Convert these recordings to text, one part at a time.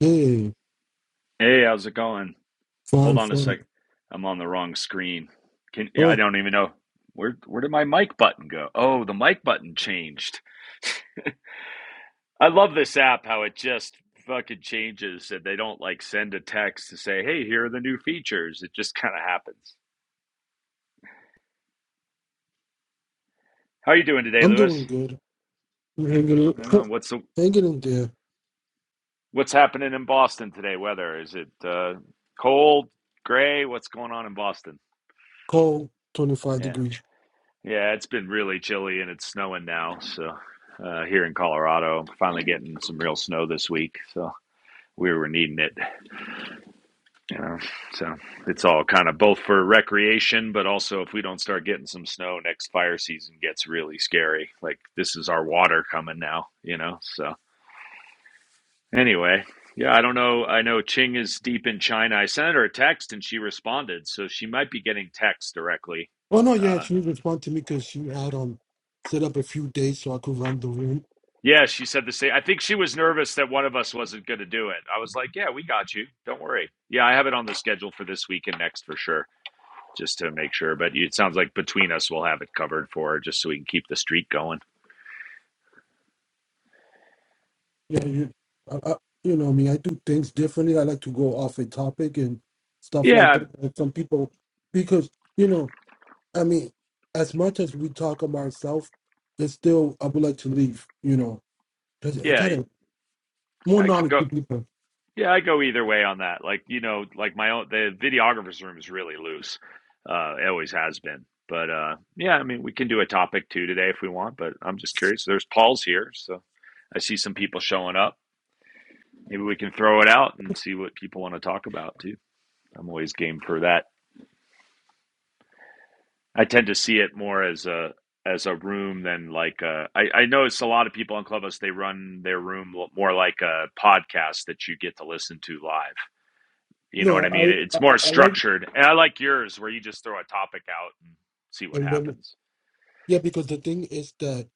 Hey, Hey, how's it going? fine, Hold on a fine. sec. I'm on the wrong screen. Can yeah, I Oh, don't even know where where did my mic button go? Oh, the mic button changed. I love this app how it just fucking changes and they don't like send a text to say, "Hey, here are the new features." It just kind of happens. How are you doing today, I'm Lewis? doing good. I'm hanging, I don't know. What's the, hanging in there. what's happening in Boston today? Weather? Is it uh cold, gray? What's going on in Boston? Cold, 25 Yeah. degrees. Yeah, it's been really chilly and it's snowing now. So uh, here in Colorado, I'm finally getting some real snow this week. So we were needing it, you know. So it's all kind of both for recreation, but also if we don't start getting some snow, next fire season gets really scary. Like this is our water coming now, you know. So anyway, yeah, I don't know. I know Ching is deep in China. I sent her a text and she responded, so she might be getting texts directly. Oh, no, Uh, yeah, she responded to me because she had um set up a few days so I could run the room. Yeah, she said the same. I think she was nervous that one of us wasn't going to do it. I was like, "Yeah, we got you. Don't worry." Yeah, I have it on the schedule for this week and next for sure, just to make sure. But it sounds like between us, we'll have it covered for her, just so we can keep the streak going. Yeah, you, I, I, you know me, I do things differently. I like to go off a topic and stuff like Yeah, that. And some people, because, you know, I mean, as much as we talk about ourselves, there's still, I would like to leave, you know, because I yeah, got to more I can knowledge go. to people. Yeah, I go either way on that. Like you know, like my own the videographer's room is really loose. Uh, it always has been. But uh, yeah, I mean, we can do a topic too today if we want. But I'm just curious. There's Paul's here, so I see some people showing up. Maybe we can throw it out and see what people want to talk about too. I'm always game for that. I tend to see it more as a as a room than like a, I, I notice a lot of people on Clubhouse they run their room more like a podcast that you get to listen to live. You know what No, I mean? I, It's I, I more I like structured, and I like yours where you just throw a topic out and see what And then, happens. yeah, because the thing is that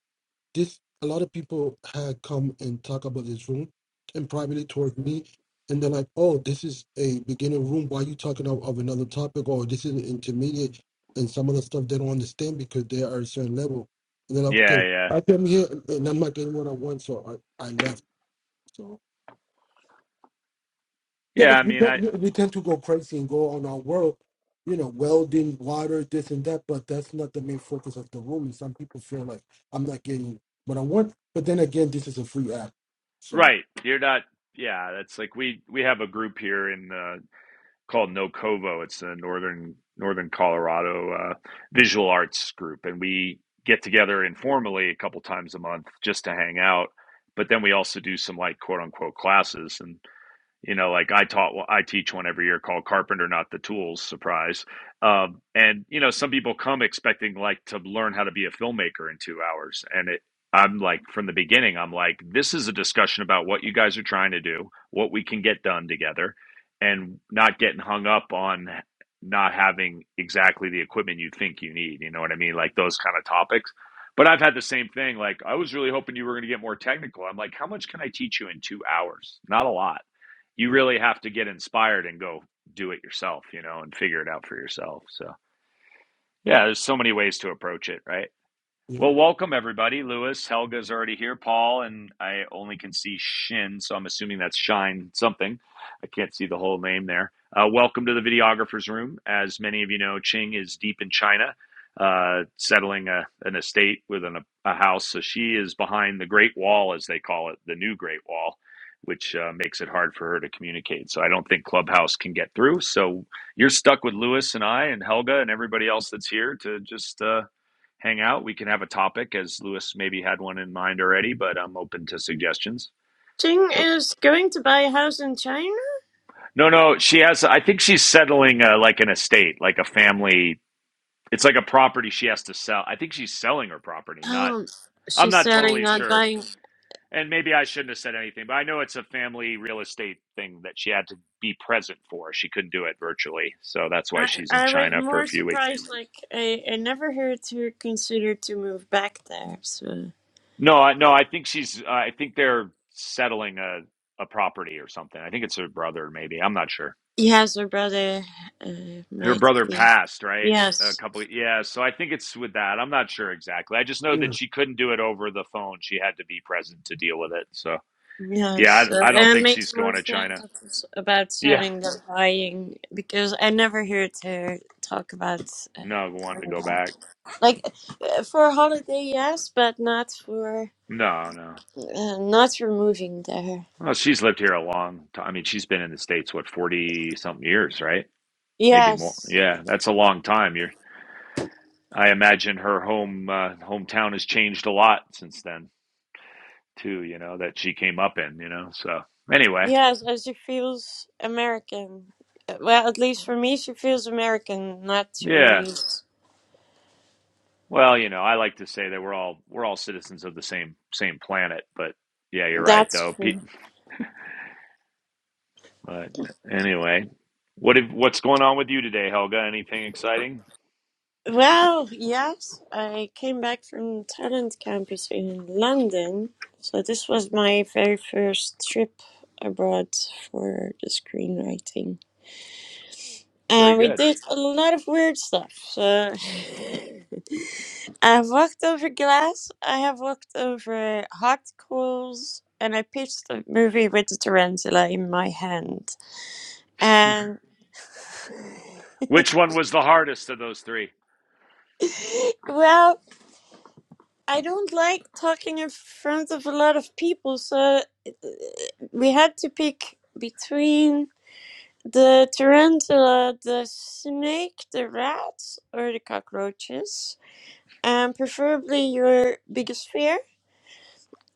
this a lot of people had come and talk about this room and privately towards me, and they're like, "Oh, this is a beginner room. Why are you talking of, of another topic? Or this is an intermediate?" And some of the stuff they don't understand because they are a certain level. And then I, like, Yeah, "Okay, yeah, I came here and I'm not getting what I want, so I, I left." So Yeah, yeah. I because we, mean, tend- I we we tend to go crazy and go on our world, you know, welding, water, this and that, but that's not the main focus of the room. And some people feel like I'm not getting what I want. But then again, this is a free app. So, right. You're not. Yeah, that's like we we have a group here in the called Nocovo. It's a northern northern Colorado uh, visual arts group, and we get together informally a couple times a month just to hang out. But then we also do some like quote unquote classes, and you know like i taught well, i teach one every year called carpenter not the tools surprise um, and you know some people come expecting like to learn how to be a filmmaker in two hours and it i'm like from the beginning i'm like this is a discussion about what you guys are trying to do what we can get done together and not getting hung up on not having exactly the equipment you think you need you know what i mean like those kind of topics but i've had the same thing like i was really hoping you were going to get more technical i'm like how much can i teach you in two hours not a lot you really have to get inspired and go do it yourself, you know, and figure it out for yourself. So, yeah, there's so many ways to approach it, right? yeah. Well, welcome everybody. Lewis, Helga's already here. Paul, and I only can see Shin, so I'm assuming that's Shine something. I can't see the whole name there. Uh, welcome to the videographer's room. As many of you know, Ching is deep in China, uh, settling a, an estate with an, a house. So she is behind the Great Wall, as they call it, the new Great Wall, which uh, makes it hard for her to communicate. So I don't think Clubhouse can get through. So you're stuck with Lewis and I and Helga and everybody else that's here to just. Uh, hang out. We can have a topic, as Lewis maybe had one in mind already, but I'm open to suggestions. Ting But is going to buy a house in China. no, no, she has. I think she's settling uh, like an estate, like a family. It's like a property she has to sell. I think she's selling her property. Not, Um, I'm she's not selling, totally not sure. buying. And maybe I shouldn't have said anything, but I know it's a family real estate thing that she had to be present for. She couldn't do it virtually, so that's why I, she's in I was China for a more few weeks. surprised. Like I, I never heard her consider to move back there. So No, I no, I think she's Uh, I think they're settling a a property or something. I think it's her brother maybe. I'm not sure. yes, her brother uh, Her might brother be. passed, right? A Yes, couple yeah, so I think it's with that. I'm not sure exactly. I just know that yeah. she couldn't do it over the phone. She had to be present to deal with it. So, yeah, yes, I, uh, I don't and it think she's makes more going to sense China. if it's about Yeah. selling than buying because I never heard her talk about uh, No, wanting to going go back back. like uh, for a holiday yes but not for No, no. uh, not for moving there Well, she's lived here a long time. I mean, she's been in the States what 40 something years, right? Maybe more. Yes, Yeah, that's a long time. You're I imagine her home uh, hometown has changed a lot since then too. You know that she came up in. You know, so anyway, yes, and she feels American. Uh, Well, at least for me, she feels American, not yeah. Chinese. Well, you know, I like to say that we're all we're all citizens of the same same planet, but yeah, you're right That's though. true. But anyway, what if, what's going on with you today, Helga? Anything exciting? Well, yes, I came back from talent campus in London, so this was my very first trip abroad for the screenwriting, Very and we good. did a lot of weird stuff. So. I've walked over glass. I have walked over hot coals, and I pitched a movie with the tarantula in my hand. And Which one was the hardest of those three? well, I don't like talking in front of a lot of people, so uh, we had to pick between the tarantula, the snake, the rats, or the cockroaches, and preferably your biggest fear.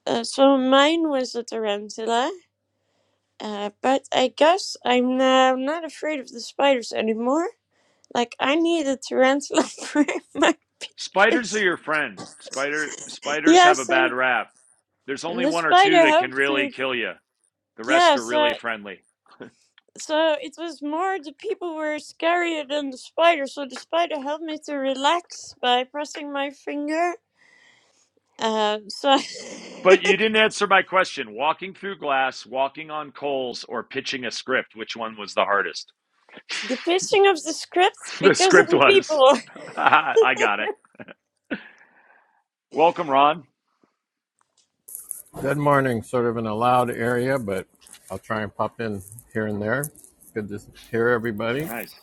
Uh, so mine was the tarantula Uh, but I guess I'm uh, not afraid of the spiders anymore. Like, I need a tarantula for my Spiders are pictures. your friend. Spider spiders Yeah, have a bad so rap. There's only the one or two spider that can helped really to. kill you. The rest Yeah, are so. really friendly. So it was more the people were scarier than the spider. So the spider helped me to relax by pressing my finger. Um, so But you didn't answer my question. Walking through glass, walking on coals, or pitching a script, which one was the hardest? the pitching of the script the because of script the was. people. I got it. Welcome, Ron. Good morning. Sort of in a loud area, but I'll try and pop in here and there. Good to hear everybody Nice.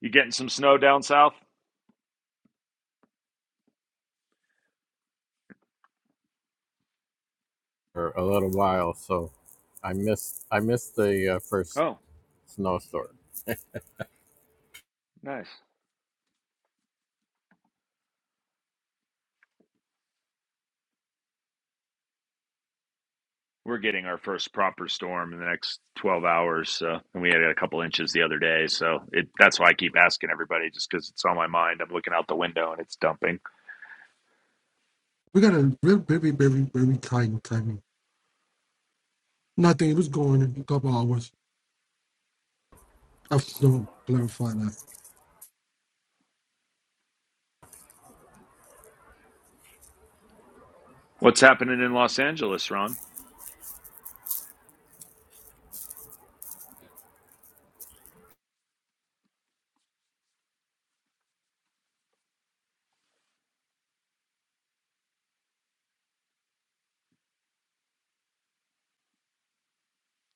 You getting some snow down south? for a little while. So I missed I missed the uh, first Oh, snowstorm. nice. We're getting our first proper storm in the next 12 hours. So, and we had a couple inches the other day. So it, that's why I keep asking everybody, just because it's on my mind. I'm looking out the window and it's dumping. We got a very, very, very, very tight timing. Nothing. It was going in a couple hours. I've still clarified that. What's happening in Los Angeles, Ron?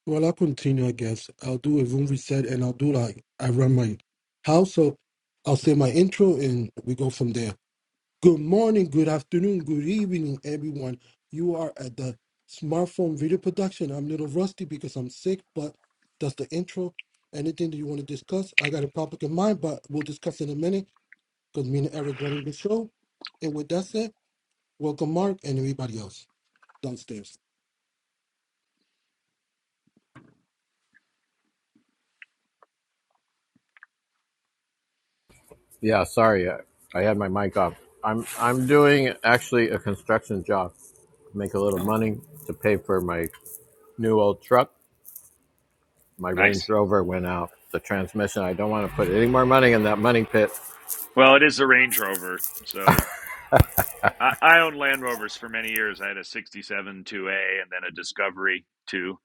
Well, I'll continue, I guess. I'll do a room reset and I'll do like, I run my house. So I'll say my intro and we go from there. Good morning, good afternoon, good evening, everyone. You are at the smartphone video production. I'm a little rusty because I'm sick, but that's the intro. Anything that you want to discuss, I got a topic in mind, but we'll discuss in a minute because me and Eric running the show. And with that said, welcome Mark and everybody else downstairs. Yeah, sorry. I, I had my mic off. I'm I'm doing actually a construction job. Make a little Oh, money to pay for my new old truck. My nice. Range Rover went out. The transmission. I don't want to put any more money in that money pit. Well, it is a Range Rover. So I, I owned Land Rovers for many years. I had a 67 2A and then a Discovery 2.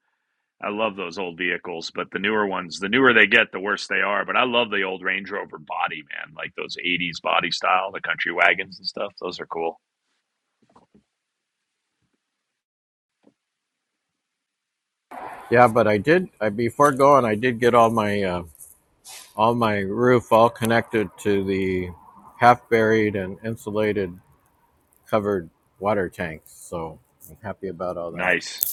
I love those old vehicles, but the newer ones, the newer they get, the worse they are. But I love the old Range Rover body, man, like those 80s body style, the country wagons and stuff. Those are cool. Yeah, but I did. I before going, I did get all my uh, on my roof, all connected to the half buried and insulated covered water tanks. So I'm happy about all that. Nice.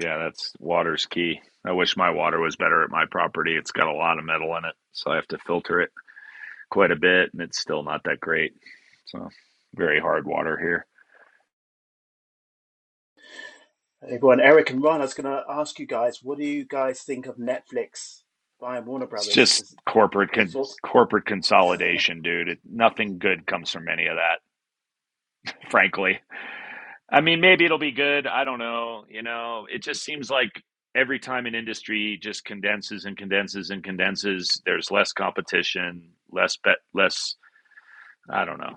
Yeah, that's water's key. I wish my water was better at my property. It's got a lot of metal in it, so I have to filter it quite a bit, and it's still not that great. So, very hard water here. Hey, everyone, Eric and Ron, I was going to ask you guys, what do you guys think of Netflix buying Warner It's Brothers? just Does, corporate any con- thoughts? corporate consolidation, dude. It, nothing good comes from any of that, frankly. I mean, maybe it'll be good. I don't know. You know, it just seems like every time an industry just condenses and condenses and condenses, there's less competition, less bet, less. I don't know.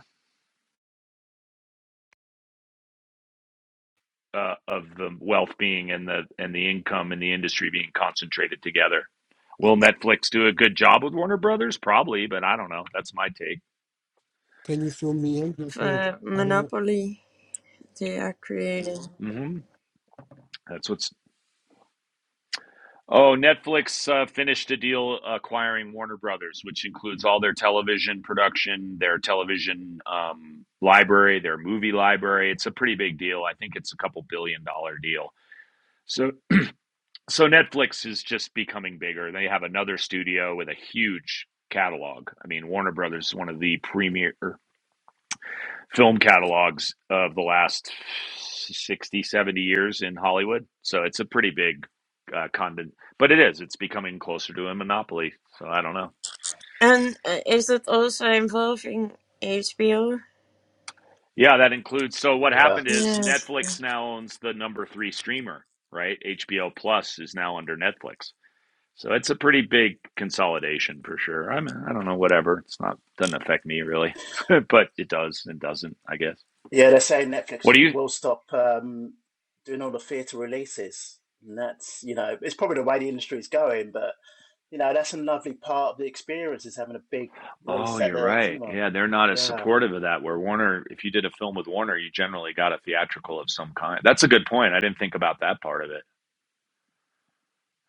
Uh, of the wealth being and the and the income in the industry being concentrated together. Will Netflix do a good job with Warner Brothers? Probably, but I don't know. That's my take. Can you fill me in? Because uh, I don't know. Monopoly they are creating. hmm That's what's Oh, Netflix uh, finished a deal acquiring Warner Brothers, which includes all their television production, their television um, library, their movie library. It's a pretty big deal. I think it's a couple billion dollar deal. So, so Netflix is just becoming bigger. They have another studio with a huge catalog. I mean, Warner Brothers is one of the premier film catalogs of the last 60, 70 years in hollywood so it's a pretty big uh, condon but it is it's becoming closer to a monopoly so i don't know And uh, is it also involving HBO? yeah that includes so what Yeah. happened is Yeah. netflix now owns the number three streamer right hbo plus is now under netflix so it's a pretty big consolidation for sure i mean i don't know whatever it's not doesn't affect me really but it does and doesn't i guess Yeah, they're saying Netflix what do you will stop um, doing all the theatre releases. And that's, you know, it's probably the way the industry is going, but, you know, that's a lovely part of the experience is having a big Oh, release at you're the right. cinema. Yeah, they're not as Yeah. supportive of that. Where Warner, if you did a film with Warner, you generally got a theatrical of some kind. That's a good point. I didn't think about that part of it.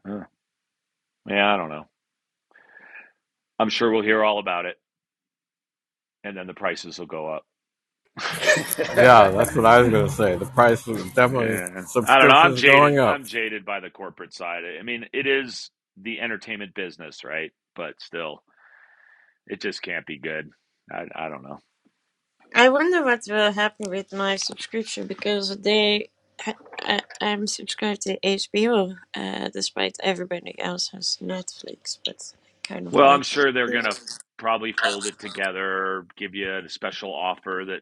Huh. Yeah, I don't know. I'm sure we'll hear all about it, and then the prices will go up. Yeah, that's what I was going to say. The price is definitely Yeah, I don't know. I'm subscriptions jaded. going up. I'm jaded by the corporate side. I mean, it is the entertainment business, right? But still, it just can't be good. I, I don't know. I wonder what will happen with my subscription because they, I, I, I'm subscribed to HBO, uh, despite everybody else has Netflix, but I kind of Well, I'm like that. sure they're going to probably fold it together, give you a special offer that,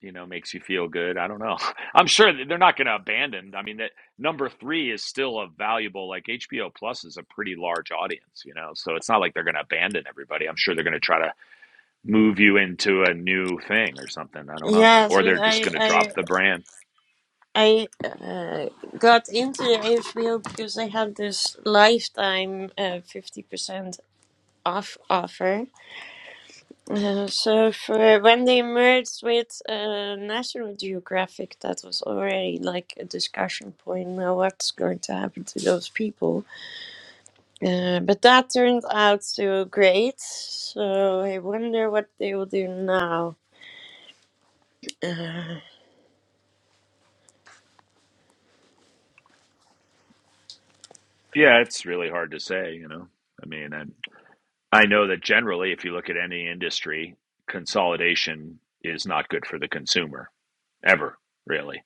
you know, makes you feel good. I don't know. I'm sure that they're not going to abandon. I mean, that number three is still a valuable, like HBO Plus is a pretty large audience, you know, so it's not like they're going to abandon everybody. I'm sure they're going to try to move you into a new thing or something. I don't know. Yes, Or but they're just I, going to drop I, the brand. I uh, got into HBO because they had this lifetime uh, 50% off offer. Uh, so for when they merged with uh, National Geographic, that was already like a discussion point. Now what's going to happen to those people? Uh, but that turned out to great. So I wonder what they will do now. Uh, Yeah, it's really hard to say, you know. I mean, I, I know that generally, if you look at any industry, consolidation is not good for the consumer ever, really.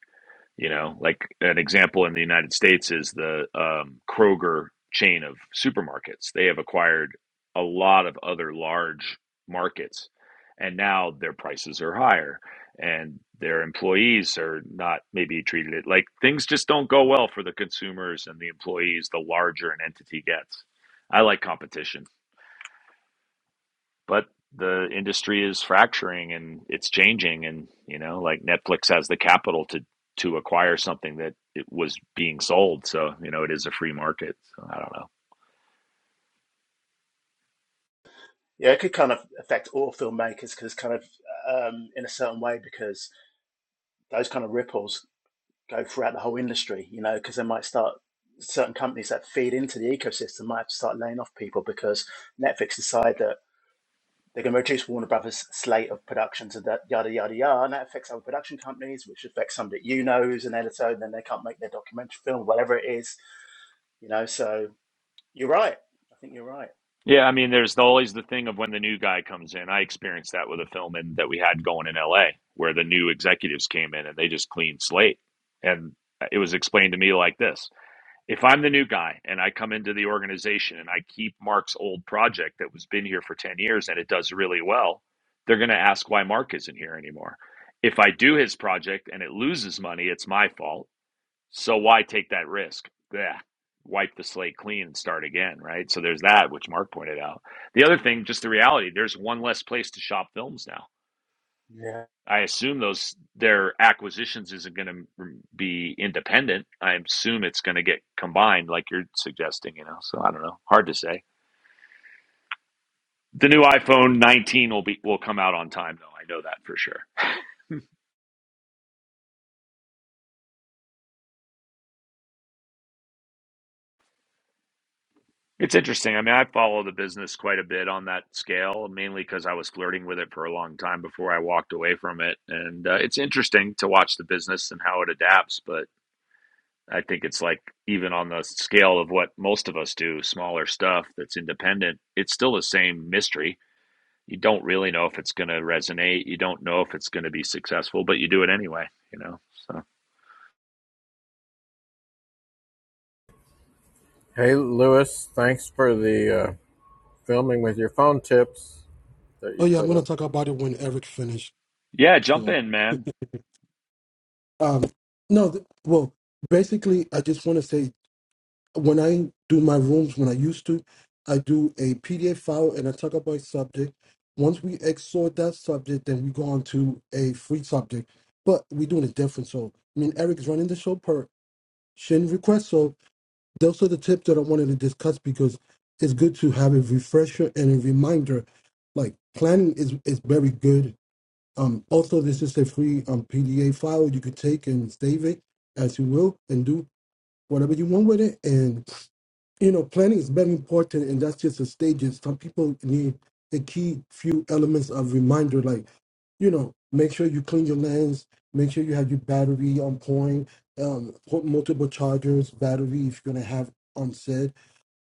You know, like an example in the United States is the um, Kroger chain of supermarkets. They have acquired a lot of other large markets, and now their prices are higher, and their employees are not maybe treated it like things just don't go well for the consumers and the employees the larger an entity gets. I like competition but the industry is fracturing and it's changing and you know like netflix has the capital to to acquire something that it was being sold so you know it is a free market so i don't know Yeah, it could kind of affect all filmmakers because kind of um, in a certain way because those kind of ripples. go throughout the whole industry, you know, because they might start certain companies that feed into the ecosystem might have to start laying off people because Netflix decide that they're going to reduce Warner Brothers' slate of productions and that yada yada yada, and that affects other production companies, which affects somebody that you know who's an editor, and then they can't make their documentary film, whatever it is, you know. So you're right. I think you're right. yeah i mean there's always the thing of when the new guy comes in i experienced that with a film in, that we had going in la where the new executives came in and they just cleaned slate and it was explained to me like this if I'm the new guy and I come into the organization and I keep Mark's old project that was been here for 10 years and it does really well, they're going to ask why Mark isn't here anymore. If I do his project and it loses money, it's my fault. So why take that risk? Yeah. Wipe the slate clean and start again, right? So there's that, which Mark pointed out. The other thing, just the reality, there's one less place to shop films now Yeah. I assume those their acquisitions isn't going to be independent. I assume it's going to get combined, like you're suggesting. You know, so I don't know. Hard to say. The new iPhone 19 will be will come out on time, though. I know that for sure. It's interesting. I mean, I follow the business quite a bit on that scale, mainly because I was flirting with it for a long time before I walked away from it. And uh, it's interesting to watch the business and how it adapts. But I think it's like even on the scale of what most of us do, smaller stuff that's independent, it's still the same mystery. You don't really know if it's going to resonate. You don't know if it's going to be successful, but you do it anyway, you know? So, Hey, Lewis, thanks for the uh, filming with your phone tips that you Oh yeah, I'm put gonna up. talk about it when Eric finished. yeah, jump So in, man. um, no, th- well, basically, I just want to say. when I do my rooms, when I used to, I do a PDF file and I talk about a subject. Once we exhort that subject, then we go on to a free subject. But we're doing it different. So, I mean, Eric's running the show per Shin request. So, those are the tips that I wanted to discuss because it's good to have a refresher and a reminder. Like, planning is, is very good. Um, also, this is a free um, PDA file you could take and save it as you will and do whatever you want with it. And you know, planning is very important, and that's just the stages. Some people need a key few elements of reminder, like, you know, make sure you clean your lens, make sure you have your battery on point, um, put multiple chargers, battery if you're gonna have on set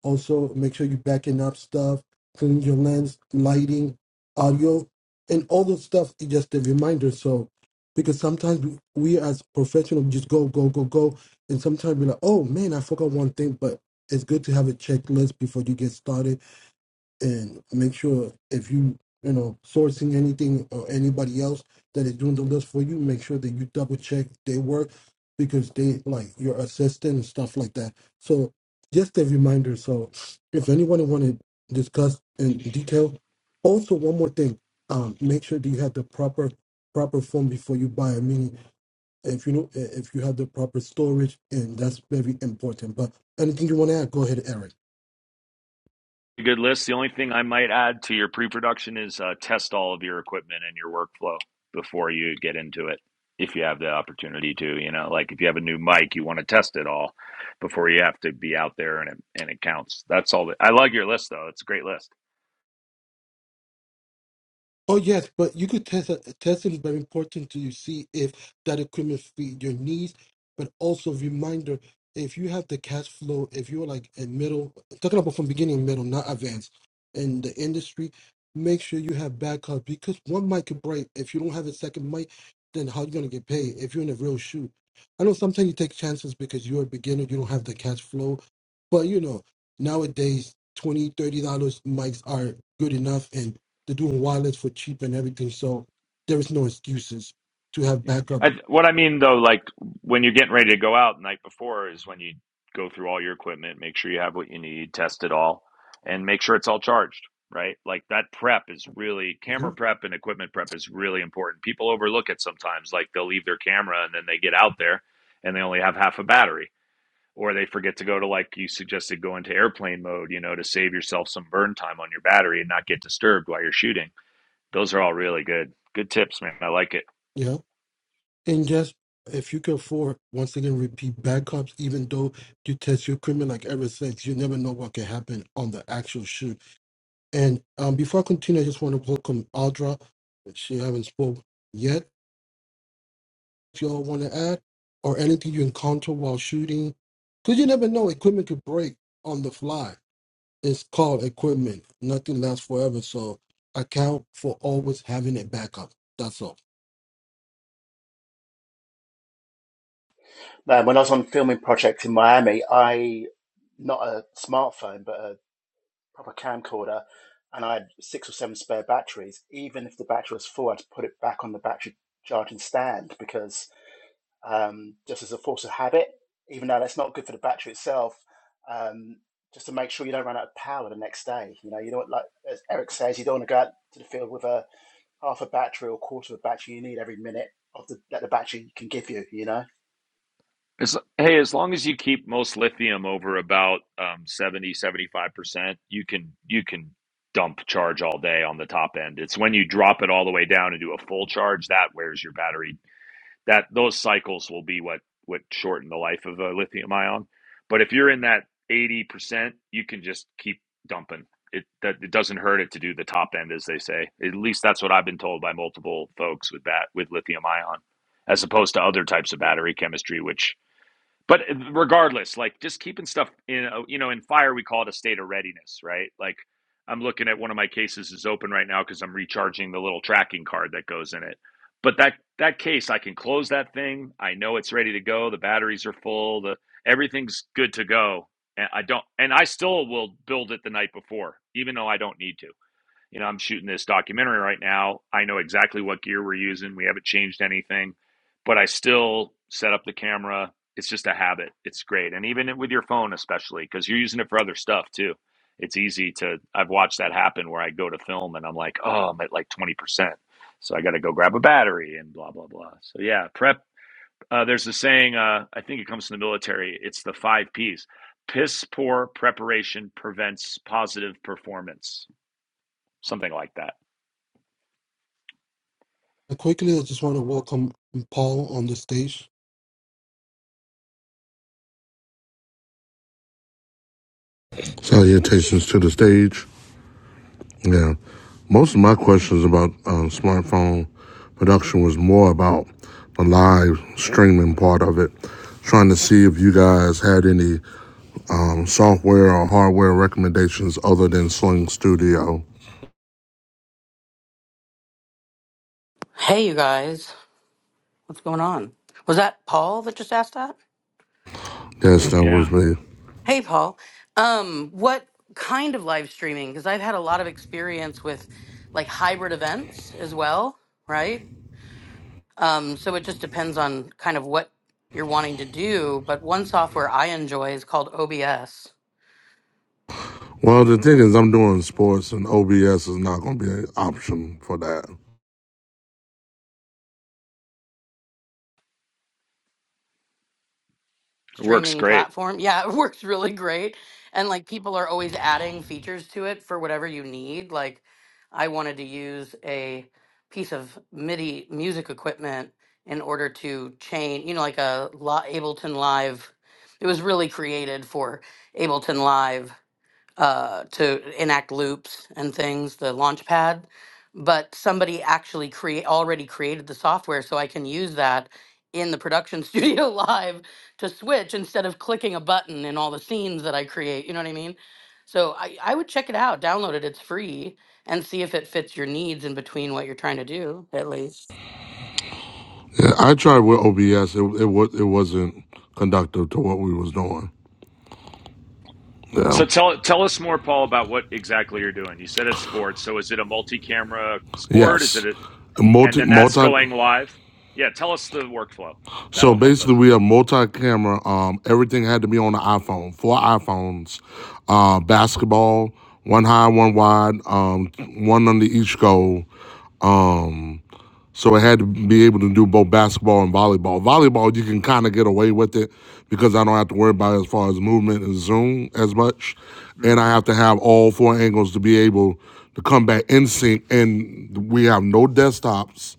also, make sure you're backing up stuff, cleaning your lens, lighting, audio, and all the stuff is just a reminder. So, because sometimes we we as professionals just go, go, go, go. And sometimes we're like, oh man, I forgot one thing, but it's good to have a checklist before you get started and make sure if you you know sourcing anything or anybody else that is doing the list for you make sure that you double check their work because they like your assistant and stuff like that so just a reminder so if anyone want to discuss in detail also one more thing um make sure that you have the proper proper form before you buy i mean if you know if you have the proper storage and that's very important but anything you want to add go ahead eric good list. The only thing I might add to your pre-production is uh, test all of your equipment and your workflow before you get into it. If you have the opportunity to, you know, like if you have a new mic, you want to test it all before you have to be out there and it, and it counts. That's all. That, I love your list though. It's a great list. Oh yes, but you could test that. Testing is very important to see if that equipment fit your needs, but also reminder if you have the cash flow, if you're like a middle, talking about from beginning and middle, not advanced in the industry, make sure you have backup because one mic could break. If you don't have a second mic, then how you gonna get paid if you're in a real shoot? I know sometimes you take chances because you're a beginner, you don't have the cash flow, but you know nowadays. 20, 30 dollars mics are good enough and. They're doing wireless for cheap and everything. So there is no excuses to have Yeah. backup. I, what I mean though, like when you're getting ready to go out the night before is when you go through all your equipment, make sure you have what you need, test it all, and make sure it's all charged, right? Like that prep is really, camera You prep and equipment prep is really important. People overlook it sometimes. Like they'll leave their camera and then they get out there and they only have half a battery. Or they forget to go to, like you suggested, go into airplane mode, you know, to save yourself some burn time on your battery and not get disturbed while you're shooting. Those are all really good. Good tips, man. I like it. know, and just if you can afford, once again, repeat backups, even though you test your equipment like ever since, you never know what can happen on the actual shoot. And um, before I continue, I just want to welcome Audra. She haven't spoke yet. If you all want to add or anything you encounter while shooting, because you never know, equipment could break on the fly it's called equipment. Nothing lasts forever. So account for always having a backup. That's all. Man, when I was on a filming project in Miami, I not a smartphone, but a proper camcorder, and I had six or seven spare batteries. Even if the battery was full, I had to put it back on the battery charging stand because um, just as a force of habit, even though that's not good for the battery itself, um, just to make sure you don't run out of power the next day. You know, you don't like as Eric says, you don't want to go out to the field with a half a battery or quarter of a battery. You need every minute of the that the battery can give you. You know, As, hey, as long as you keep most lithium over about um, 70, seventy-five percent you can you can dump charge all day on the top end. It's when you drop it all the way down and do a full charge that wears your battery. That those cycles will be what what shorten the life of a lithium ion. But if you're in that 80%, you can just keep dumping. It that it doesn't hurt it to do the top end as they say. At least that's what I've been told by multiple folks with that with lithium ion as opposed to other types of battery chemistry which but eh, regardless, like just keeping stuff in, a- you know, in fire, we call it a state of readiness, right? Like I'm looking at one of my cases is open right now because I'm recharging the little tracking card that goes in it. But that that case, I can close that thing. I know it's ready to go. The batteries are full. The everything's good to go. And I don't, and I still will build it the night before, even though I don't need to you know, I'm shooting this documentary right now. I know exactly what gear we're using. We haven't changed anything, but I still set up the camera. It's just a habit. It's great. And even with your phone, especially because you're using it for other stuff too. It's easy to, I've watched that happen where I go to film and I'm like, oh, I'm at like 20%. So I got to go grab a battery and blah, blah, blah. So yeah, prep. Uh, there's a saying, uh, I think it comes from the military. It's the five P's piss poor preparation prevents positive performance, something like that. And quickly, I just want to welcome Paul on the stage. Salutations to the stage. Yeah, most of my questions about uh, smartphone production was more about the live streaming part of it. Trying to see if you guys had any um, software or hardware recommendations other than Sling Studio. Hey, you guys. What's going on? Was that Paul that just asked that? Yes, that Yeah. was me. Hey, Paul. Um, what kind of live streaming? Because I've had a lot of experience with like hybrid events as well, right? Um, so it just depends on kind of what you're wanting to do. But one software I enjoy is called OBS. Well, the thing is, I'm doing sports, and OBS is not going to be an option for that. It works streaming great. platform. Yeah, it works really great. And like people are always adding features to it for whatever you need. Like I wanted to use a piece of MIDI music equipment in order to chain, you know, like a Li- Ableton Live. It was really created for Ableton Live uh, to enact loops and things, the Launchpad. But somebody actually create already created the software, so I can use that in the production studio live to switch instead of clicking a button in all the scenes that I create. You know what I mean? So I, I would check it out, download it. It's free, and see if it fits your needs in between what you're trying to do. At least, Yeah, I tried with OBS. It it, it wasn't conductive to what we was doing. So Yeah. tell tell us more, Paul, about what exactly you're doing. You said it's sports. So is it a multi-camera sport? Is it Yes, a, and multi then that's going multi. live? Yeah, tell us the workflow. So That'll help basically, us. we have multi-camera. Um, everything had to be on the iPhone. Four iPhones, uh, basketball, one high, one wide, um, one under each goal. So it had to be able to do both basketball and volleyball. Volleyball, you can kind of get away with it because I don't have to worry about it as far as movement and zoom as much, and Hmm. I have to have all four angles to be able to come back in sync. And we have no desktops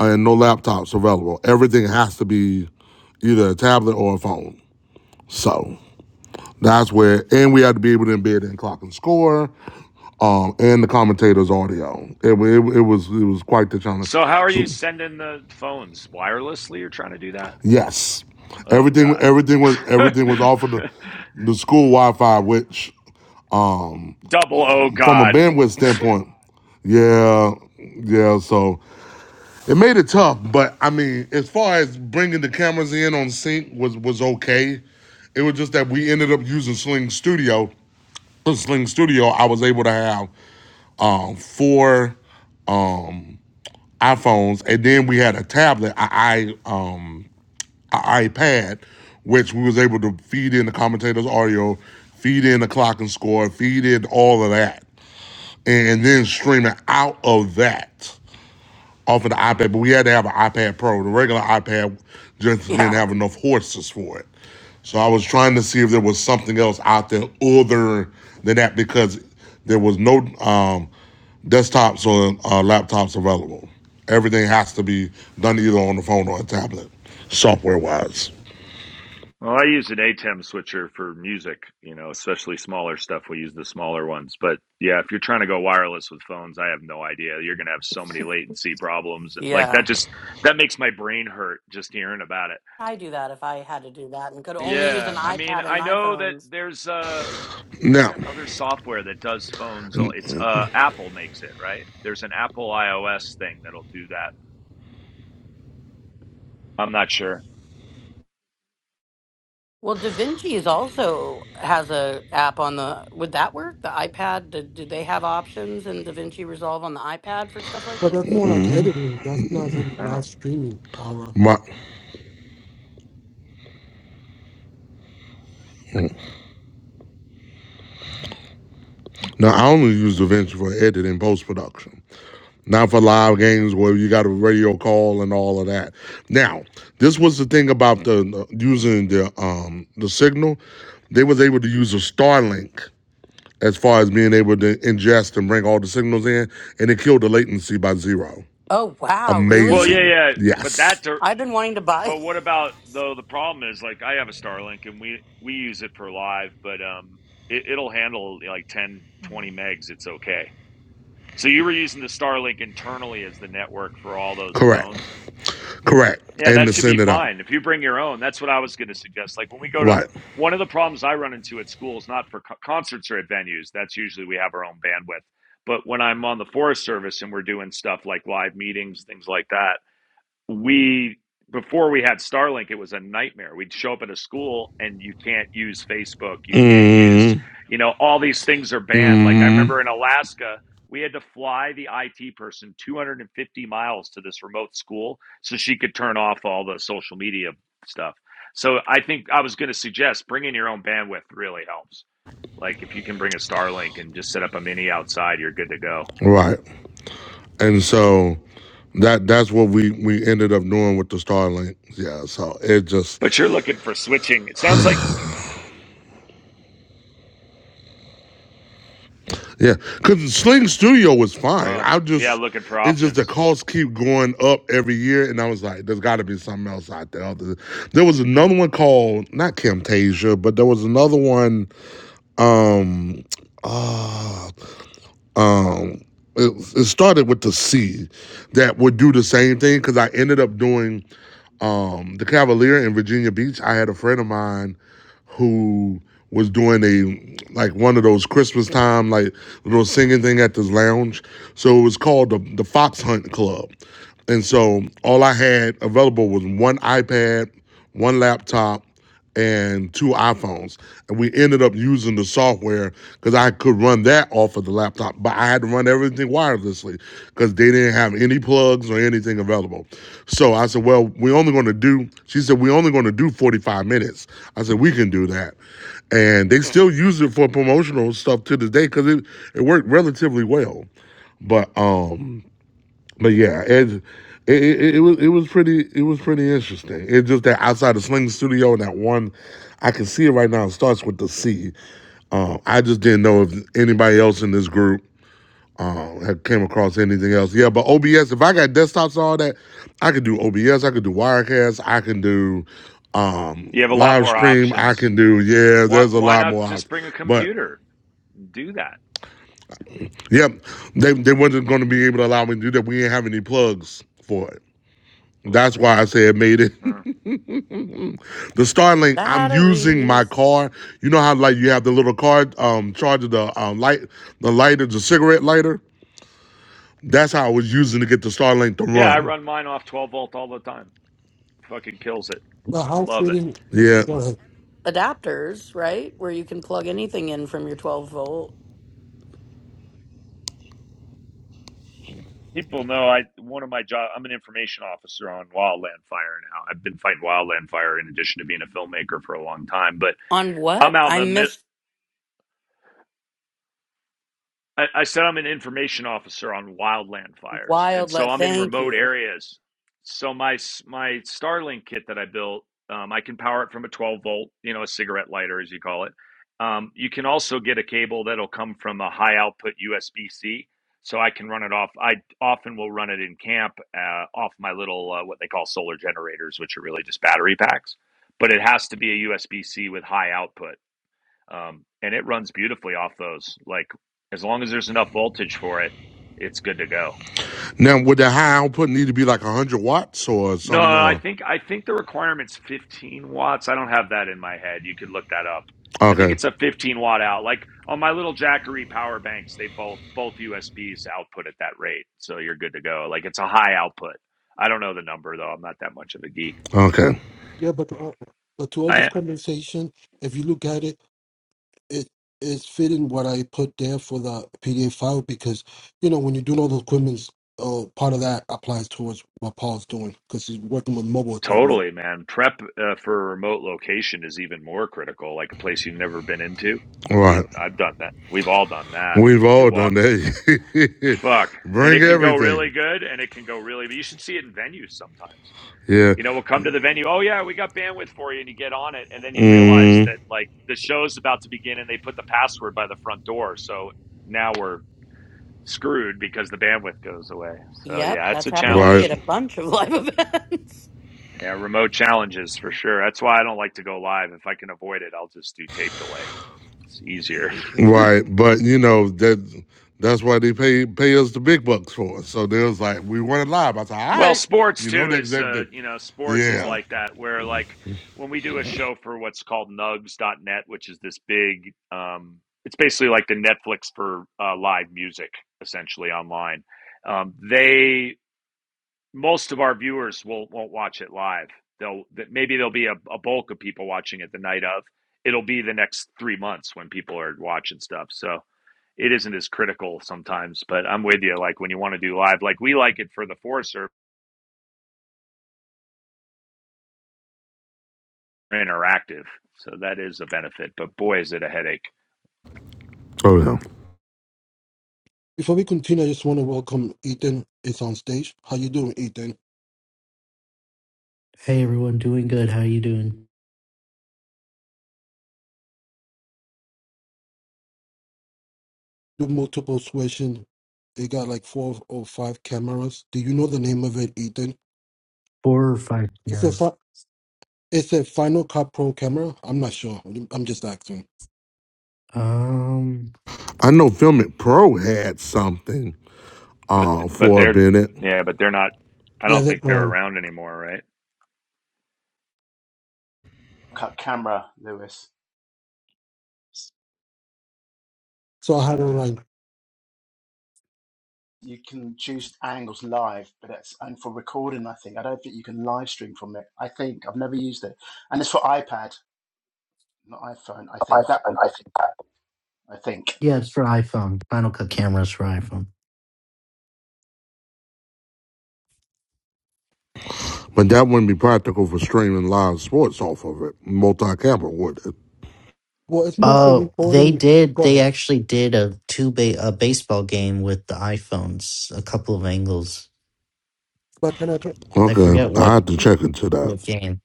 and no laptops available. Everything has to be either a tablet or a phone. So that's where, and we had to be able to embed in clock and score, um, and the commentator's audio. It, it, it was it was quite the challenge. So how are So you sending the phones wirelessly? You're trying to do that? yes, Oh everything God. everything was everything was off of the the school Wi-Fi, which Double oh from a God. bandwidth standpoint, yeah, yeah. So It made it tough, but I mean, as far as bringing the cameras in on sync was was okay. It was just that we ended up using Sling Studio. With Sling Studio, I was able to have um, four iPhones, and then we had a tablet, a i um, iPad, which we was able to feed in the commentator's audio, feed in the clock and score, feed in all of that, and then stream it out of that. off of the iPad, but we had to have an iPad Pro. The regular iPad just didn't yeah, have enough horses for it. So I was trying to see if there was something else out there other than that because there was no um, desktops or uh, laptops available. Everything has to be done either on the phone or a tablet, software wise. Well, I use an ATEM switcher for music, you know, especially smaller stuff. We use the smaller ones. But yeah, if you're trying to go wireless with phones, I have no idea. You're going to have so many latency problems. Like yeah. that just that makes my brain hurt just hearing about it. I do that if I had to do that and could only use an Yeah. I mean, iPad and I know that iPhone. there's uh what's Now, that other software that does phones? Oh, It's uh Apple makes it, right? There's an Apple iOS thing that'll do that. I'm not sure. Well, Da Vinci is also has a app on the. Would that work? The iPad? Do, do they have options in Da Vinci Resolve on the iPad for stuff like But that's this? more like editing. That's not really I live don't streaming, Aura. my now I only use DaVinci for editing post production. not for live games where you got a radio call and all of that. Now, this was the thing about the using the um the signal. They was able to use a Starlink as far as being able to ingest and bring all the signals in, and it killed the latency by zero. Oh wow, Well, really? yeah, Amazing. yeah, but that Yes. dir- I've been wanting to buy but what about though the problem is like I have a Starlink and we we use it for live, but um it, it'll handle like 10, 20 megs, it's okay. So you were using the Starlink internally as the network for all those Correct. phones? Correct. Yeah, And that to should be send it out. fine. If you bring your own, that's what I was going to suggest. Like when we go to Right. one of the problems I run into at schools, not for co- concerts or at venues, that's usually we have our own bandwidth. But when I'm on the Forest Service and we're doing stuff like live meetings, things like that, we before we had Starlink, it was a nightmare. We'd show up at a school and you can't use Facebook, you can't use, Mm-hmm. you know, all these things are banned. Like I remember in Mm-hmm. Alaska, we had to fly the IT person 250 miles to this remote school so she could turn off all the social media stuff. So I think I was going to suggest bringing your own bandwidth really helps. Like if you can bring a Starlink and just set up a mini outside, you're good to go. Right. And so that that's what we we ended up doing with the Starlink. Yeah, so it just But you're looking for switching. It sounds like yeah, because Sling Studio was fine. oh, I yeah, just looking for it's just the options. costs keep going up every year, and I was like, there's got to be something else out there. Other- There was another one called not Camtasia, but there was another one. Um, uh, um, it, it started with the C that would do the same thing because I ended up doing um, the Cavalier in Virginia Beach. I had a friend of mine who was doing a like one of those Christmas time like little singing thing at this lounge. So it was called the the Fox Hunt Club. And so all I had available was one iPad, one laptop, and two iPhones. And we ended up using the software because I could run that off of the laptop, but I had to run everything wirelessly because they didn't have any plugs or anything available. So I said, Well, we're only going to do, she said, We're only going to do 45 minutes. I said, We can do that. And they still use it for promotional stuff to this day because it, it worked relatively well. But um, but yeah, it, it it it was it was pretty it was pretty interesting. It's just that outside the Sling Studio and that one, I can see it right now. It starts with the C. Um, I just didn't know if anybody else in this group um, had came across anything else. Yeah, but OBS. If I got desktops and all that, I could do OBS. I could do Wirecast. I can do um, You have a lot live more stream. I options. can do yeah. Why There's a why lot more, not out, just bring a but computer? And do that. yeah, they they wasn't going to be able to allow me to do that. We didn't have any plugs for it. That's why I say it made it Uh, The Starlink, I'm using my batteries, car. You know how like you have the little car um charger, the um light, the lighter, the cigarette lighter. That's how I was using to get the Starlink to Yeah, I run. run mine off 12 volt all the time. Fucking kills it. But I how love it. fitting? Yeah. Go ahead. adapters, right? Where you can plug anything in from your 12 volt. People know I one of my job. I'm an information officer on wildland fire now. I've been fighting wildland fire in addition to being a filmmaker for a long time. But On what? I'm out in I the mid, missed I, I said I'm an information officer on wildland fires, and wild. so Let I'm in thank remote you. areas. So my s- my Starlink kit that I built, um, I can power it from a 12 volt, you know, a cigarette lighter as you call it. Um, you can also get a cable that'll come from a high output USB C, so I can run it off. I often will run it in camp uh, off my little uh, what they call solar generators, which are really just battery packs, but it has to be a USB C with high output um, and it runs beautifully off those. Like as long as there's enough voltage for it, it's good to go. Now would the high output need to be like one hundred watts or No, something? I Or think I think the requirement's 15 watts. I don't have that in my head. You could look that up. I think okay, it's a 15 watt out. Like on my little Jackery power banks, they both both USBs output at that rate, so you're good to go. Like it's a high output. I don't know the number though. I'm not that much of a geek. okay, Yeah, but to all, but to all this I conversation, if you look at it, it it's fitting what I put there for the PDF file because you know when you're doing all those equipments, uh, part of that applies towards what Paul's doing because he's working with mobile equipment. Totally, man. Prep uh, for a remote location is even more critical, like a place you've never been into. all right. We I've done that. We've all done that. We've You all done walk that. fuck, and Bring it can go really everything. good and it can go really but you should see it in venues sometimes. Yeah. You know, we'll come to the venue, "Oh yeah, we got bandwidth for you." And you get on it and then you realize Mm, that like the show's about to begin and they put the password by the front door. So now we're screwed because the bandwidth goes away. So Yep, yeah, it's that's a happened to me challenge. right. at a bunch of live events. Yeah, remote challenges for sure. That's why I don't like to go live. If I can avoid it, I'll just do tape delay. It's easier. Right, but you know that that's why they pay pay us the big bucks for. it. So they was like, we weren't live. I said, all Well, right, sports you know too that is that, uh, that you know, sports is yeah. like that where like when we do a show for what's called Nugs dot net, which is this big um it's basically like the Netflix for uh, live music essentially online. Um they most of our viewers will won't watch it live. They'll maybe there'll be a, a bulk of people watching it the night of. It'll be the next 3 months when people are watching stuff. So it isn't as critical sometimes. But I'm with you. Like when you want to do live, like we like it for the Forest Service interactive, so that is a benefit. But boy, is it a headache. Oh yeah. Before we continue, I just want to welcome Ethan. It's on stage. How you doing, Ethan? Hey everyone, doing good. How you doing? Do multiple switching. They got like four or five cameras. Do you know the name of it, Ethan? Four or five It's Yeah. a fi- it's a Final Cut Pro camera. I'm not sure. I'm just asking. Um, I know Filmic Pro had something But uh, but for a they're minute, yeah, but they're not. I Yeah, don't they're think they're gone. around anymore, right? cut camera, Lewis. So I had a line. you can choose angles live, but it's and for recording. I think I don't think you can live stream from it. I think I've never used it, and it's for iPad, not iPhone. I think that iPhone. I think. I think. Yeah, it's for iPhone. Final Cut cameras for iPhone. but that wouldn't be practical for streaming live sports off of it, multi-camera, would it? Well, it's more for Oh, they recording. did. Go They ahead. actually did a two ba- a baseball game with the iPhones. A couple of angles. But can I try? I Okay, forget I what have to check into that. the game.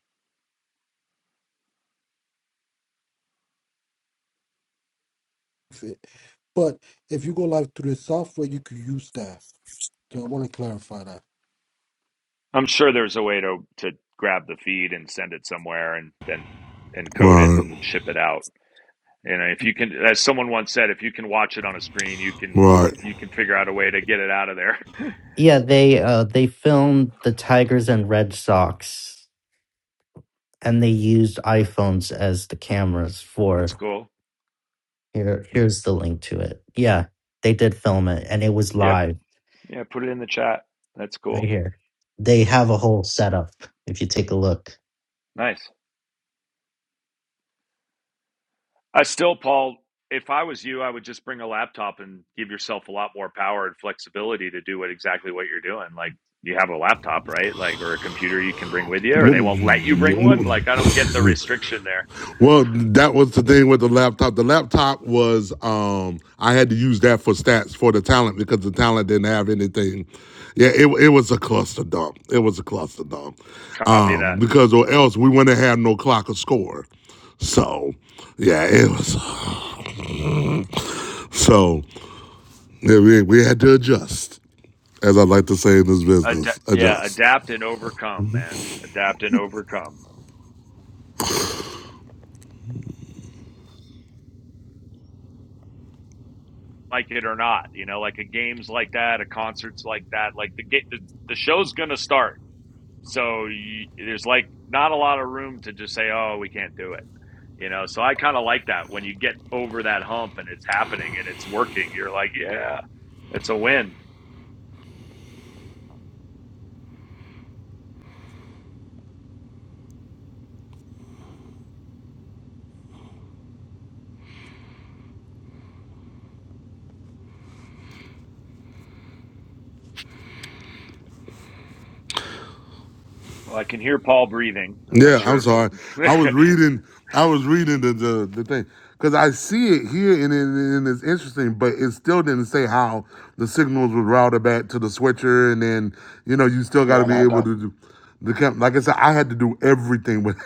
But if you go live through the software, you could use that. So I want to clarify that. I'm sure there's a way to to grab the feed and send it somewhere and then encode it Right, and ship it out. You know, if you can, as someone once said, if you can watch it on a screen, you can right. you can figure out a way to get it out of there. Yeah, they uh they filmed the Tigers and Red Sox, and they used iPhones as the cameras for. That's cool. Here, here's the link to it. Yeah, they did film it, and it was Yep. live. Yeah, put it in the chat. That's right cool. here. They have a whole setup if you take a look. Nice. I still, Paul, if I was you, I would just bring a laptop and give yourself a lot more power and flexibility to do what exactly what you're doing. Like you have a laptop, right? Like or a computer you can bring with you, or they won't let you bring one. Like I don't get the restriction there. Well, that was the thing with the laptop. The laptop was um I had to use that for stats for the talent because the talent didn't have anything. Yeah, it it was a cluster dump. It was a cluster dump. Copy Um, that. because or else we wouldn't have no clock or score. So yeah, it was so yeah, we we had to adjust, as I like to say in this Ad- business, yeah, adjust. adapt and overcome, man. Adapt and overcome. Like it or not, you know, like a games like that, a concerts like that, like the ga- the, the show's gonna start. so y there's like not a lot of room to just say oh we can't do it you know so i kind of like that when you get over that hump and it's happening and it's working you're like yeah it's a win well i can hear paul breathing i'm not Yeah, I'm sure sorry. I was if reading. I was reading the the, the thing because I see it here and, it, and it's interesting, but it still didn't say how the signals would route back to the switcher, and then you know you still got to Yeah, no, be it able does. to do the camp. Like I said, I had to do everything with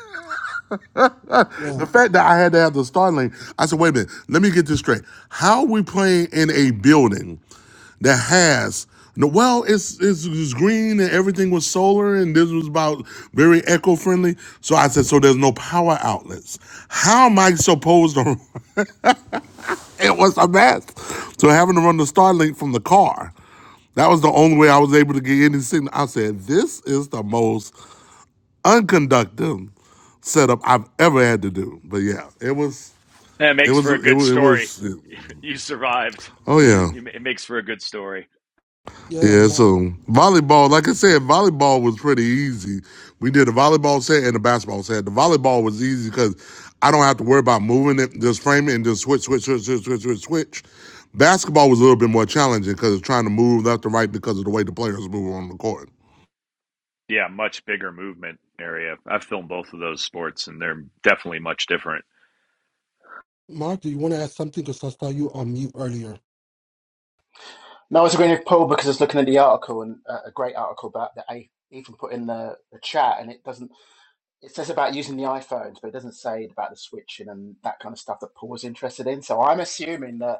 the Yeah. fact that I had to have the Starlink. I said, wait a minute, let me get this straight. How are we playing in a building? that has no well it's, it's it's green and everything was solar and this was about very eco-friendly so i said so there's no power outlets how am i supposed to it was a mess so having to run the starlink from the car that was the only way i was able to get any signal i said this is the most unconductive setup i've ever had to do but yeah it was that it makes was for a it good was, it story was you survived oh yeah you, it makes for a good story Yeah, Yeah, Mark. so volleyball, like I said, volleyball was pretty easy. We did a volleyball set and a basketball set. The volleyball was easy because I don't have to worry about moving it, just frame it and just switch, switch, switch, switch, switch, switch, switch. Basketball was a little bit more challenging because it's trying to move left and right because of the way the players move on the court. yeah much bigger movement area i've filmed both of those sports and they're definitely much different Mark, do you want to add something? Because I saw you on mute earlier. No, I was agreeing with Paul because I was looking at the article and uh, a great article about that I even put in the, the chat, and it doesn't. It says about using the iPhones, but it doesn't say about the switching and that kind of stuff that Paul was interested in. So I'm assuming that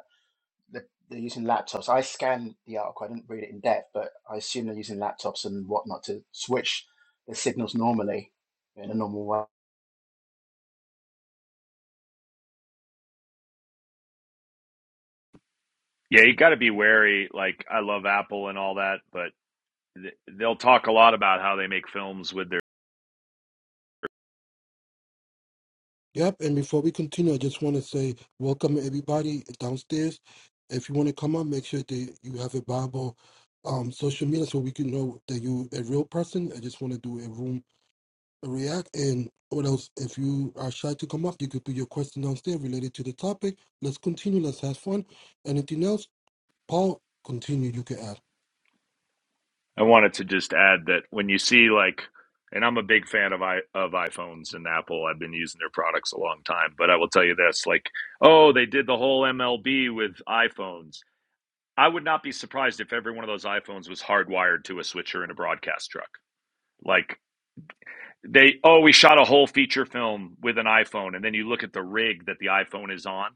they're they're using laptops. I scanned the article. I didn't read it in depth, but I assume they're using laptops and whatnot to switch the signals normally in a normal way. yeah you got to be wary like i love apple and all that but they'll talk a lot about how they make films with their. Yep, and before we continue, I just want to say welcome everybody downstairs. If you want to come up, make sure that you have a Bible um, social media so we can know that you a real person. I just want to do a room react. And what else? If you are shy to come up, you could put your question downstairs related to the topic. Let's continue. Let's have fun. Anything else? Paul, continue. You can add. I wanted to just add that when you see like, and I'm a big fan of i of iPhones and Apple. I've been using their products a long time, but I will tell you this: like, oh, they did the whole MLB with iPhones. I would not be surprised if every one of those iPhones was hardwired to a switcher in a broadcast truck. Like they, oh, we shot a whole feature film with an iPhone, and then you look at the rig that the iPhone is on,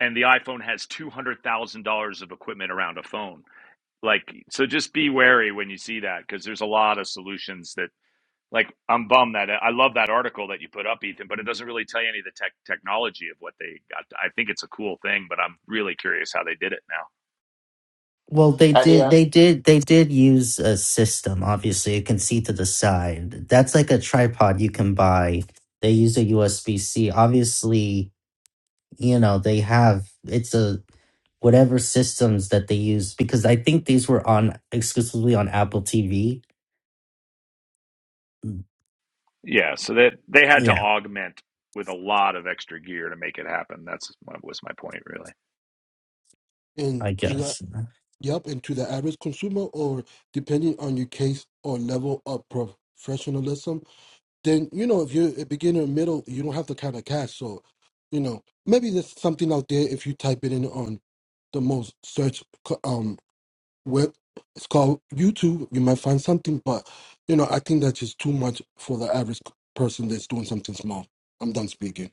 and the iPhone has two hundred thousand dollars of equipment around a phone like so just be wary when you see that because there's a lot of solutions that like i'm bummed that i love that article that you put up ethan but it doesn't really tell you any of the tech technology of what they got i think it's a cool thing but i'm really curious how they did it now Well, they At the did, uh, they did, they did use a system. Obviously, you can see to the side. That's like a tripod you can buy. They use a USB C. Obviously, you know they have it's a whatever systems that they use because I think these were on exclusively on Apple TV. yeah so that they, they had to Yeah, augment with a lot of extra gear to make it happen that's what was my point really And I to that, guess. yep, and to the average consumer, or depending on your case or level of professionalism then you know if you're a beginner middle you don't have to kind of cash so you know maybe there's something out there if you type it in on the most search um web it's called youtube you might find something but you know i think that's just too much for the average person that's doing something small i'm done speaking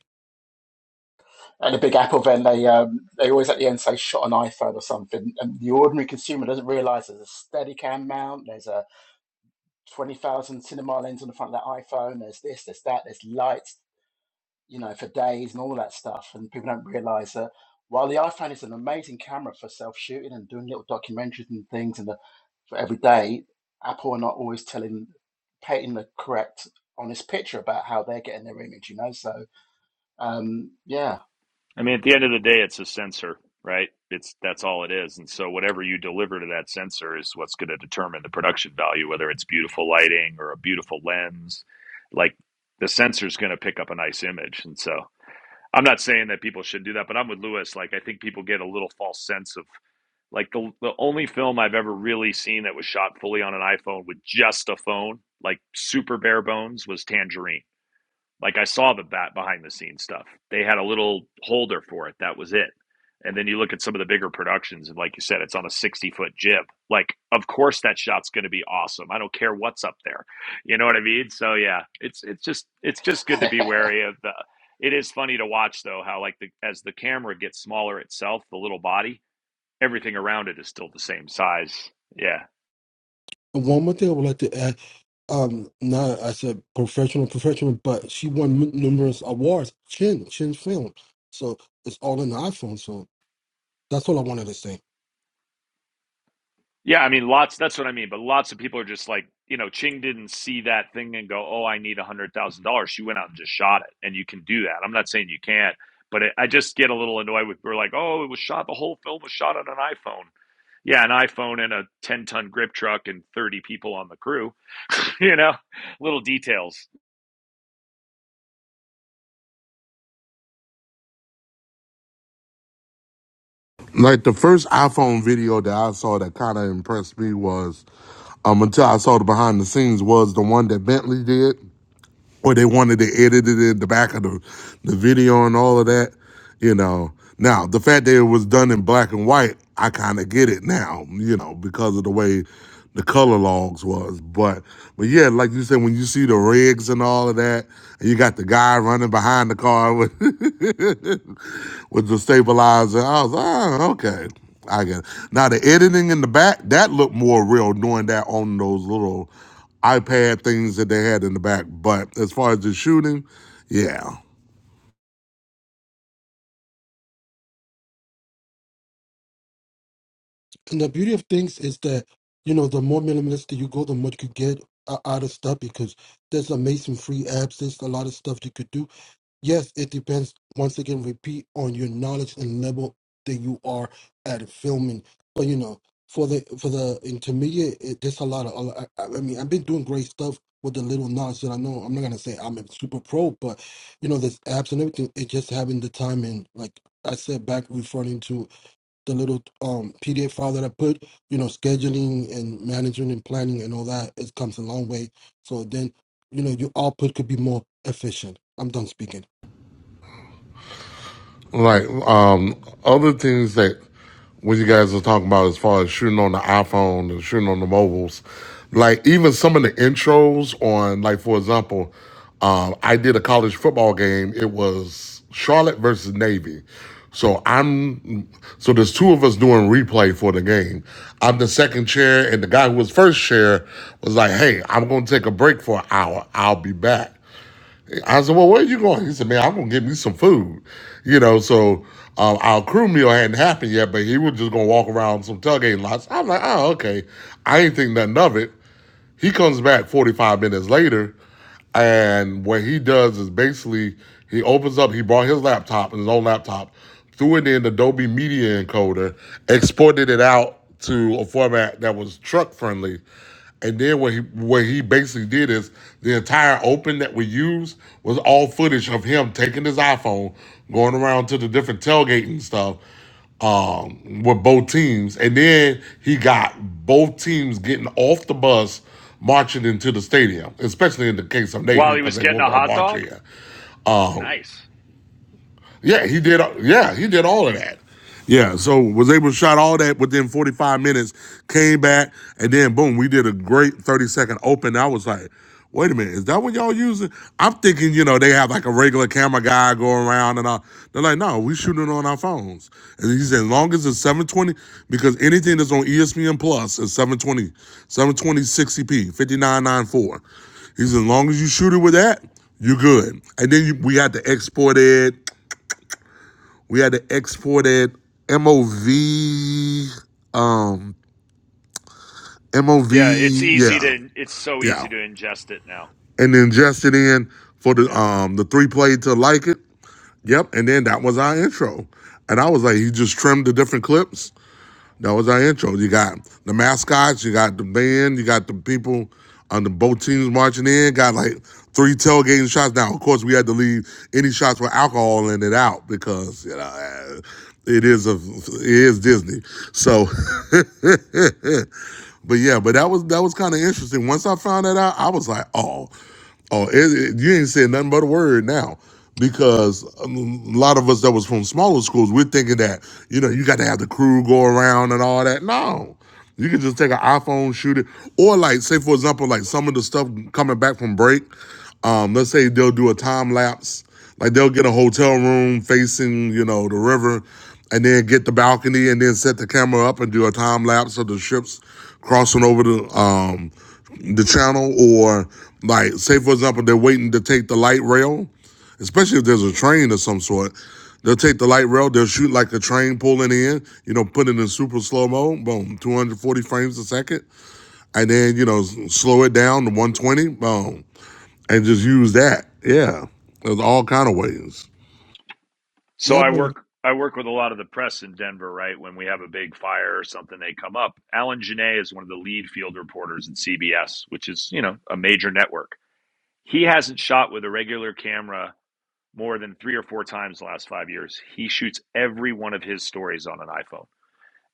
at the Big Apple, then they um, they always at the end say shot an iPhone or something, and the ordinary consumer doesn't realise there's a Steadicam mount, there's a twenty thousand cinema lens on the front of that iPhone, there's this, there's that, there's lights, you know, for days and all that stuff, and people don't realise that while the iPhone is an amazing camera for self shooting and doing little documentaries and things, and the for every day, Apple are not always telling, painting the correct, honest picture about how they're getting their image, you know? So, um, yeah. I mean, at the end of the day, it's a sensor, right? It's that's all it is. And so whatever you deliver to that sensor is what's going to determine the production value, whether it's beautiful lighting or a beautiful lens. Like the sensor is going to pick up a nice image. And so I'm not saying that people should do that, but I'm with Lewis. Like I think people get a little false sense of like the the only film I've ever really seen that was shot fully on an iPhone with just a phone, like super bare bones, was Tangerine like I saw the bat behind the scenes stuff. They had a little holder for it. That was it. And then you look at some of the bigger productions, and like you said, it's on a 60 foot jib. Like, of course that shot's gonna be awesome. I don't care what's up there. You know what I mean? So yeah, it's it's just it's just good to be wary of the it is funny to watch though how like the as the camera gets smaller itself, the little body, everything around it is still the same size. Yeah. and one more thing i would like to add um not as a professional professional but she won m- numerous awards chin chin film so it's all in the iphone so that's all i wanted to say Yeah, I mean, lots. That's what I mean. But lots of people are just like, you know, Ching didn't see that thing and go, "Oh, I need a hundred thousand dollars." She went out and just shot it, and you can do that. I'm not saying you can't, but it, I just get a little annoyed with. We're like, "Oh, it was shot. The whole film was shot on an iPhone." Yeah, an iPhone and a ten ton grip truck and thirty people on the crew. you know, little details. Like the first iPhone video that I saw that kind of impressed me was, um, until I saw the behind the scenes was the one that Bentley did or they wanted to edit it in the back of the, the video and all of that. You know, now the fact that it was done in black and white, I kind of get it now. You know, because of the way the color logs was. But but yeah, like you said, when you see the rigs and all of that, and you got the guy running behind the car with with the stabilizer, I was like, oh okay. I get it. Now the editing in the back that looked more real doing that on those little iPad things that they had in the back. But as far as the shooting, yeah, And the beauty of things is that, you know, the more minimalistic you go, the more you could get o- out of stuff because there's amazing free apps. There's a lot of stuff you could do. Yes, it depends, once again, repeat on your knowledge and level that you are at filming. But, you know, for the for the intermediate, it, there's a lot of, a I, I mean, I've been doing great stuff with the little knowledge that I know. I'm not going to say I'm a super pro, but, you know, there's apps and everything. It's just having the time and, like I said, back referring to the little um PDF file that I put, you know, scheduling and managing and planning and all that, it comes a long way. So then, you know, your output could be more efficient. I'm done speaking. like um other things that what you guys are talking about as far as shooting on the iPhone and shooting on the mobiles, like even some of the intros on like for example, um I did a college football game. It was Charlotte versus Navy. So I'm so there's two of us doing replay for the game. I'm the second chair and the guy who was first chair was like, "Hey, I'm going to take a break for an hour. I'll be back." I said, "Well, where are you going?" He said, "Man, I'm gonna get me some food." You know, so um, our crew meal hadn't happened yet, but he was just gonna walk around some tailgating lots. I'm like, "Oh, okay." I ain't think nothing of it. He comes back 45 minutes later, and what he does is basically he opens up, he brought his laptop his own laptop, threw it in Adobe Media Encoder, exported it out to a format that was truck friendly. And then what he what he basically did is the entire open that we used was all footage of him taking his iPhone, going around to the different tailgate and stuff, um, with both teams. And then he got both teams getting off the bus, marching into the stadium, especially in the case of While Navy, he because was they getting were a going to hot march dog, here. Um, nice. yeah, he did. Yeah, he did all of that. Yeah, so was able to shot all that within 45 minutes. Came back and then boom, we did a great 30 second open. I was like, wait a minute, is that what y'all using? I'm thinking, you know, they have like a regular camera guy going around and all. They're like, no, we shooting on our phones. And he said, as long as it's 720, because anything that's on ESPN Plus is seven twenty, seven twenty sixty p 5994. He said, as long as you shoot it with that, you're good. And then you, we had to export it. We had to export it MOV, um, Yeah, it's MOV, yeah, easy to. It's so yeah, easy to ingest it now. and then just it in for the Yeah. um the three play to like it. Yep, and then that was our intro, and I was like, he just trimmed the different clips That was our intro. You got the mascots, you got the band, you got the people on the both teams marching in, got like three tailgating shots. Now, of course, we had to leave any shots with alcohol in it out because, you know, eh, it is a it is Disney. So But yeah, but that was that was kind of interesting. Once I found that out, I was like, oh, oh, it, it- you ain't saying nothing but a word now. Because um, a lot of us that was from smaller schools, we're thinking that, you know, you got to have the crew go around and all that. No. You can just take an iPhone, shoot it. Or like, say for example, like some of the stuff coming back from break. Um, let's say they'll do a time lapse, like they'll get a hotel room facing, you know, the river, and then get the balcony and then set the camera up and do a time lapse of the ships crossing over the um the channel or like say for example they're waiting to take the light rail especially if there's a train of some sort. They'll take the light rail, they'll shoot like a train pulling in, you know, put it in super slow mo, boom, 240 frames a second. And then, you know, slow it down to 120, boom and just use that. Yeah, there's all kind of ways. So I Yep, and work I work with a lot of the press in Denver, right? When we have a big fire or something, they come up. Alan Genet is one of the lead field reporters at CBS, which is, you know, a major network. He hasn't shot with a regular camera more than three or four times in the last five years. He shoots every one of his stories on an iPhone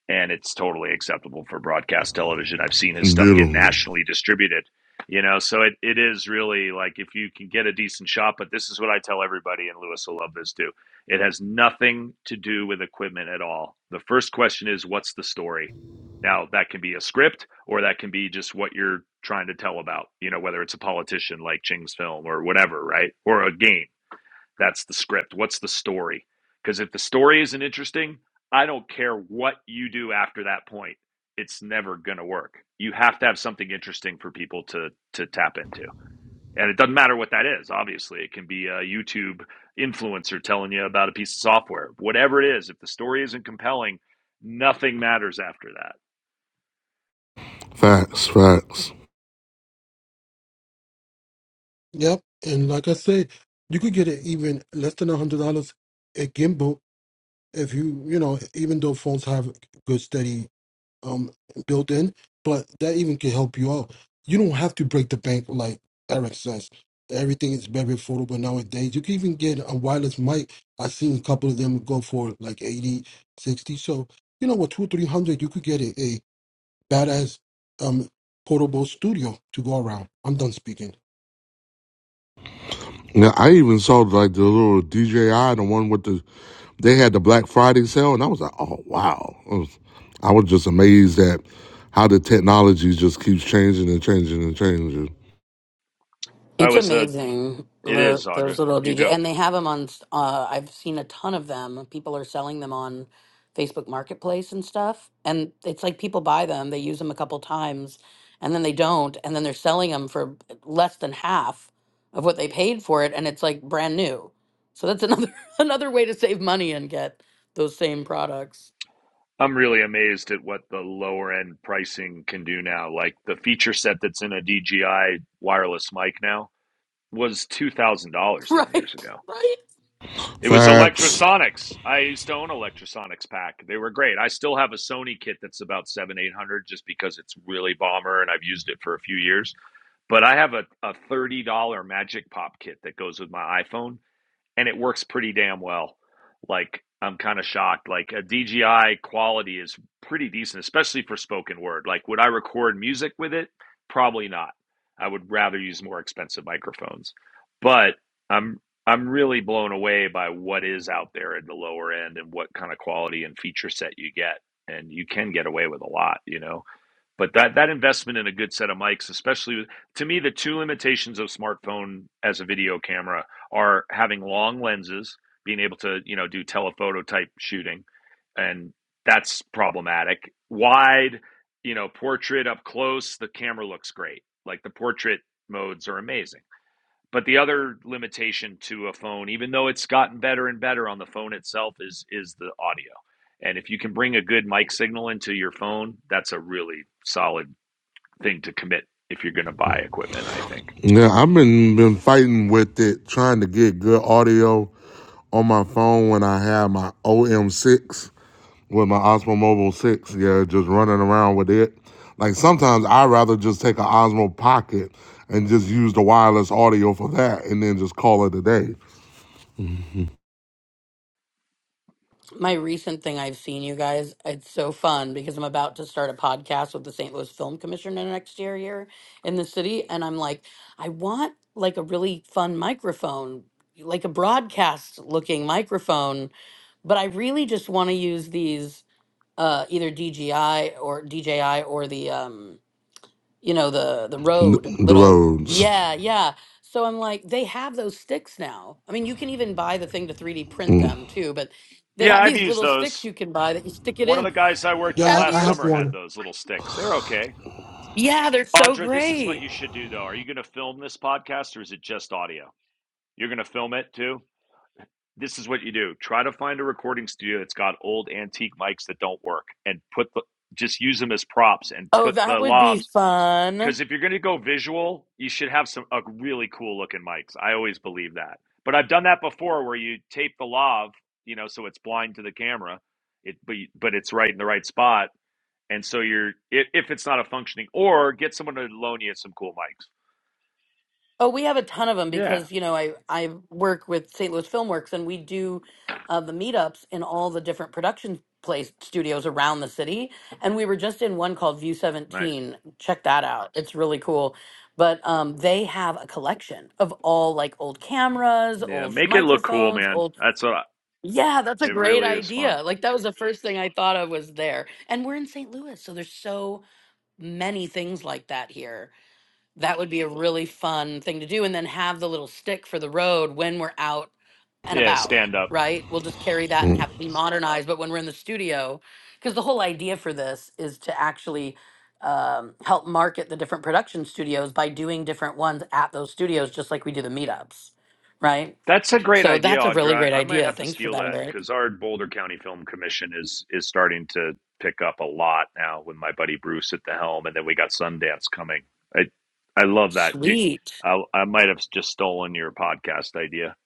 and it's totally acceptable for broadcast television. I've seen his stuff get Beautiful nationally distributed, you know, so it, it is really like if you can get a decent shot, but this is what I tell everybody, and Lewis will love this too. It has nothing to do with equipment at all. The first question is, what's the story? Now, that can be a script or that can be just what you're trying to tell about, you know, whether it's a politician like Ching's film or whatever, right? Or a game that's the script. What's the story? Because if the story isn't interesting, I don't care what you do after that point. It's never going to work. You have to have something interesting for people to to tap into. And it doesn't matter what that is. Obviously, it can be a YouTube influencer telling you about a piece of software. Whatever it is, if the story isn't compelling, nothing matters after that. facts, facts. yep. And like I said, you could get it even less than a hundred dollars a gimbal if you, you know, even though phones have good steady um built in, but that even can help you out. You don't have to break the bank like Eric says. Everything is very affordable nowadays. You can even get a wireless mic. I've seen a couple of them go for like 80, 60. So, you know what, two, three hundred, you could get a, a badass um portable studio to go around. I'm done speaking. Now I even saw like the little DJI, the one with the they had the Black Friday sale, and I was like, oh wow, I was, I was just amazed at how the technology just keeps changing and changing and changing. I It's was uh amazing, it the, is Audra. those little You DJ, go. and they have them on. Uh, I've seen a ton of them. People are selling them on Facebook Marketplace and stuff, and it's like people buy them, they use them a couple times, and then they don't, and then they're selling them for less than half of what they paid for it, and it's like brand new. So that's another another way to save money and get those same products, I'm really amazed at what the lower end pricing can do now. Like the feature set that's in a DJI wireless mic now was $2,000 10 years right? ago. Right? It was Facts. Electrosonics. I used to own Electrosonics pack. They were great. I still have a Sony kit that's about seven, eight hundred, just because it's really bomber, and I've used it for a few years. But I have a, a thirty dollar Magic Pop kit that goes with my iPhone, and it works pretty damn well. Like I'm kind of shocked. Like a DJI quality is pretty decent, especially for spoken word. Like would I record music with it? Probably not. I would rather use more expensive microphones. But I'm I'm really blown away by what is out there at the lower end and what kind of quality and feature set you get. And you can get away with a lot, you know. But that that investment in a good set of mics, especially with- to me, the two limitations of smartphone as a video camera are having long lenses, being able to you know do telephoto type shooting, and that's problematic. Wide, you know, portrait up close, the camera looks great. Like the portrait modes are amazing. But the other limitation to a phone, even though it's gotten better and better on the phone itself, is is the audio. And if you can bring a good mic signal into your phone, that's a really solid thing to commit if you're going to buy equipment, I think. Yeah, I've been been fighting with it, trying to get good audio on my phone when I have my OM6 with my Osmo Mobile 6, yeah, just running around with it. Like sometimes I'd rather just take an Osmo Pocket and just use the wireless audio for that and then just call it a day. my recent thing I've seen, you guys, it's so fun because I'm about to start a podcast with the St. Louis Film Commission in the next year here in the city. And I'm like, I want like a really fun microphone, like a broadcast looking microphone, but I really just want to use these uh, either DJI or DJI or the um, you know the the road The little roads. yeah yeah so i'm like they have those sticks now i mean you can even buy the thing to 3d print Mm, them too but they Yeah, have I've these used little sticks those. you can buy that you stick it One of in the guys I worked with Yeah, have I, last I you have summer had one. those little sticks. They're okay. yeah they're so Audra, this is what you great should do though. Are you going to film this podcast or is it just audio? You're going to film it too? This is what you do. Try to find a recording studio that's got old antique mics that don't work and put the just use them as props and oh put the that would be lavs fun Because if you're going to go visual, you should have some a really cool looking mics. I always believe that. But I've done that before, where you tape the lav, you know, so it's blind to the camera, it but you- but it's right in the right spot, and so you're i- if it's not a functioning, or get someone to loan you some cool mics. Oh, we have a ton of them Yeah, because, you know, I, I work with St. Louis Filmworks and we do uh, the meetups in all the different production place studios around the city. And we were just in one called View nice. 17. Check that out. It's really cool. But um, they have a collection of all like old cameras, Yeah, old make it look cool, microphones, man. old. That's what I, Yeah, that's it a great really is fun. idea. Like that was the first thing I thought of was there. And we're in St. Louis. So there's so many things like that here that would be a really fun thing to do. And then have the little stick for the road when we're out and Yeah, about, stand up. right? We'll just carry that and mm. have it be modernized. But when we're in the studio, because the whole idea for this is to actually um, help market the different production studios by doing different ones at those studios, just like we do the meetups, right? That's a great So idea, that's a really Audra. great I might idea. have to Thanks for steal that, that Eric. because our Boulder County Film Commission is is starting to pick up a lot now with my buddy Bruce at the helm, and then we got Sundance coming. I I love that. Do- you, Sweet. I I might have just stolen your podcast idea.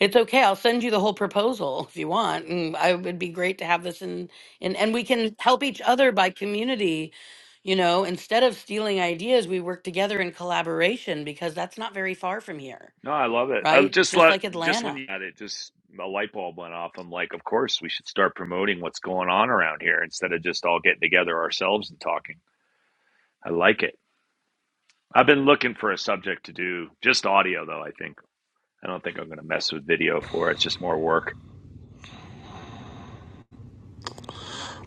It's okay. I'll send you the whole proposal if you want. And I would be great to have this in, in and we can help each other by community. You know, instead of stealing ideas, we work together in collaboration because that's not very far from here, No, I love it. I right? just Just let like just when Atlanta. you had it, just a light bulb went off. I'm like, of course we should start promoting what's going on around here instead of just all getting together ourselves and talking. I like it. I've been looking for a subject to do just audio though. I think. I don't think I'm going to mess with video for it. It's just more work.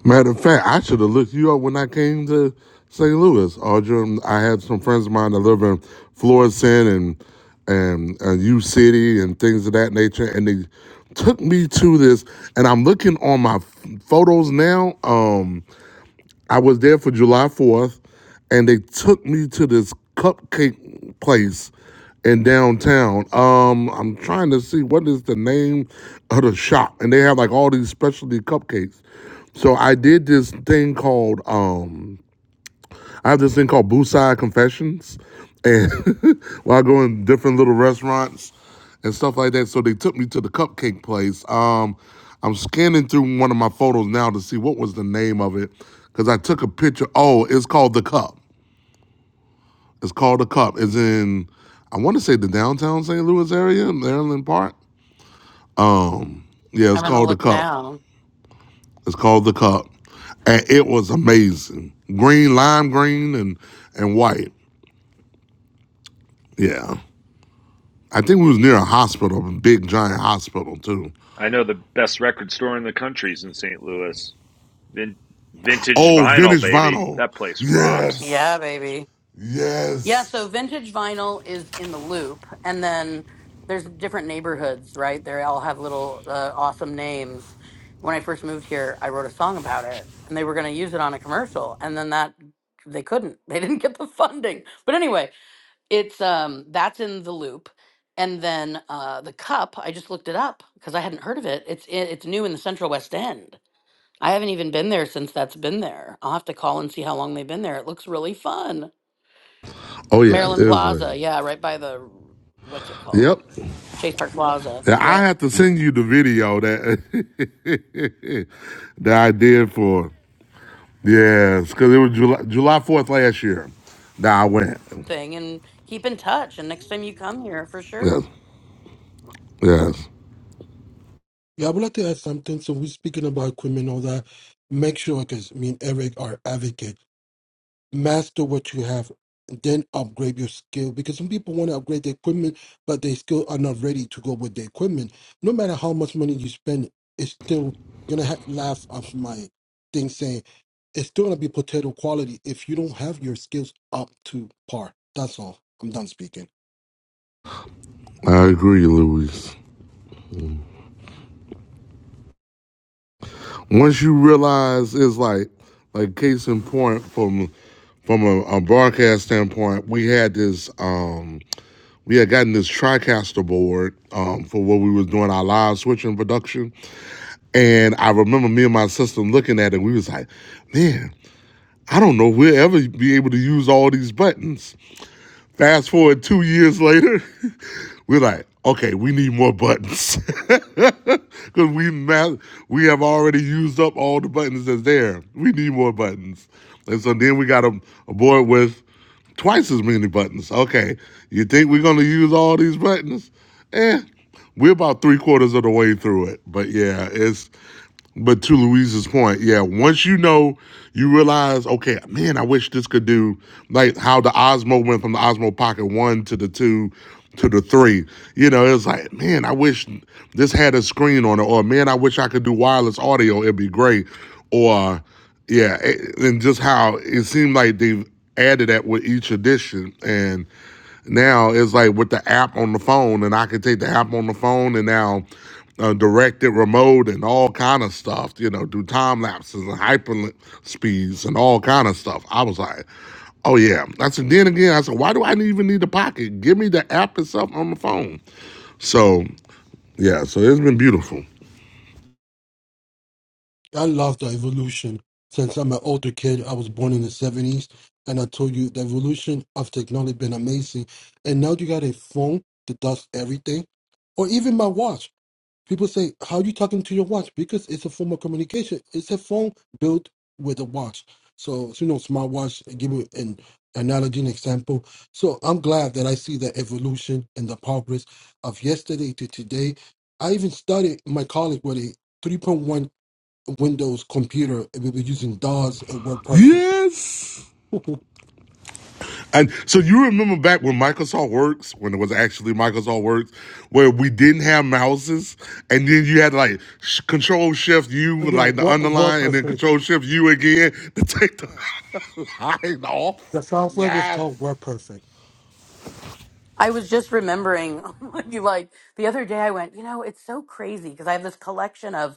Matter of fact, I should have looked you up when I came to St. Louis, Audra. I had some friends of mine that live in Florissant and and uh, U City and things of that nature, and they took me to this. And I'm looking on my photos now. Um, I was there for July 4th, and they took me to this cupcake place in downtown. Um, I'm trying to see what is the name of the shop, and they have like all these specialty cupcakes. So I did this thing called um, I have this thing called Busai Confessions, and while I go in different little restaurants and stuff like that. So they took me to the cupcake place. Um, I'm scanning through one of my photos now to see what was the name of it because I took a picture. Oh, it's called the Cup. It's called the Cup. It's in I want to say the downtown St. Louis area, Maryland Park. Um, yeah, it's I'm gonna called the look Cup. now. It's called the Cup, and it was amazing. Green, lime green, and and white. Yeah. I think we was near a hospital, a big giant hospital too. I know the best record store in the country is in St. Louis. Vin- vintage Oh, vinyl, vintage baby. vinyl. That place rocks. Yes. Yeah, baby. Yeah, Yes. so vintage vinyl is in the loop, and then there's different neighborhoods, right? They all have little uh, awesome names. When I first moved here, I wrote a song about it, and they were going to use it on a commercial, and then that they couldn't. They didn't get the funding. But anyway, it's um that's in the loop, and then uh, the cup. I just looked it up because I hadn't heard of it. It's i- it's new in the Central West End. I haven't even been there since that's been there. I'll have to call and see how long they've been there. It looks really fun. Oh yeah, it Maryland was Plaza, amazing. yeah, right by the what's it called? Yep. Chase Park Plaza. Yeah, I Yep. have to send you the video that that I did for yes, because it was July July Fourth last year that I went. Thing and keep in touch and next time you come here for Yes, sure. yes. Yeah, I would like to add something. So we're speaking about equipment, all that. Make sure, because me and Eric are advocate. master what you have then upgrade your skill because some people want to upgrade the equipment but they still are not ready to go with the equipment no matter how much money you spend it's still gonna ha- laugh off my thing saying it's still gonna be potato quality if you don't have your skills up to par that's all i'm done speaking I agree, Louise. once you realize it's like like case in point from from a, a broadcast standpoint we had this um we had gotten this tricaster board um, for what we was doing our live switching production and i remember me and my sister looking at it and we was like man i don't know if we'll ever be able to use all these buttons fast forward two years later we're like okay we need more buttons because we ma- we have already used up all the buttons that's there. We need more buttons, and so then we got a, a board with twice as many buttons. Okay, you think we're gonna use all these buttons? Eh, we're about three quarters of the way through it. But yeah, it's but to Louise's point, yeah, once you know, you realize, okay, man, I wish this could do like how the Osmo went from the Osmo Pocket 1 to the 2 to the 3. You know, it's like, man, I wish this had a screen on it, or man, I wish I could do wireless audio. It'd be great. Or, yeah, and just how it seemed like they've added that with each edition. And now it's like with the app on the phone and i can take the app on the phone and now uh, direct it remote and all kind of stuff you know do time lapses and hyper speeds and all kind of stuff i was like oh yeah i said then again i said why do i even need the pocket give me the app itself on the phone so yeah so it's been beautiful I love the evolution. Since I'm an older kid, I was born in the 70s, and I told you the evolution of technology been amazing. And now you got a phone that does everything, or even my watch. People say, "How you talking to your watch?" Because it's a form of communication. It's a phone built with a watch. So, so you know, smartwatch. Give you an analogy, an example. So I'm glad that I see the evolution and the progress of yesterday to today. I even studied my college with a 3.1 Windows computer, and we were using DOS and WordPerfect. yes And so you remember back when Microsoft Works, when it was actually Microsoft Works, where we didn't have mouses, and then you had like sh- Control Shift U, with, yeah, like the Word, underline, and then WordPerfect. Control Shift U again to take the line off. The software was Yes. called WordPerfect. I was just remembering you like the other day I went, you know, it's so crazy because I have this collection of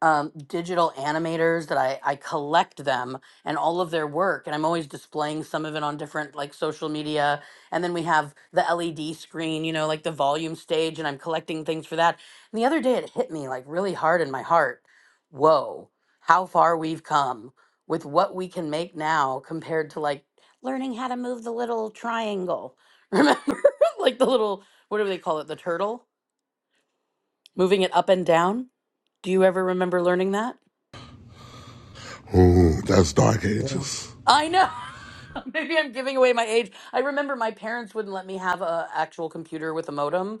um, digital animators that I, I collect them and all of their work and i'm always displaying some of it on different like social media and then we have the led screen you know like the volume stage and i'm collecting things for that and the other day it hit me like really hard in my heart whoa how far we've come with what we can make now compared to like learning how to move the little triangle remember like the little what do they call it the turtle moving it up and down do you ever remember learning that Oh, that's Dark Yeah. Ages. I know. Maybe I'm giving away my age. I remember my parents wouldn't let me have a actual computer with a modem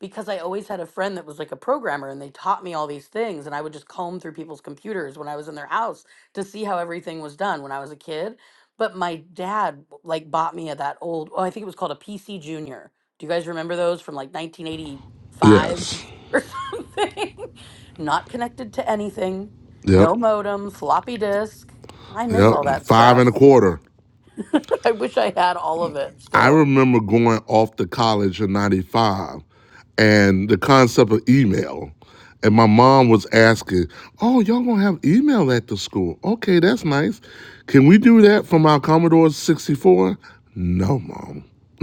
because I always had a friend that was like a programmer and they taught me all these things and I would just comb through people's computers when I was in their house to see how everything was done when I was a kid. But my dad like bought me a, that old, oh, I think it was called a PC Junior. Do you guys remember those from like 1985 Yes. or something? Not connected to anything. Yep. No modem, floppy disk. I miss Yep. all that Five stuff. and a quarter. I wish I had all of it I still. remember going off to college in 95 and the concept of email. And my mom was asking, Oh, y'all gonna have email at the school? Okay, that's nice. Can we do that from our Commodore 64? No, mom.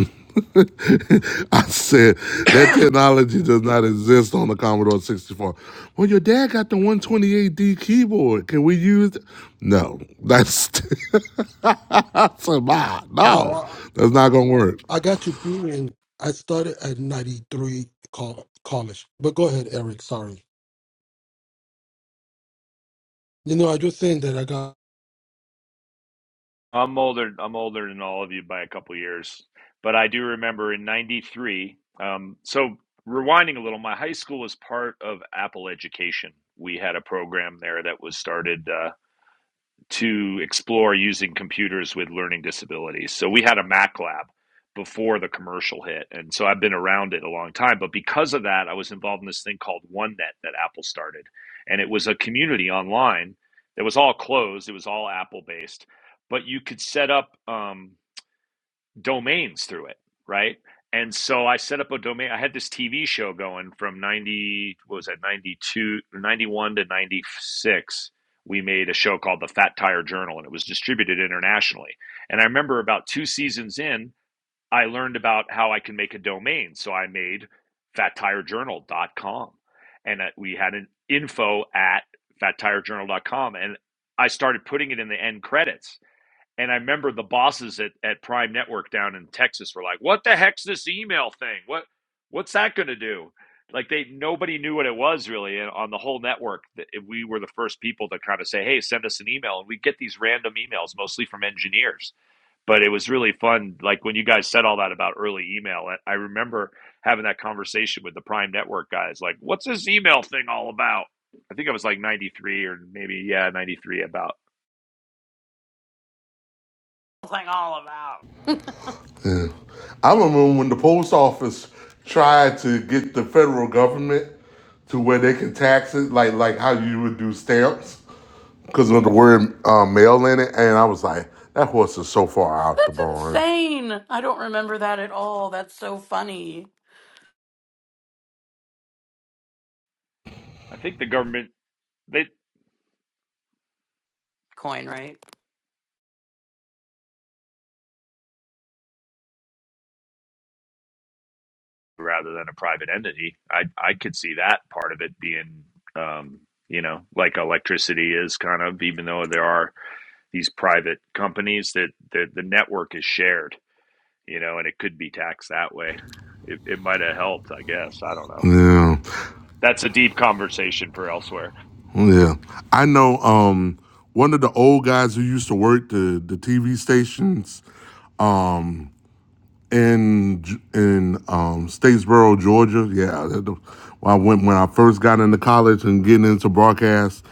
I said that technology does not exist on the Commodore 64. Well, your dad got the 128D keyboard. Can we use? it?" No, that's I said, "Ma, no, Well, that's not gonna work. I, I got to be in. I started at '93 col- college, but go ahead, Eric. Sorry. You know, I just saying that I got. I'm older. I'm older than all of you by a couple years, but I do remember in '93. Um, so rewinding a little, my high school was part of Apple Education. We had a program there that was started. Uh, to explore using computers with learning disabilities. So we had a Mac lab before the commercial hit. And so I've been around it a long time. But because of that, I was involved in this thing called OneNet that Apple started. And it was a community online that was all closed, it was all Apple based. But you could set up. Um, domains through it, right? And so I set up a domain. I had this TV show going from 90, what was that, 92, 91 to 96. We made a show called The Fat Tire Journal, and it was distributed internationally. And I remember about two seasons in, I learned about how I can make a domain. So I made fat tire journal dot com, And uh, we had an info at fat tire journal dot com, And I started putting it in the end credits and I remember the bosses at, at Prime Network down in Texas were like, "What the heck's this email thing? What what's that going to do?" Like they nobody knew what it was really, and on the whole network, we were the first people to kind of say, "Hey, send us an email," and we get these random emails mostly from engineers. But it was really fun. Like when you guys said all that about early email, I I remember having that conversation with the Prime Network guys. Like, "What's this email thing all about?" I think I was like 93 or maybe yeah 93 about. Thing all about. Yeah. I remember when the post office tried to get the federal government to where they can tax it, like like how you would do stamps, because of the word um, mail in it. And I was like, that horse is so far out the That's barn. insane. I don't remember that at all. That's so funny. I think the government they Coin, right? rather than a private entity. I I could see that part of it being, um, you know, like electricity is kind of, even though there are these private companies that the the network is shared, you know, and it could be taxed that way. It it might have helped, I guess. I don't know. Yeah, That's a deep conversation for elsewhere. yeah. I know. Um, one of the old guys who used to work the the TV stations, um, in G- in um Statesboro, Georgia. Yeah, that the- when I went when I first got into college and getting into broadcast,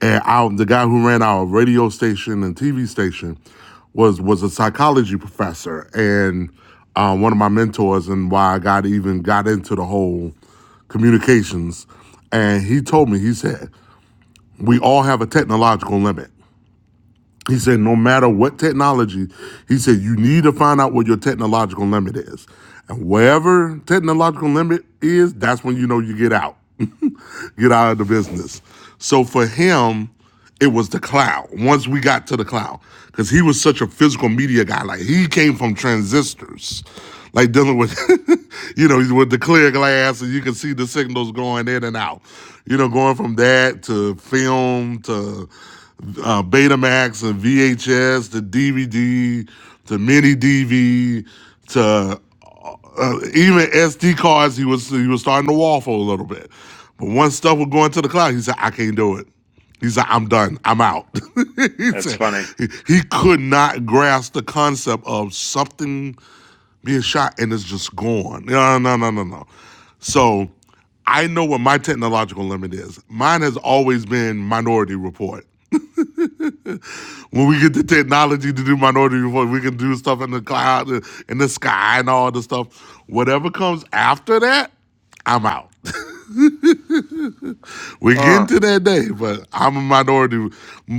and I, the guy who ran our radio station and TV station was was a psychology professor and uh, one of my mentors, and why I got even got into the whole communications. And he told me, he said, we all have a technological limit. He said, no matter what technology, he said, you need to find out what your technological limit is. And wherever technological limit is, that's when you know you get out. get out of the business. So for him, it was the cloud. Once we got to the cloud, because he was such a physical media guy. Like he came from transistors, like dealing with, you know, with the clear glass and you can see the signals going in and out. You know, going from that to film to uh, Betamax and VHS to DVD to mini DV to uh, even SD cards. He was he was starting to waffle a little bit, but once stuff was going to the cloud, he said, "I can't do it." He said, "I'm done. I'm out." he That's said funny, he, he could not grasp the concept of something being shot and it's just gone. No, no, no, no, no. So I know what my technological limit is. Mine has always been Minority Report. When we get the technology to do minority report, we can do stuff in the cloud, uh, in the sky, and all the stuff. Whatever comes after that, I'm out. We're getting huh? to that day, but I'm a minority.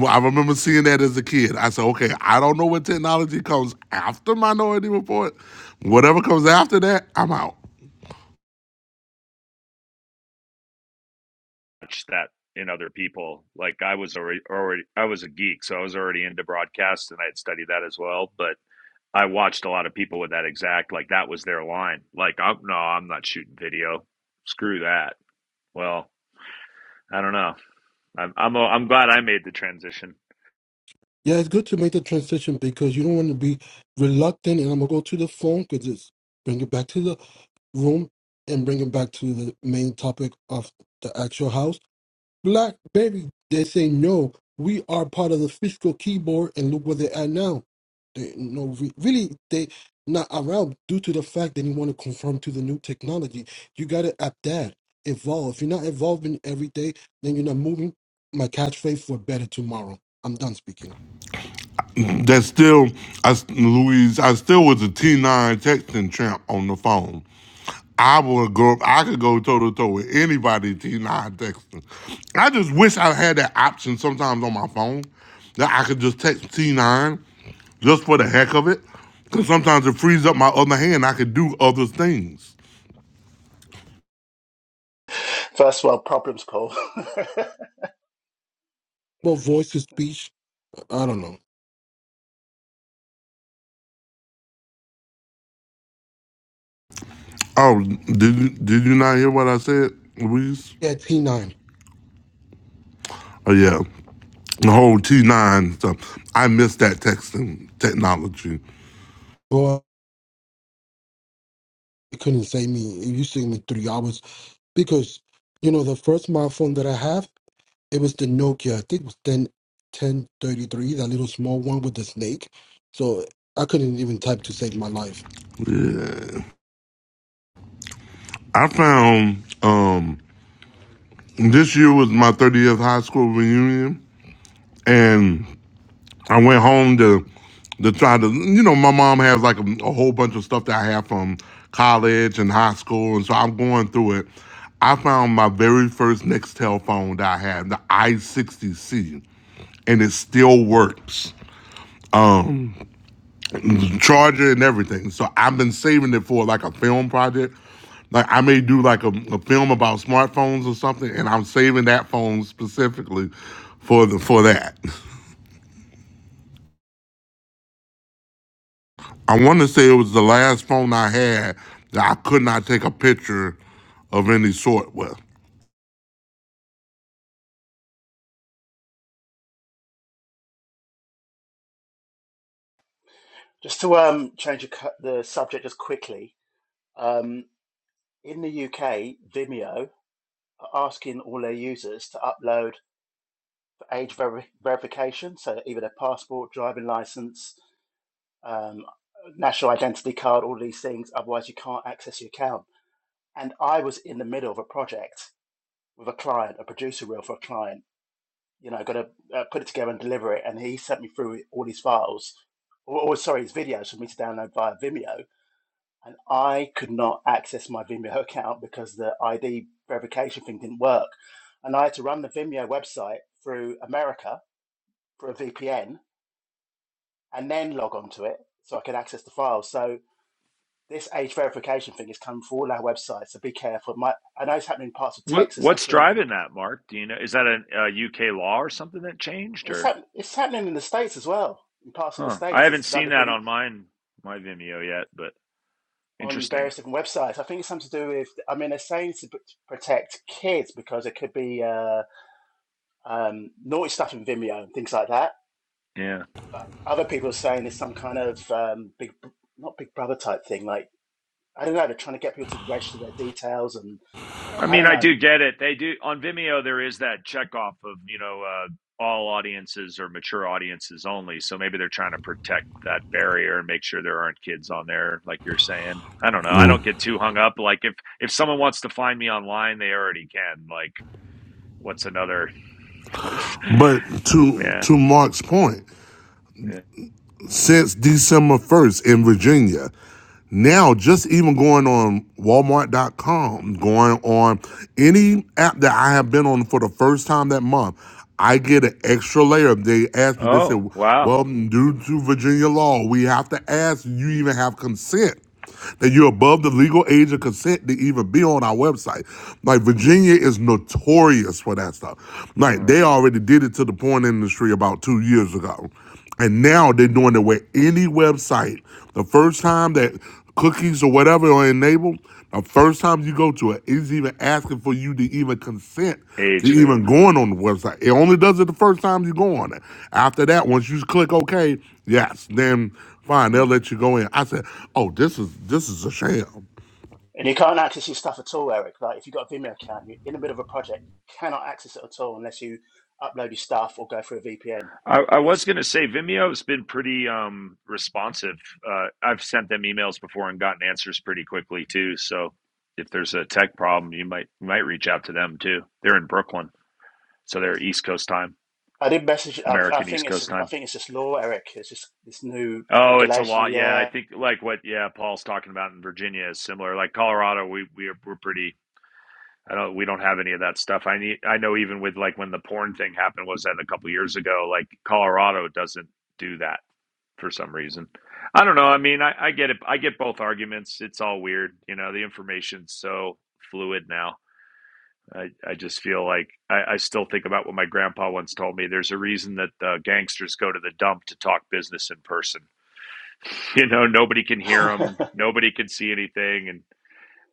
I remember seeing that as a kid. I said, okay, I don't know what technology comes after Minority Report. Whatever comes after that, I'm out. Watch That in other people, like I was already already I was a geek, so I was already into broadcast and I had studied that as well, but I watched a lot of people with that exact like that was their line. Like, I'm no, I'm not shooting video. Screw that. Well, I don't know. I'm I'm uh, I'm glad I made the transition. Yeah, it's good to make the transition because you don't want to be reluctant. And I'm gonna go to the phone because it's bring it back to the room and bring it back to the main topic of the actual house BlackBerry. They say no. We are part of the fiscal keyboard, and look where they are now. They no re- really they not around due to the fact that you want to conform to the new technology. You got to adapt, evolve. If you're not evolving every day, then you're not moving. My catchphrase for better tomorrow. I'm done speaking. that still, I Louise, I still was a T9 texting champ on the phone. I would go, I could go toe to toe with anybody T9 texting. I just wish I had that option sometimes on my phone that I could just text T9 just for the heck of it. Because sometimes it frees up my other hand. I could do other things. First world problems, Paul. Well, voice to speech. I don't know. Oh, did you, did you not hear what I said, Louise? Yeah, T9. Oh, yeah the whole T nine stuff. I miss that texting technology. Boy, you couldn't say me. You saved me three hours because you know the first smartphone that I have. It was the Nokia. I think it was ten ten thirty three. That little small one with the snake. So I couldn't even type to save my life. Yeah. I found um, this year was my 30th high school reunion, and I went home to to try to you know my mom has like a, a whole bunch of stuff that I have from college and high school, and so I'm going through it. I found my very first Nextel phone that I had, the i60C, and it still works. charger and everything. So I've been saving it for like a film project. Like I may do like a, a film about smartphones or something, and I'm saving that phone specifically for the for that. I want to say it was the last phone I had that I could not take a picture of any sort with. just to um, change the cu- the subject just quickly, um, in the UK, Vimeo are asking all their users to upload age veri verification, so either their passport, driving license, um, national identity card, all these things. Otherwise, you can't access your account. And I was in the middle of a project with a client, a producer reel for a client. You know, got to uh, put it together and deliver it. And he sent me through all these files, or, or sorry, his videos for me to download via Vimeo. And I could not access my Vimeo account because the ID verification thing didn't work. And I had to run the Vimeo website through America for a VPN and then log on to it so I could access the files. So this age verification thing is coming for all our websites, so be careful. It might, I know it's happening in parts of What Texas, I what's think. driving that, Mark? Do you know? Is that a, a UK law or something that changed, It's, or hap- it's happening in the States as well. In parts of the huh? I States, haven't it's like seen they're that bringing on mine my Vimeo yet, but on interesting. various different websites. I think it's something to do with, I mean, they're saying to protect kids because it could be uh, um, naughty stuff in Vimeo and things like that. Yeah. But other people are saying it's some kind of um, big, not big brother type thing. Like, I don't know, they're trying to get people to register their details and I I mean, don't I know. do get it. They do on Vimeo. There is that checkoff of you know uh, all audiences or mature audiences only. So maybe they're trying to protect that barrier and make sure there aren't kids on there, like you're saying. I don't know. I don't get too hung up. Like if if someone wants to find me online, they already can. Like what's another? But to yeah, to Mark's point, yeah. since December first in Virginia. Now, just even going on Walmart.com, going on any app that I have been on for the first time that month, I get an extra layer. They ask me, they Oh said, wow. well, due to Virginia law, we have to ask you even have consent that you're above the legal age of consent to even be on our website. Like Virginia is notorious for that stuff. Like Hmm. they already did it to the porn industry about two years ago. And now they're doing it with any website. The first time that cookies or whatever are enabled, the first time you go to it, it's even asking for you to even consent to Age even verified. going on the website. It only does it the first time you go on it. After that, once you click OK, yes, then fine, they'll let you go in. I said, oh, this is this is a sham. And you can't access your stuff at all, Eric. Like if you've got a Vimeo account, you're in the middle of a project, you cannot access it at all unless you upload your stuff or go through a VPN. I, I was It's going to say Vimeo's been pretty um, responsive. Uh, I've sent them emails before and gotten answers pretty quickly too. So if there's a tech problem, you might you might reach out to them too. They're in Brooklyn, so they're East Coast time, I did message. I, I American East think Coast it's I time. think it's just law, Eric. It's just this new Oh, it's a regulation. lot. Yeah, I Yeah, think like what yeah Paul's talking about in Virginia is similar. Like Colorado, we we are, we're pretty. I don't. We don't have any of that stuff. I need. I know even with like when the porn thing happened was that a couple years ago. Like Colorado doesn't do that for some reason. I don't know. I mean, I, I get it. I get both arguments. It's all weird. You know, the information's so fluid now. I, I just feel like I, I still think about what my grandpa once told me. There's a reason that uh, gangsters go to the dump to talk business in person. You know, nobody can hear them, nobody can see anything, and.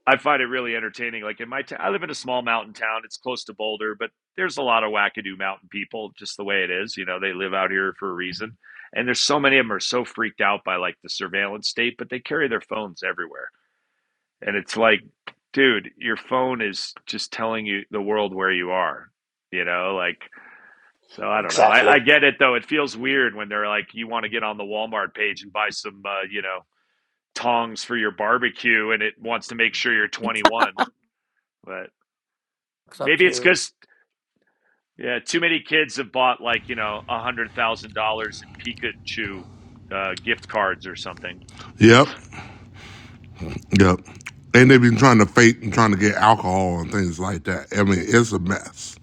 I find it really entertaining. Like in my town, I live in a small mountain town. It's close to Boulder, but there's a lot of wackadoo mountain people, just the way it is. You know, they live out here for a reason. And there's so many of them are so freaked out by like the surveillance state, but they carry their phones everywhere. And it's like, dude, your phone is just telling you the world where you are, you know, like, so I don't know. I, I exactly. get it though. It feels weird when they're like, you want to get on the Walmart page and buy some, uh, you know, tongs for your barbecue and it wants to make sure you're 21. but. Looks up Maybe it's to. because yeah, too many kids have bought like you know a hundred thousand dollars in Pikachu uh, gift cards or something. Yep, yep. And they've been trying to fake and trying to get alcohol and things like that. I mean, it's a mess.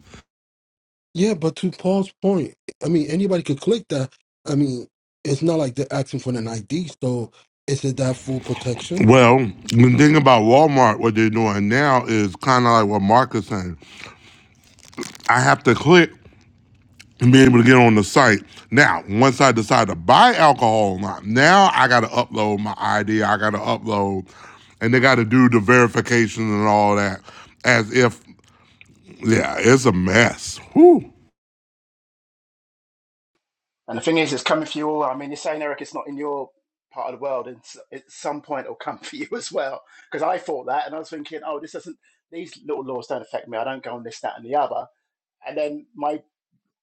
Yeah, but to Paul's point, I mean anybody could click that. I mean, it's not like they're asking for an ID. So is it that full protection? Well, the thing about Walmart, what they're doing now is kind of like what Mark is saying. I have to click and be able to get on the site. Now, once I decide to buy alcohol or not, now I got to upload my ID. I got to upload, and they got to do the verification and all that as if, yeah, it's a mess. Whew. And the thing is, it's coming for you all. I mean, you're saying Eric, it's not in your part of the world, and s- at some point it'll come for you as well. Because I thought that, and I was thinking, oh, this doesn't. These little laws don't affect me. I don't go on this, that, and the other. And then my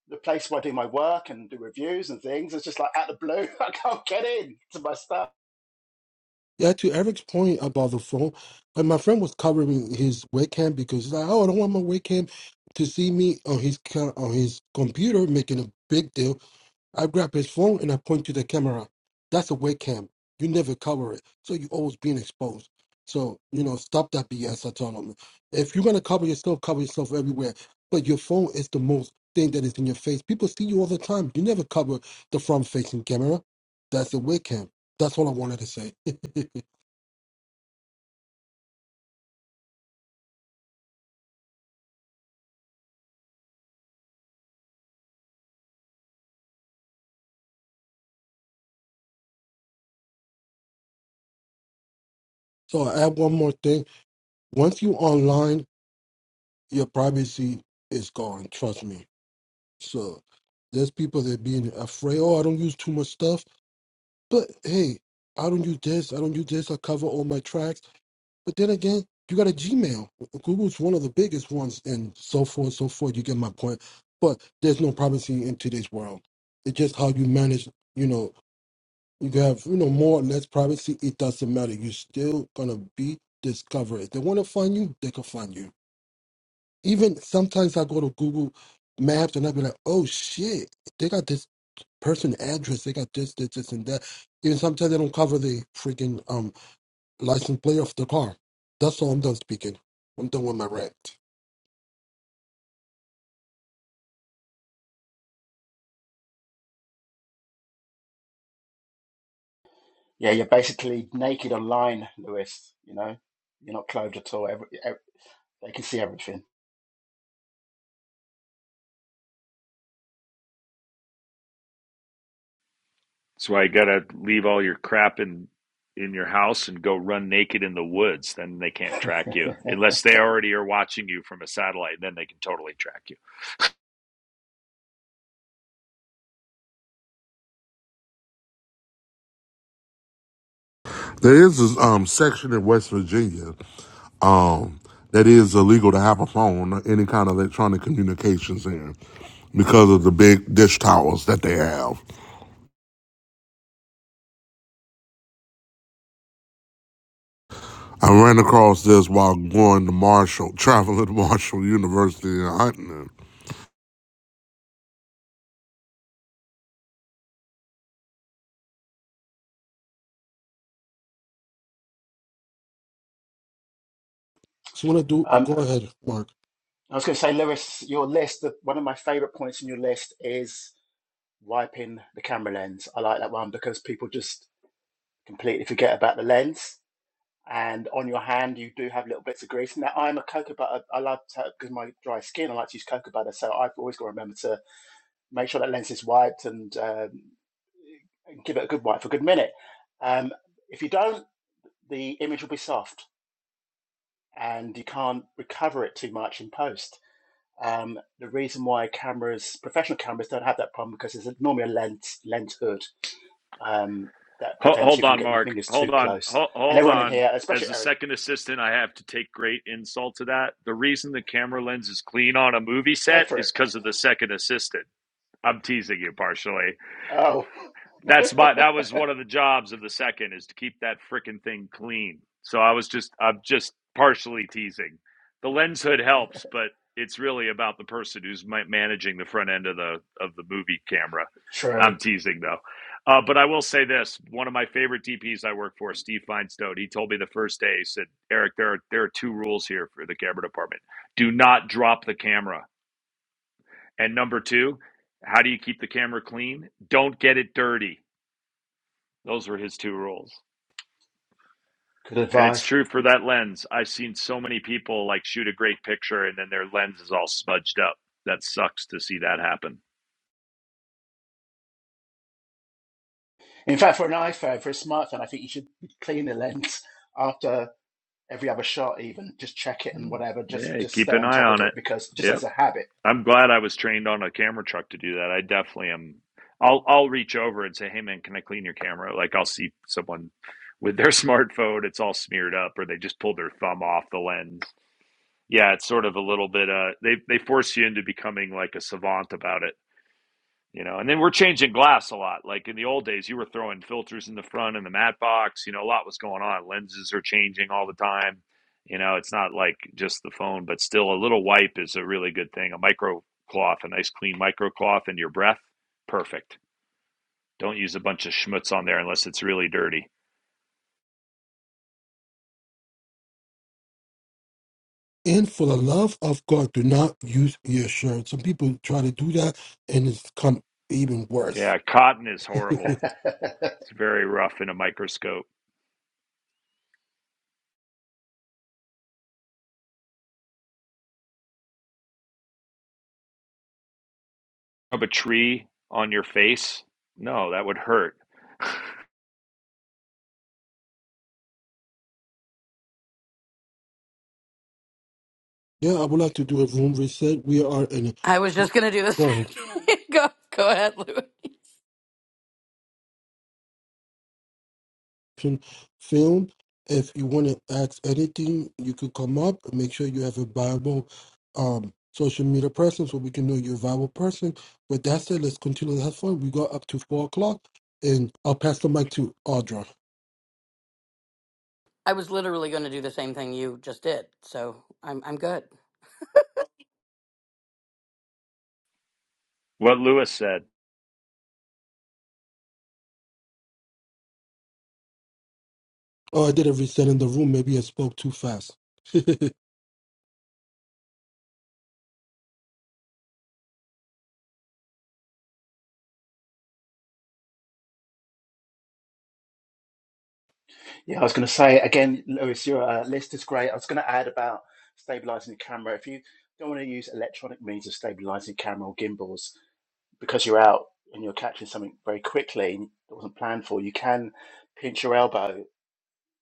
the place where I do my work and do reviews and things. It's just like out of the blue, I can't get in to my stuff. Yeah, to Eric's point about the phone, and my friend was covering his webcam because he's like, oh, I don't want my webcam to see me on his co- on his computer making a big deal I grab his phone and I point to the camera. That's a webcam. You never cover it, so you always being exposed. So you know, stop that BS. I tell him, if you're gonna cover yourself, cover yourself everywhere. But your phone is the most thing that is in your face. People see you all the time. You never cover the front-facing camera. That's a webcam. That's all I wanted to say. so I add one more thing. Once you online, your privacy is gone. Trust me. So there's people that being afraid. Oh, I don't use too much stuff But hey, I don't use this, I don't use this, I cover all my tracks. But then again, you got a Gmail. Google's one of the biggest ones and so forth, so forth. You get my point. But there's no privacy in today's world. It's just how you manage, you know, you can have, you know, more or less privacy, it doesn't matter. You're still gonna be discovered. If they wanna find you, they can find you. Even sometimes I go to Google Maps and i be like, oh shit, they got this person address, they got this, this, this, and that. Even sometimes they don't cover the freaking um license plate of the car. That's all I'm done speaking. I'm done with my rant. Yeah, you're basically naked online, Lewis. You know, you're not clothed at all. Every, ev they can see everything. That's why you gotta leave all your crap in in your house and go run naked in the woods. Then they can't track you unless they already are watching you from a satellite. Then they can totally track you. There is this um, section in West Virginia. um, that is illegal to have a phone, any kind of electronic communications there, because of the big dish towers that they have. I ran across this while going to Marshall, traveling to Marshall University in Huntington. So you wanna do um, go ahead, Mark. I was going to say, Lewis, your list. The, one of my favourite points in your list is wiping the camera lens. I like that one because people just completely forget about the lens. And on your hand, you do have little bits of grease. Now, I'm a cocoa butter. I love to, because my dry skin, I like to use cocoa butter. So I've always got to remember to make sure that lens is wiped and um, give it a good wipe for a good minute. Um, if you don't, the image will be soft and you can't recover it too much in post. Um, the reason why cameras, professional cameras, don't have that problem because there's normally a lens lens hood um, that Ho- prevents hold you from on, getting your Mark. fingers too Hold on. close. Ho- And hold everyone in on. here, especially As a Eric, second assistant, I have to take great insult to that. The reason the camera lens is clean on a movie go set for it. is because of the second assistant. I'm teasing you partially. Oh, That's my that was one of the jobs of the second is to keep that frickin' thing clean. So I was just I'm just partially teasing. The lens hood helps, but it's really about the person who's ma- managing the front end of the of the movie camera. true. I'm teasing though. Uh, but I will say this: one of my favorite DPs I work for, Steve Feinstone, he told me the first day. He said, "Eric, there are there are two rules here for the camera department: do not drop the camera, and number two, how do you keep the camera clean? Don't get it dirty." Those were his two rules. Good And it's advice. true for that lens. I've seen so many people like shoot a great picture and then their lens is all smudged up. That sucks to see that happen. In fact, for an iPhone, for a smartphone, I think you should clean the lens after every other shot even just check it and Mm. whatever just Yeah, just keep stay an on eye top of on it it. because just as Yep. a habit I'm glad I was trained on a camera truck to do that. I definitely am. I'll I'll reach over and say, "Hey man, can I clean your camera?" Like I'll see someone with their smartphone, it's all smeared up or they just pulled their thumb off the lens. Yeah, it's sort of a little bit uh they they force you into becoming like a savant about it. you know, and then we're changing glass a lot. Like in the old days, you were throwing filters in the front and the mat box. You know, a lot was going on. Lenses are changing all the time. You know, it's not like just the phone, but still a little wipe is a really good thing. A micro cloth, a nice clean micro cloth in your breath, perfect. Don't use a bunch of schmutz on there unless it's really dirty. And for the love of God, do not use your shirt. Some people try to do that and it's come even worse. Yeah, cotton is horrible. It's very rough in a microscope. Rub a tree on your face? No, that would hurt. Yeah, I would like to do a room reset. We are in. I was just gonna do the Go ahead. same. go, go ahead, Louis. action film. If you want to ask anything, you could come up. Make sure you have a viable um, social media presence so we can know you're a viable person. But that's it. Let's continue. to have fun. We got up to four o'clock, and I'll pass the mic to Audra. I was literally gonna do the same thing you just did. So I'm I'm good. What Lewis said. Oh, I did a reset in the room. Maybe I spoke too fast. yeah i was going to say again lewis your uh, list is great i was going to add about stabilizing the camera if you don't want to use electronic means of stabilizing camera or gimbals because you're out and you're catching something very quickly and it wasn't planned for you can pinch your elbow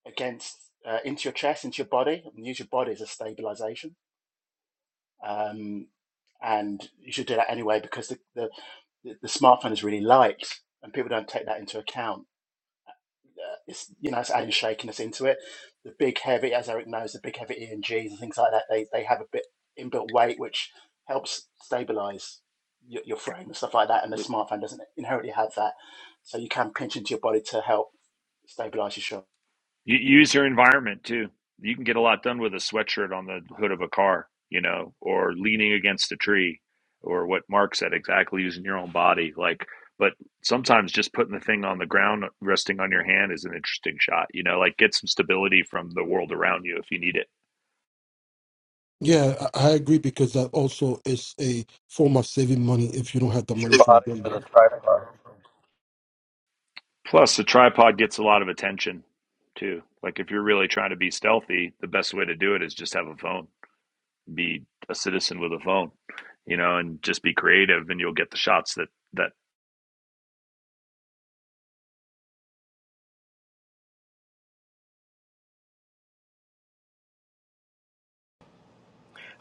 against uh, into your chest into your body and use your body as a stabilization um, and you should do that anyway because the, the the smartphone is really light, and people don't take that into account. Uh, It's you know it's adding shakiness into it. The big heavy, as Eric knows, the big heavy E and Gs and things like that. They they have a bit inbuilt weight which helps stabilize your, your frame and stuff like that. And the smartphone doesn't inherently have that, so you can pinch into your body to help stabilize your shot. You use your environment too. You can get a lot done with a sweatshirt on the hood of a car, you know, or leaning against a tree, or what Mark said exactly, using your own body. Like, but sometimes just putting the thing on the ground, resting on your hand, is an interesting shot. You know, like get some stability from the world around you if you need it. yeah, I, I agree because that also is a form of saving money if you don't have the Use money your for a body as a gimbal. tripod. Plus, the tripod gets a lot of attention too. Like, if you're really trying to be stealthy, the best way to do it is just have a phone, be a citizen with a phone, you know, and just be creative, and you'll get the shots that that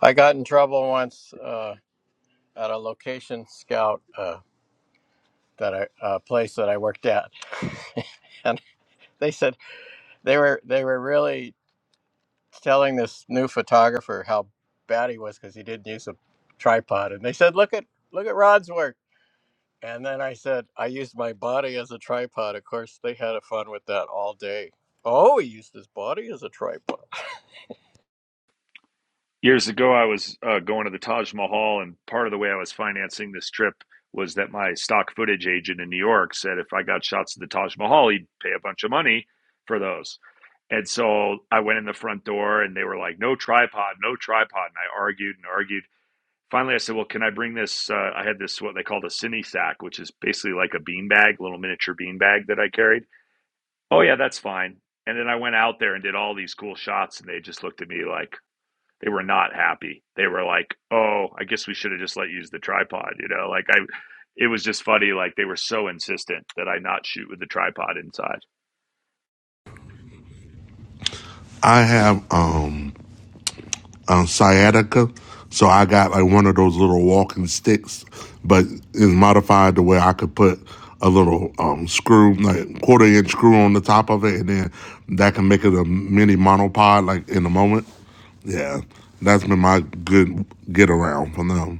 I got in trouble once uh, at a location scout uh, that I uh, place that I worked at, and they said they were they were really telling this new photographer how bad he was because he didn't use a tripod, and they said, "Look at look at Rod's work." And then I said, "I used my body as a tripod." Of course, they had a fun with that all day. Oh, he used his body as a tripod. years ago i was uh, going to the taj mahal and part of the way i was financing this trip was that my stock footage agent in new york said if i got shots of the taj mahal he'd pay a bunch of money for those and so i went in the front door and they were like no tripod no tripod and i argued and argued finally i said well can i bring this uh, i had this what they called a cine sack which is basically like a bean bag little miniature bean bag that i carried oh yeah that's fine and then i went out there and did all these cool shots and they just looked at me like they were not happy. They were like, "Oh, I guess we should have just let you use the tripod," you know. Like I, it was just funny. Like they were so insistent that I not shoot with the tripod inside. I have um, um, sciatica. So I got like one of those little walking sticks, but it's modified to where I could put a little um, screw, like quarter inch screw on the top of it, and then that can make it a mini monopod, like in the moment. Yeah, that's been my good get around for now.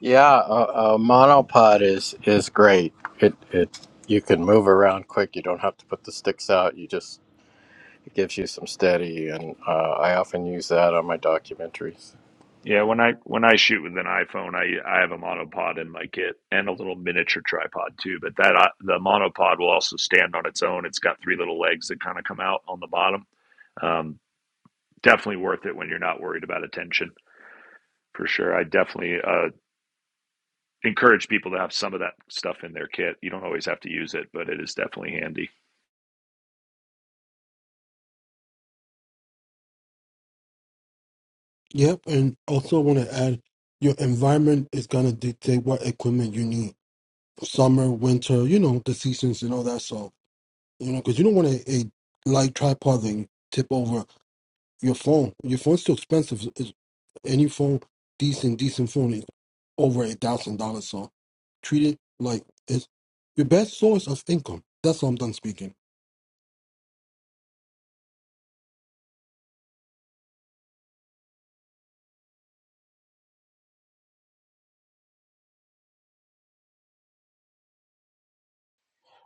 Yeah, a, a monopod is is great. It it you can move around quick. You don't have to put the sticks out. You just it gives you some steady, and uh, I often use that on my documentaries. Yeah, when I when I shoot with an iPhone, I I have a monopod in my kit and a little miniature tripod too. But that uh, the monopod will also stand on its own. It's got three little legs that kind of come out on the bottom. Um, definitely worth it when you're not worried about attention for sure. I definitely uh, encourage people to have some of that stuff in their kit. You don't always have to use it, but it is definitely handy. Yep, and also want to add your environment is gonna dictate what equipment you need summer, winter, you know, the seasons and all that. So, you know, because you don't want a, a light tripod thing tip over your phone. Your phone's too expensive. It's, any phone, decent, decent phone is over a thousand dollars. So treat it like it's your best source of income. That's all I'm done speaking.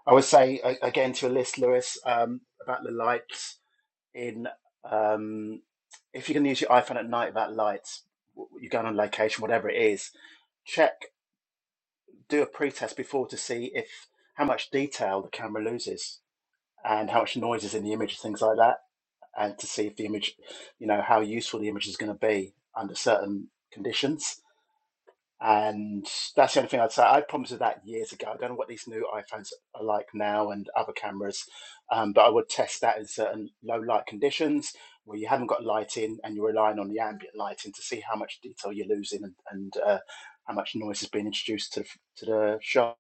I would say a- again to your list, Lewis, um, about the light. in um, if you can use your iPhone at night without lights, you're going on location, whatever it is. Check, do a pre-test before to see if how much detail the camera loses and how much noise is in the image, things like that, and to see if the image, you know, how useful the image is going to be under certain conditions and that's the only thing I'd say. I promised that years ago. I don't know what these new iPhones are like now and other cameras, um, but I would test that in certain low light conditions where you haven't got light in and you're relying on the ambient lighting to see how much detail you're losing and, and uh, how much noise is being introduced to the, to the shot.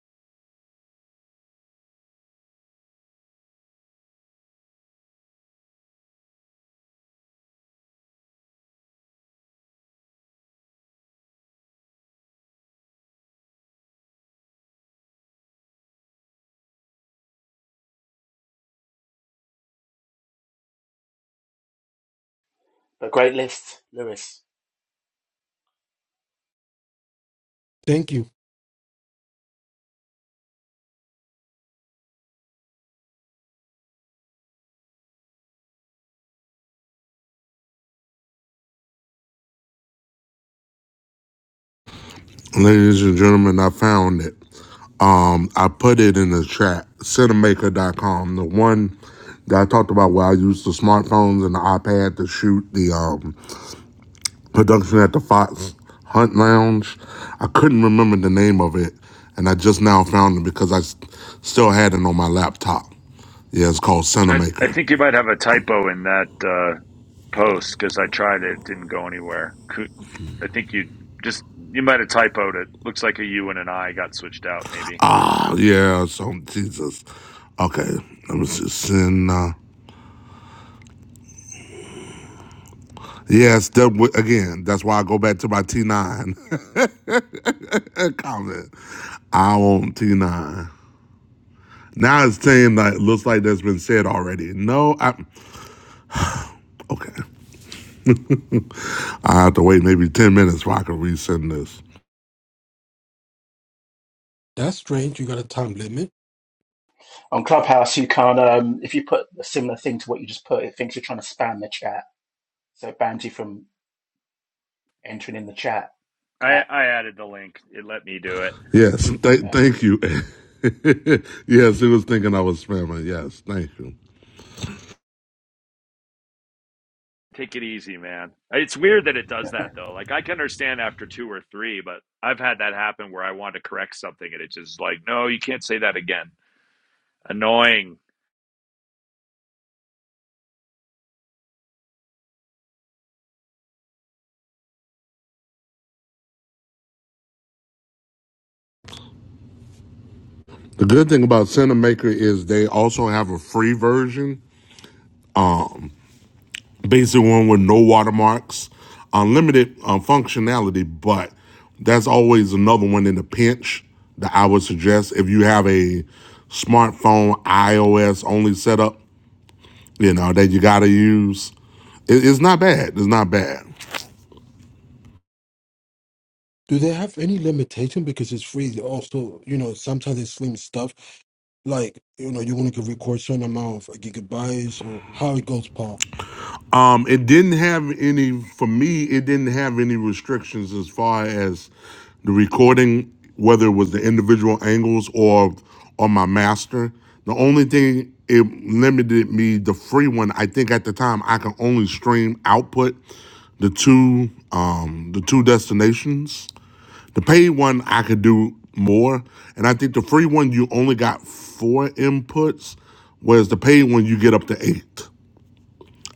But great list, Lewis. Thank you. Ladies and gentlemen, I found it. Um, I put it in the chat, cinemaker.com, the one that I talked about where I used the smartphones and the iPad to shoot the um, production at the Fox Hunt Lounge. I couldn't remember the name of it, and I just now found it because I still had it on my laptop. Yeah, it's called I, I Cinemaker. think you might have a typo in that uh, post because I tried it; it didn't go anywhere. Could, I think you just you might have typoed it. Looks like a U and an I got switched out. Maybe Ah, yeah, so Jesus. Okay, let me see. Sin, uh, yes, that again, that's why I go back to my T9 comment. I want T9. Now it's saying that it looks like that's been said already. No, I, okay. I have to wait maybe 10 minutes before I can resend this. That's strange. You got a time limit. On Clubhouse, you can't, um, if you put a similar thing to what you just put, it thinks you're trying to spam the chat. So it bans you from entering in the chat. I, That, I added the link. It let me do it. Yes, th- yeah. thank you. yes, he was thinking I was spamming. Yes, thank you. Take it easy, man. It's weird that it does that though. Like I can understand after two or three, but I've had that happen where I want to correct something and it just like, no, you can't say that again. Annoying. The good thing about Cinemaker is they also have a free version, basic one with no watermarks, unlimited um, functionality, but that's always another one in the pinch that I would suggest if you have a smartphone iOS only setup, you know, that you got to use. It- it's not bad. It's not bad. Do they have any limitation? Because it's free. Also, you know, sometimes it's slim stuff. Like, you know, you only can record certain amount of gigabytes or how it goes, Paul. Um, it didn't have any for me. It didn't have any restrictions as far as the recording, whether it was the individual angles or or my master. The only thing it limited me the free one. I think at the time I could only stream output the two um, the two destinations. The paid one I could do more, and I think the free one you only got four inputs, whereas the paid one you get up to eight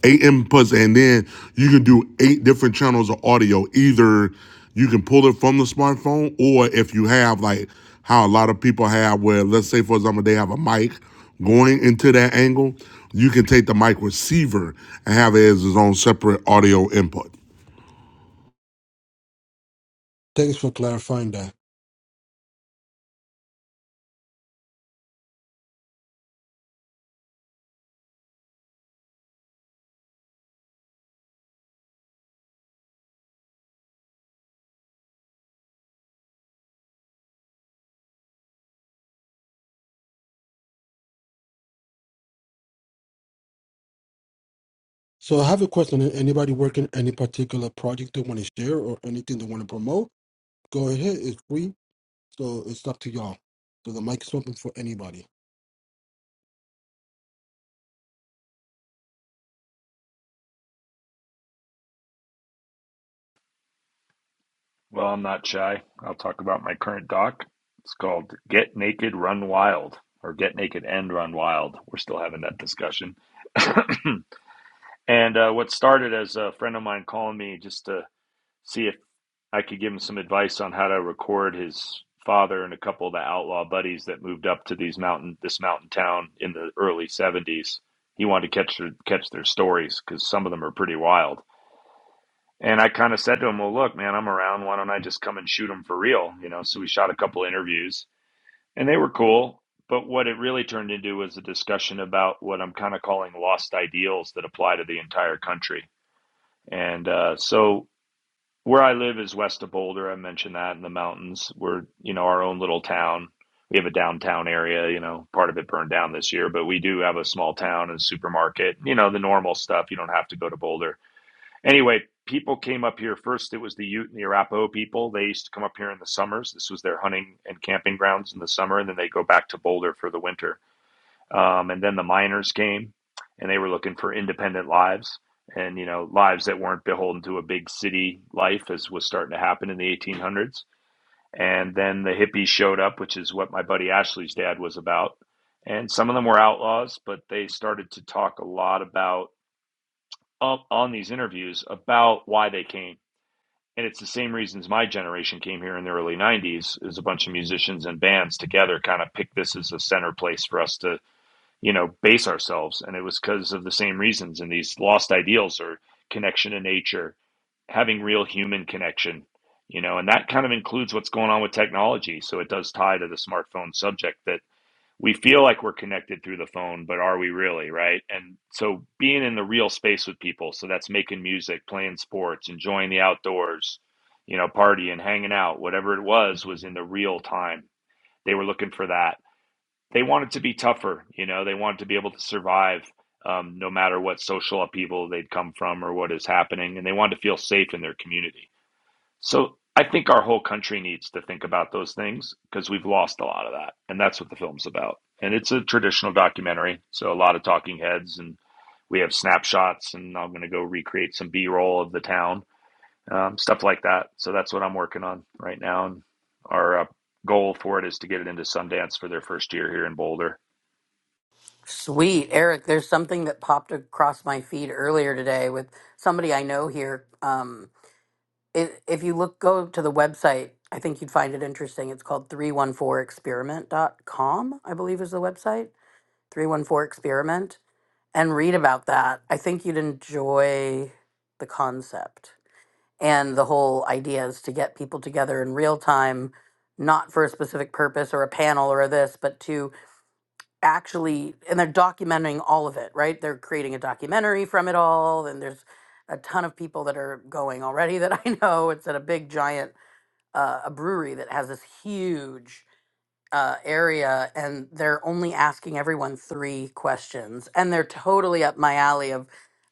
eight inputs, and then you can do eight different channels of audio. Either you can pull it from the smartphone, or if you have like how a lot of people have, where let's say for example they have a mic going into that angle, you can take the mic receiver and have it as its own separate audio input. Thanks for clarifying that. So I have a question. Anybody working any particular project they want to share or anything they want to promote? Go ahead. It's free. So it's up to y'all. So the mic is open for anybody. Well, I'm not shy. I'll talk about my current doc. It's called Get Naked, Run Wild, or Get Naked and Run Wild. We're still having that discussion. and uh, what started as a friend of mine calling me just to see if I could give him some advice on how to record his father and a couple of the outlaw buddies that moved up to these mountain this mountain town in the early 70s. He wanted to catch their, catch their stories because some of them are pretty wild and I kind of said to him, "Well, look, man, I'm around. Why don't I just come and shoot them for real?" You know. So we shot a couple interviews, and they were cool. But what it really turned into was a discussion about what I'm kind of calling lost ideals that apply to the entire country. And uh, so where I live is west of Boulder. I mentioned that in the mountains. We're you know our own little town. We have a downtown area. You know, part of it burned down this year, but we do have a small town and supermarket. You know, the normal stuff. You don't have to go to Boulder Anyway, people came up here first. It was the Ute and the Arapaho people. They used to come up here in the summers. This was their hunting and camping grounds in the summer, and then they go back to Boulder for the winter. Um, and then the miners came, and they were looking for independent lives and you know lives that weren't beholden to a big city life as was starting to happen in the 1800s. And then the hippies showed up, which is what my buddy Ashley's dad was about. And some of them were outlaws, but they started to talk a lot about up on these interviews about why they came and it's the same reasons my generation came here in the early 90s is a bunch of musicians and bands together kind of picked this as a center place for us to you know base ourselves and it was because of the same reasons and these lost ideals or connection to nature having real human connection you know and that kind of includes what's going on with technology so it does tie to the smartphone subject that we feel like we're connected through the phone, but are we really, right? And so being in the real space with people, so that's making music, playing sports, enjoying the outdoors, you know, partying, hanging out, whatever it was, was in the real time. They were looking for that. They wanted to be tougher, you know, they wanted to be able to survive um, no matter what social upheaval they'd come from or what is happening. And they wanted to feel safe in their community. So I think our whole country needs to think about those things because we've lost a lot of that. And that's what the film's about. And it's a traditional documentary. So a lot of talking heads, and we have snapshots, and I'm going to go recreate some B roll of the town, um, stuff like that. So that's what I'm working on right now. And our uh, goal for it is to get it into Sundance for their first year here in Boulder. Sweet, Eric. There's something that popped across my feed earlier today with somebody I know here. Um, If, if you look, go to the website, I think you'd find it interesting. It's called 314 experiment dot com. I believe is the website, 314experiment, and read about that. I think you'd enjoy the concept. And the whole idea is to get people together in real time, not for a specific purpose or a panel or this, but to actually, and they're documenting all of it, right? They're creating a documentary from it all, and there's a ton of people that are going already that I know. It's at a big giant uh, a brewery that has this huge uh, area, and they're only asking everyone three questions, and they're totally up my alley of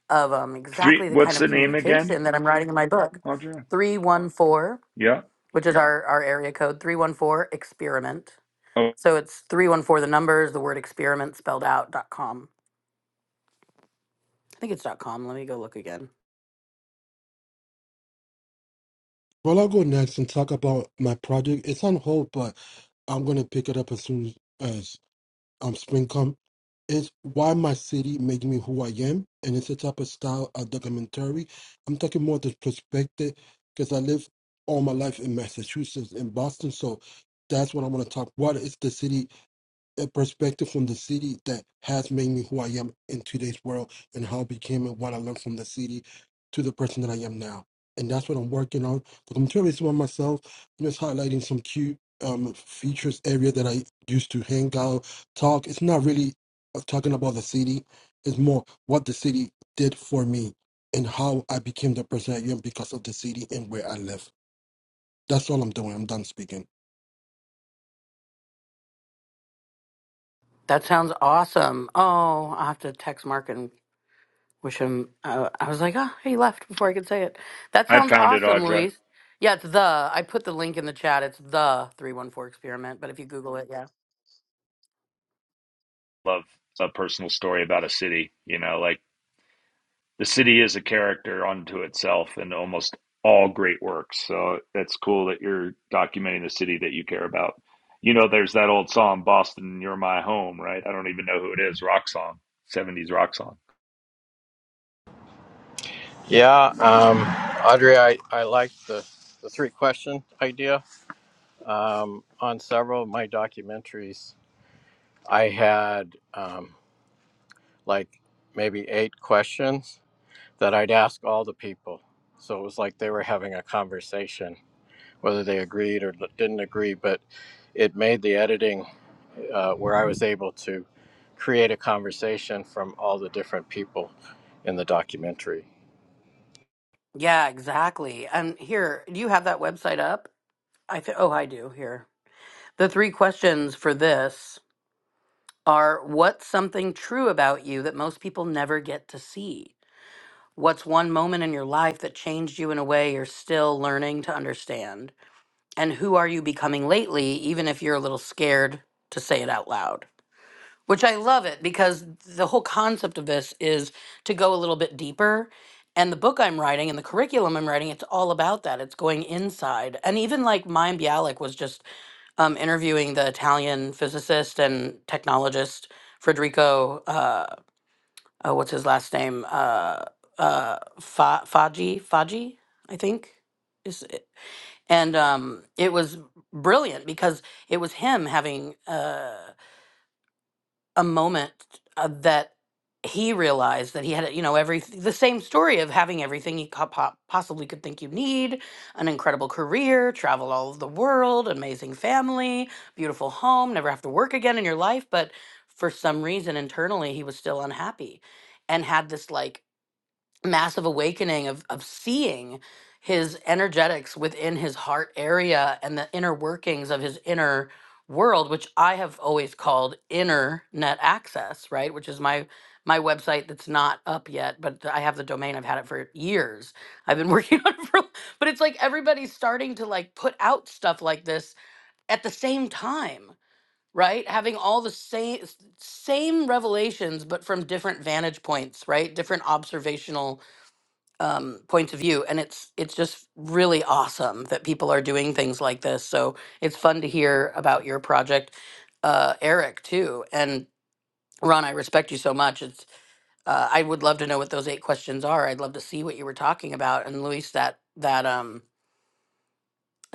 of um, Three, exactly the kind what's of the name again, communication that I'm writing in my book. Audra? Three one four, Yeah. which is our our area code, three one four experiment. Oh, So it's three one four the numbers, the word experiment spelled out dot com. I think it's dot com. Let me go look again. Well, I'll go next and talk about my project. It's on hold, but I'm going to pick it up as soon as. um, Springcom is why my city made me who I am, and it's a type of style of documentary. I'm talking more the perspective because I live all my life in Massachusetts, in Boston, so that's what I want to talk. What is the city a perspective from the city that has made me who I am in today's world and how I became and what I learned from the city to the person that I am now. And that's what I'm working on. But I'm curious about myself, I'm just highlighting some cute um, features, area that I used to hang out, talk. It's not really uh, talking about the city. It's more what the city did for me and how I became the person I am because of the city and where I live. That's all I'm doing. I'm done speaking. That sounds awesome. Oh, I'll have to text Mark and. Wish him. Uh, I was like, oh, he left before I could say it. That I sounds found it, awesome, Audra. Luis. Yeah, it's the. I put the link in the chat. It's the three one four experiment. But if you Google it, yeah, Love a personal story about a city, you know, like the city is a character unto itself in almost all great works. So that's cool that you're documenting the city that you care about. You know, there's that old song, Boston, You're My Home, right? I don't even know who it is, rock song, 70s rock song. Yeah, um, Audrey, I, I like the, the three question idea. Um, on several of my documentaries, I had um, like maybe eight questions that I'd ask all the people. So it was like they were having a conversation, whether they agreed or didn't agree, but it made the editing uh, where I was able to create a conversation from all the different people in the documentary. yeah, exactly. And here, do you have that website up? I th- oh, I do. Here, the three questions for this are: What's something true about you that most people never get to see? What's one moment in your life that changed you in a way you're still learning to understand? and who are you becoming lately, even if you're a little scared to say it out loud. Which I love it because the whole concept of this is to go a little bit deeper. And the book I'm writing and the curriculum I'm writing, it's all about that. It's going inside. And even like Mime Bialik was just um, interviewing the Italian physicist and technologist Federico, uh, uh, what's his last name? Uh, uh, Fa- Faggi, Faggi, I think. Is and um, it was brilliant because it was him having uh, a moment uh, that he realized that he had you know every the same story of having everything he co- po- possibly could think you need an incredible career travel all over the world amazing family beautiful home never have to work again in your life but for some reason internally he was still unhappy and had this like massive awakening of of seeing his energetics within his heart area and the inner workings of his inner world which i have always called inner net access right which is my my website that's not up yet but i have the domain i've had it for years i've been working on it for but it's like everybody's starting to like put out stuff like this at the same time right having all the same same revelations but from different vantage points right different observational um, points of view, and it's it's just really awesome that people are doing things like this. So it's fun to hear about your project, uh, Eric too. And Ron, I respect you so much. It's uh, I would love to know what those eight questions are. I'd love to see what you were talking about. And Luis, that that um,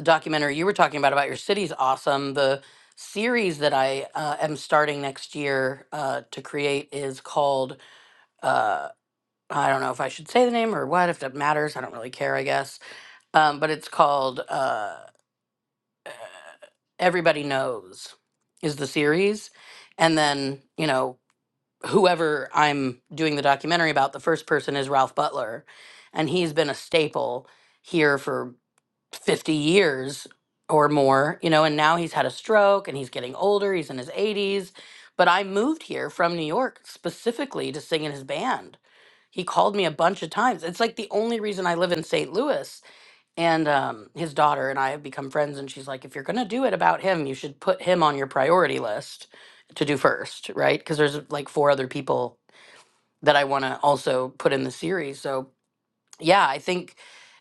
documentary you were talking about about your city's awesome. The series that I uh, am starting next year uh, to create is called. Uh, I don't know if I should say the name or what, if that matters. I don't really care, I guess um, but it's called uh, Everybody Knows is the series, and then you know whoever I'm doing the documentary about, the first person is Ralph Butler, and he's been a staple here for 50 years or more, you know, and now he's had a stroke and he's getting older, he's in his 80s, but I moved here from New York specifically to sing in his band. He called me a bunch of times. It's like the only reason I live in St. Louis and um, his daughter and I have become friends. And she's like, if you're going to do it about him, you should put him on your priority list to do first, right? Because there's like four other people that I want to also put in the series. So yeah, I think,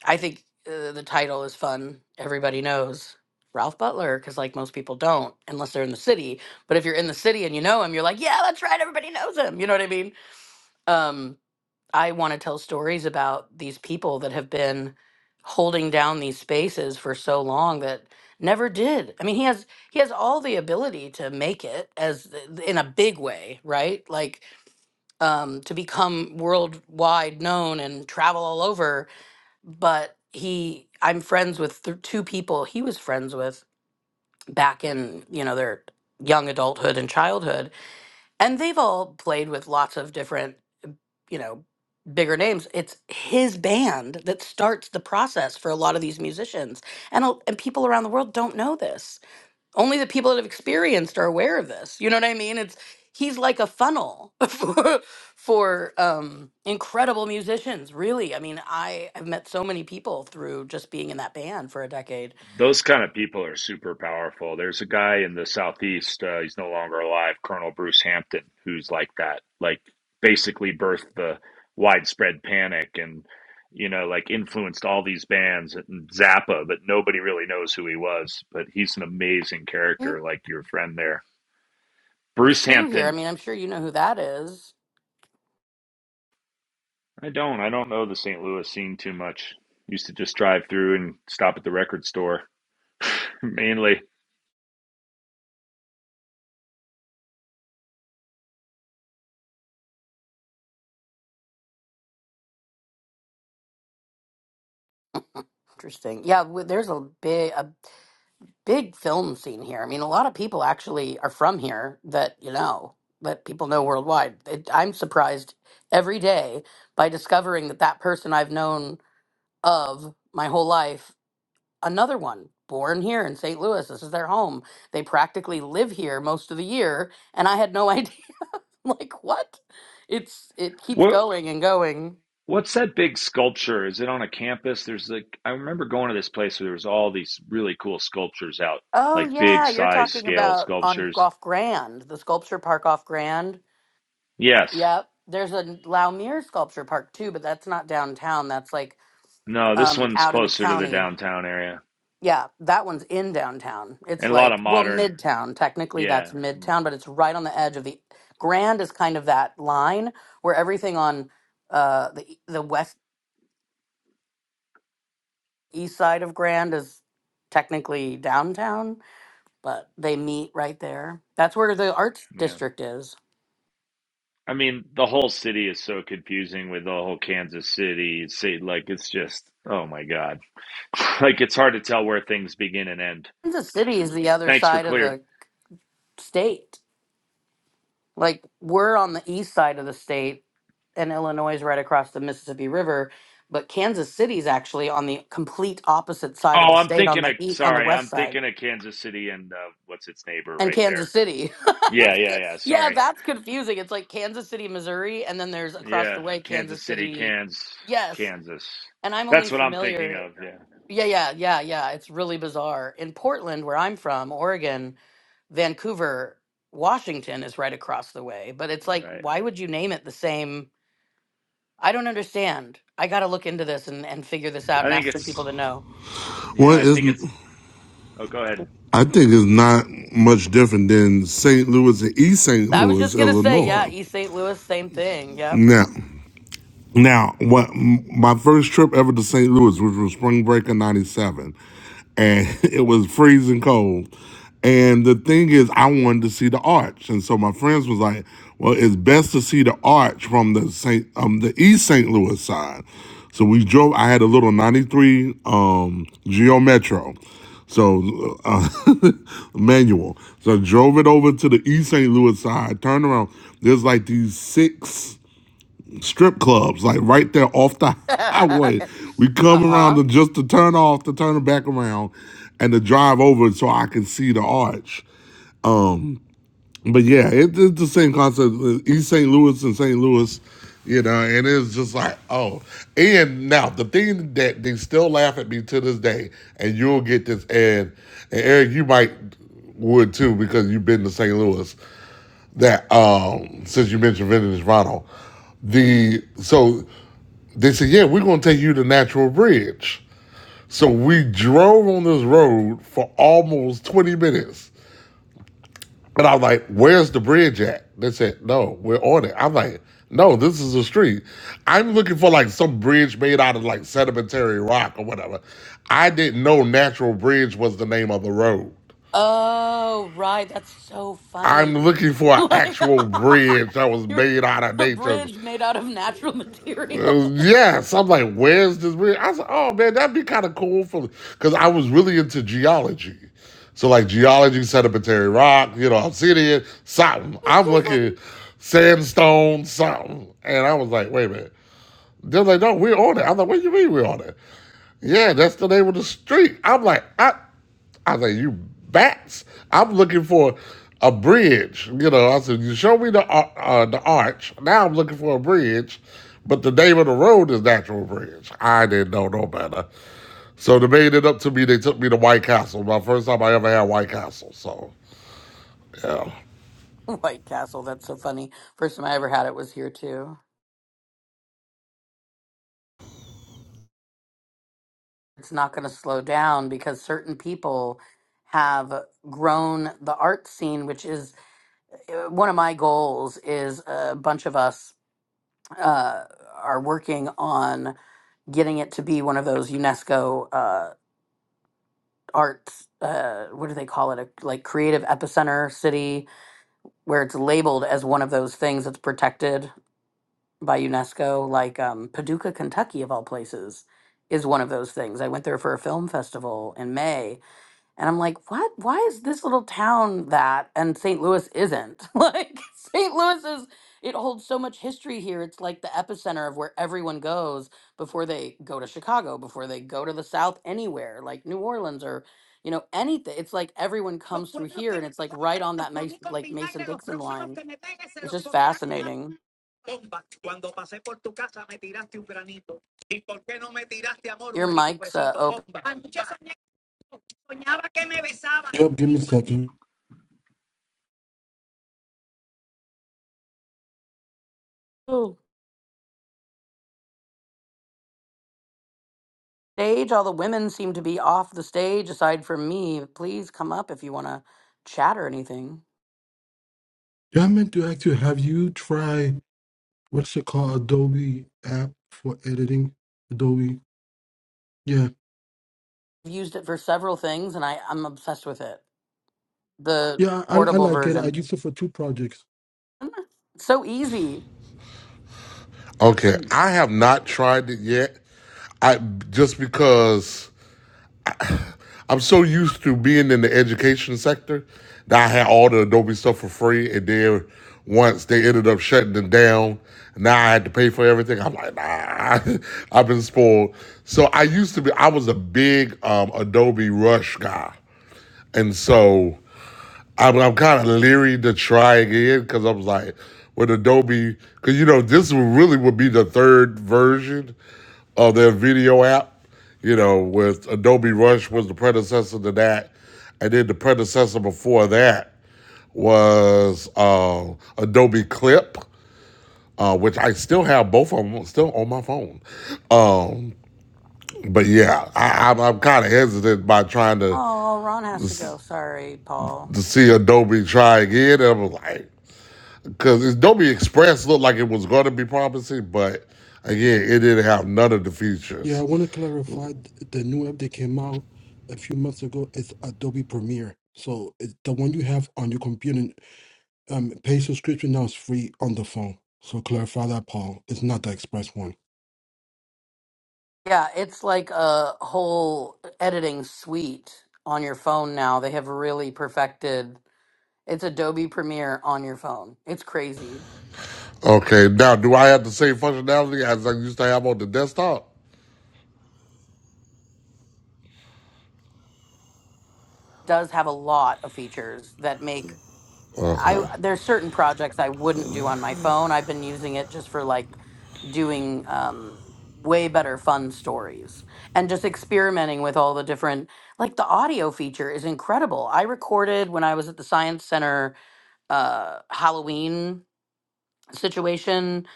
I think uh, the title is fun. Everybody knows Ralph Butler because like most people don't unless they're in the city. But if you're in the city and you know him, you're like, yeah, that's right. Everybody knows him. You know what I mean? Um, I want to tell stories about these people that have been holding down these spaces for so long that never did. I mean, he has he has all the ability to make it as th- in a big way, right? Like um to become worldwide known and travel all over, but he I'm friends with th- two people he was friends with back in, you know, their young adulthood and childhood, and they've all played with lots of different you know, bigger names. It's his band that starts the process for a lot of these musicians. And a- and people around the world don't know this. Only the people that have experienced are aware of this. You know what I mean? It's he's like a funnel for, for um incredible musicians, really. I mean, I have met so many people through just being in that band for a decade. Those kind of people are super powerful. There's a guy in the southeast. Uh, he's no longer alive, Colonel Bruce Hampton, who's like that. Like basically birthed the widespread panic and you know like influenced all these bands and Zappa, but nobody really knows who he was. But he's an amazing character, like your friend there, Bruce Too here. I Hampton. mean, I'm sure you know who that is. I don't. I don't know the St. Louis scene too much. Used to just drive through and stop at the record store mainly. Interesting. Yeah, w- there's a big, big film scene here. I mean, a lot of people actually are from here that you know that people know worldwide. It, I'm surprised every day by discovering that that person I've known of my whole life, another one born here in St. Louis. This is their home. They practically live here most of the year, and I had no idea. I'm like, what? It's it keeps What going and going. What's that big sculpture? Is it on a campus? There's like I remember going to this place where there was all these really cool sculptures out, Oh like big yeah, you're size talking scale about on sculptures. off Grand, the sculpture park off Grand. Yes. Yep. There's a Laumeier sculpture park too, but that's not downtown. That's like No, this um one's out in the closer to the county. downtown area. Yeah, that one's in downtown. It's And a lot of like well, modern midtown. Technically that's yeah. mm, midtown, but it's right on the edge of the Grand is kind of that line where everything on uh the e, the west east side of Grand is technically downtown, but they meet right there. That's where the arts Yeah. district is. I mean, the whole city is so confusing with the whole Kansas City. See, like it's just oh my God. Like it's hard to tell where things begin and end. Kansas City is the other Thanks for side of clear. the state. Like we're on the east side of the state, and Illinois is right across the Mississippi River, but Kansas City's actually on the complete opposite side of Oh, the I'm state on thinking the of east, on the sorry, west I'm side. thinking of Kansas City and uh, what's its neighbor And right there. Kansas City. Yeah, It's yeah, yeah. co- yeah, Sorry. that's confusing. It's like Kansas City, Missouri, and then there's across Yeah, the way Kansas Kansas City, City. Cans, Yes. Kansas. And I'm only That's what I'm thinking familiar. of. Yeah, Yeah, yeah, yeah, yeah. It's really bizarre. In Portland, where I'm from, Oregon, Vancouver, Washington is right across the way, but it's like, right. why would you name it the same? I don't understand. I got to look into this and, and figure this out I and think ask the people it's. to know. Well, Yeah, I it's, think it's. Oh, go ahead. I think it's not much different than St. Louis and East St. I was Louis, just going to say, yeah, Illinois. East St. Louis, same thing. Yep. Now, Now, what my first trip ever to St. Louis, which was spring break of '97, and it was freezing cold. And the thing is, I wanted to see the arch, and so my friends was like, "Well, it's best to see the arch from the Saint, um, the East St. Louis side." So we drove. I had a little '93 um, Geo Metro, so uh, manual. So I drove it over to the East St. Louis side. Turned around. There's like these six strip clubs, like right there off the highway. uh We come around huh. to just to turn off, to turn it back around, and to drive over so I can see the arch. But yeah, it, it's the same concept. uh, East St. Louis and St. Louis, you know, and it's just like, oh. And now the thing that they still laugh at me to this day, and you'll get this, and, and Eric, you might would too because you've been to St. Louis. That um, since you mentioned Vintage Ronald, the so they said, yeah, we're going to take you to Natural Bridge. So we drove on this road for almost 20 minutes. And i was like, where's the bridge at? They said, no, we're on it. I'm like, no, this is a street. I'm looking for like some bridge made out of like sedimentary rock or whatever. I didn't know Natural Bridge was the name of the road. Oh, right. That's so I'm funny. looking for an Like, actual bridge that was you're made out of a nature's. bridge made out of natural Uh, materials. yes, I'm like, where's this? Weird? I said, oh man, that'd be kind of cool for because I was really into geology. So like geology, sedimentary rock, you know, obsidian, something. It's I'm so looking funny. sandstone, something, and I was like, wait a minute. They're like, no, we're on it. I'm like, what do you mean we're on it? Yeah, that's the name of the street. I'm like, I I said, you bats. I'm looking for a bridge. You know, I said, you show me the uh, uh, the arch. Now I'm looking for a bridge, but the name of the road is Natural Bridge. I didn't know no better. So they made it up to me. They took me to White Castle. My first time I ever had White Castle. So, yeah. White Castle, that's so funny. First time I ever had it was here too. It's not going to slow down because certain people have grown the art scene, which is uh, one of my goals is a bunch of us uh, are working on getting it to be one of those UNESCO uh, arts. Uh, what do they call it? A like creative epicenter city where it's labeled as one of those things that's protected by UNESCO. Like um, Paducah, Kentucky, of all places, is one of those things. I went there for a film festival in May, And I'm like, what? Why is this little town that and St. Louis isn't? Like, St. Louis is, it holds so much history here. It's like the epicenter of where everyone goes before they go to Chicago, before they go to the South, anywhere, like New Orleans or, you know, anything. It's like everyone comes through here and it's like right on that Mason, like Mason Dixon line. It's just fascinating. Your mic's uh, open. Yep, give me a second. Oh. Stage, all the women seem to be off the stage aside from me. Please come up if you want to chat or anything. Yeah, I meant to ask you, have you tried what's it called, Adobe app for editing? Adobe. Yeah. I've used it for several things and I, I'm obsessed with it. The Yeah, I, I portable like it. I version. used it for two projects. It's so easy. Okay, Hmm. I have not tried it yet. I just because I'm so used to being in the education sector that I had all the Adobe stuff for free, and then once they ended up shutting it down, now I had to pay for everything. I'm like, nah, I've been spoiled. So I used to be, I was a big um, Adobe Rush guy, and so I'm, I'm kind of leery to try again because I was like, with Adobe, because you know, this would really would be the third version of their video app. You know, with Adobe Rush was the predecessor to that, and then the predecessor before that was uh, Adobe Clip, uh, which I still have both of them still on my phone. Um, but yeah, I, I'm, I'm kind of hesitant by trying to Oh, Ron has to go. Sorry, Paul. to see Adobe try again. And I was like. Because Adobe Express looked like it was going to be promising, but again, it didn't have none of the Yeah, I features. want to clarify th- the new app that came out a few months ago is Adobe Premiere. So it's the one you have on your computer, um, pay subscription now is free on the phone. So clarify that, Paul. It's not the Express one. Yeah, it's like a whole editing suite on your phone now. They have really perfected it's Adobe Premiere on your phone. It's crazy. It Okay, now do I have the same functionality as I used to have on the desktop? does have a lot of features that make I Okay. there's certain projects I wouldn't do on my phone. I've been using it just for like doing um way better fun stories and just experimenting with all the different like the audio feature is incredible. I recorded when I was at the science center uh Halloween situation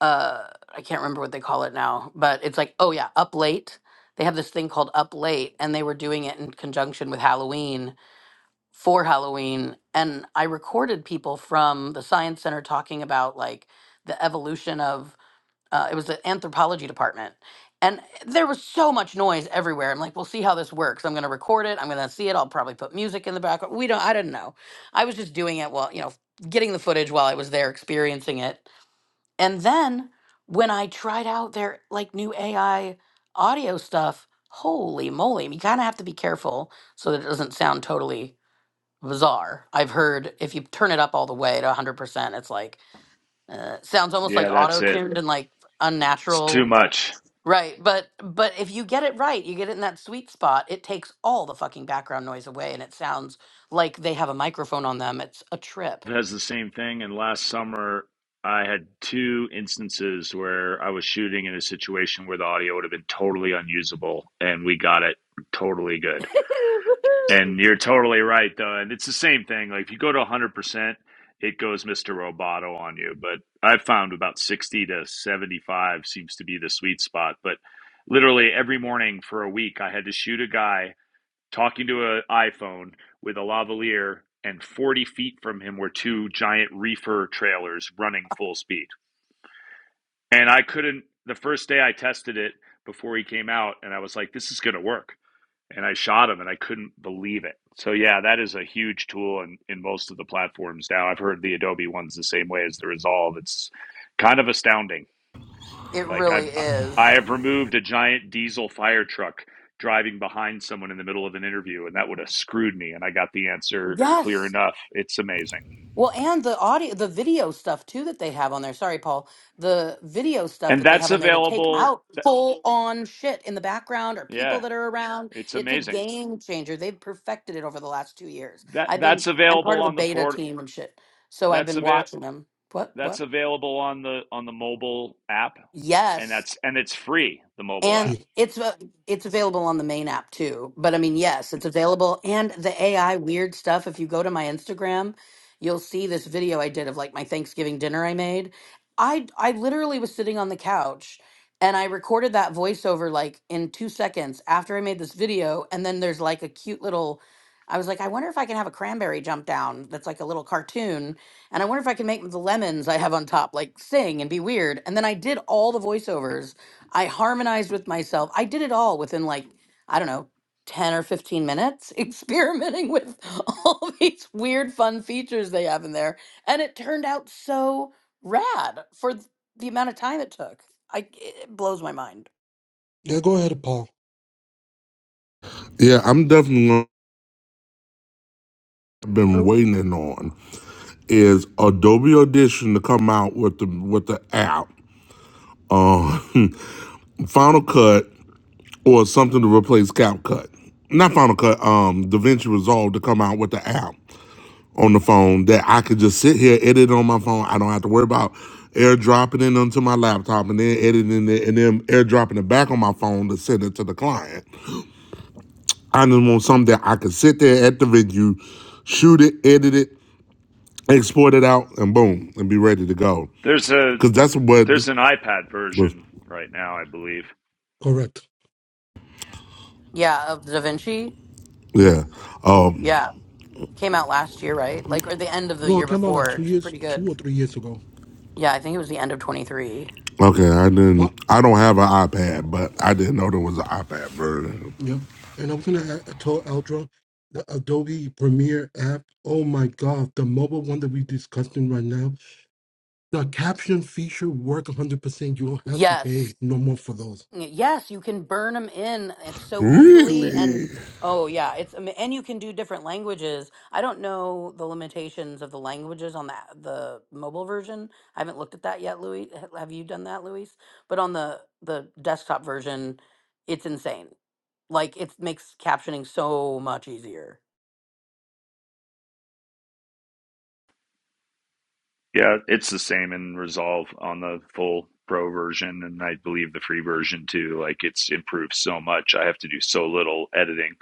uh I can't remember what they call it now, but it's like oh yeah, up late. They have this thing called up late and they were doing it in conjunction with Halloween for Halloween and I recorded people from the science center talking about like the evolution of uh, it was the anthropology department and there was so much noise everywhere. I'm like, we'll see how this works. I'm going to record it. I'm going to see it. I'll probably put music in the background. We don't I didn't know. I was just doing it while, you know, getting the footage while I was there experiencing it. And then when I tried out their like new AI audio stuff, holy moly, you kind of have to be careful so that it doesn't sound totally bizarre. I've heard if you turn it up all the way to 100%, it's like uh, sounds almost like Yeah, that's it. auto-tuned and like It's too unnatural. much. Right, but but if you get it right, you get it in that sweet spot, it takes all the fucking background noise away and it sounds like they have a microphone on them. It's a trip. It has the same thing. And last summer, I had two instances where I was shooting in a situation where the audio would have been totally unusable, and we got it totally good. And you're totally right, though. And it's the same thing. Like if you go to 100%, it goes Mr. Roboto on you. But I've found about 60 to 75 seems to be the sweet spot. But literally every morning for a week, I had to shoot a guy talking to an iPhone with a lavalier, and 40 feet from him were two giant reefer trailers running full speed. And I couldn't, the first day I tested it before he came out, and I was like, this is going to work and I shot him and I couldn't believe it. So yeah, that is a huge tool in, in most of the platforms now. I've heard the Adobe ones the same way as the Resolve. It's kind of astounding. It Like really I've I is. have removed a giant diesel fire truck driving behind someone in the middle of an interview and that would have screwed me and I got the answer Yes. clear enough. It's amazing. Well, and the audio, the video stuff too that they have on there. Sorry, Paul. The video stuff And that they have that's on there to take available out th- full on shit in the background or people yeah, that are around. it's It's a amazing. game changer. They've perfected it over the last two years. That I've been, that's I'm available part of the on the beta port team and shit. So I've that's been available. watching them. What, what? that's available on the on the mobile app and Yes. that's and it's free the mobile And Yeah, app it's a- it's available on the main app too. But I mean, yes, it's available. And the AI weird stuff. If you go to my Instagram, you'll see this video I did of like my Thanksgiving dinner I made. I I literally was sitting on the couch and I recorded that voiceover like in two seconds after I made this video. And then there's like a cute little. I was like, I wonder if I can have a cranberry jump down that's like a little cartoon. And I wonder if I can make the lemons I have on top like sing and be weird. And then I did all the voiceovers I harmonized with myself. I did it all within like, I don't know, 10 or 15 minutes, experimenting with all these weird, fun features they have in there. And it turned out so rad for th- the amount of time it took. I, it blows my mind. Yeah, go ahead, Paul. Yeah, I'm definitely what I've been Oh. waiting on is Adobe Audition to come out with the with the app, um, Final Cut or something to replace CapCut. Not Final Cut, um, DaVinci Resolve to come out with the app. on the phone that I could just sit here, edit on my phone. I don't have to worry about airdropping it onto my laptop and then editing it and then airdropping it back on my phone to send it to the client. I just want something that I could sit there at the venue, shoot it, edit it, export it out, and boom, and be ready to go. there's a Because that's what there's an ipad was, version right now i believe Correct. Yeah, of Da Vinci. Yeah. yeah. Yeah. Um, Came out last year, right? Like, or the end of the No, year it came out like before. two It's years, pretty good. two or three years ago. Yeah, I think it was the end of 23. okay, I Yeah. didn't, I don't have an iPad, but I didn't know there was an iPad version. Yep. And I was gonna add, I told Aldra, the Adobe Premiere app. Oh my God, the mobile one that we're discussing right now. The caption feature work 100%. You don't have to Yes. pay no more for those. Yes, you can burn them in. It's so easily and Really? oh yeah, it's am- and you can do different languages. I don't know the limitations of the languages on the the mobile version. I haven't looked at that yet, Louis. Ha- Have you done that, Luis? But on the the desktop version, it's insane. Like it makes captioning so much easier. yeah it's the same in resolve on the full pro version and i believe the free version too like it's improved so much i have to do so little editing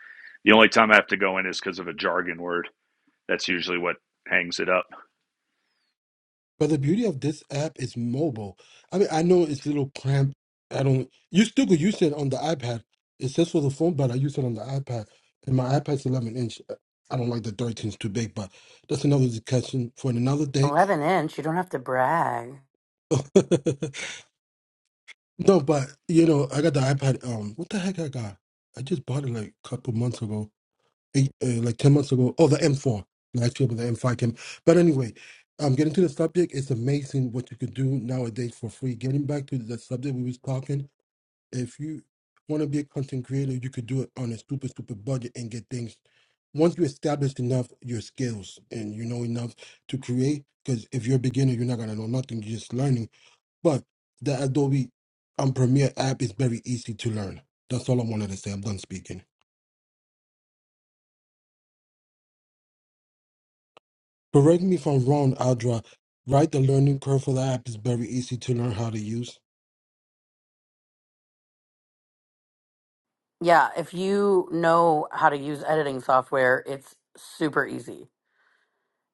the only time i have to go in is because of a jargon word that's usually what hangs it up But the beauty of this app is mobile. I mean, I know it's a little cramped. I don't. You still could use it on the iPad. It says for the phone, but I use it on the iPad. And my iPad's 11 inch. uh, I don't like the thirteen's too big, but that's another discussion for another day. 11 inch, you don't have to brag. No, but you know, I got the iPad. Um, what the heck I got? I just bought it like a couple months ago, eight, uh, like ten months ago. Oh, the M4. I feel about the M5 came. But anyway, um, getting to the subject, it's amazing what you could do nowadays for free. Getting back to the subject we was talking, if you want to be a content creator, you could do it on a stupid, stupid budget and get things. Once you establish enough your skills and you know enough to create, because if you're a beginner, you're not gonna know nothing. You're just learning but the Adobe and Premiere app is very easy to learn. That's all I wanted to say. I'm done speaking. Correct me if I'm wrong, Adra. Right, the learning curve for the app is very easy to learn how to use. Yeah, if you know how to use editing software, it's super easy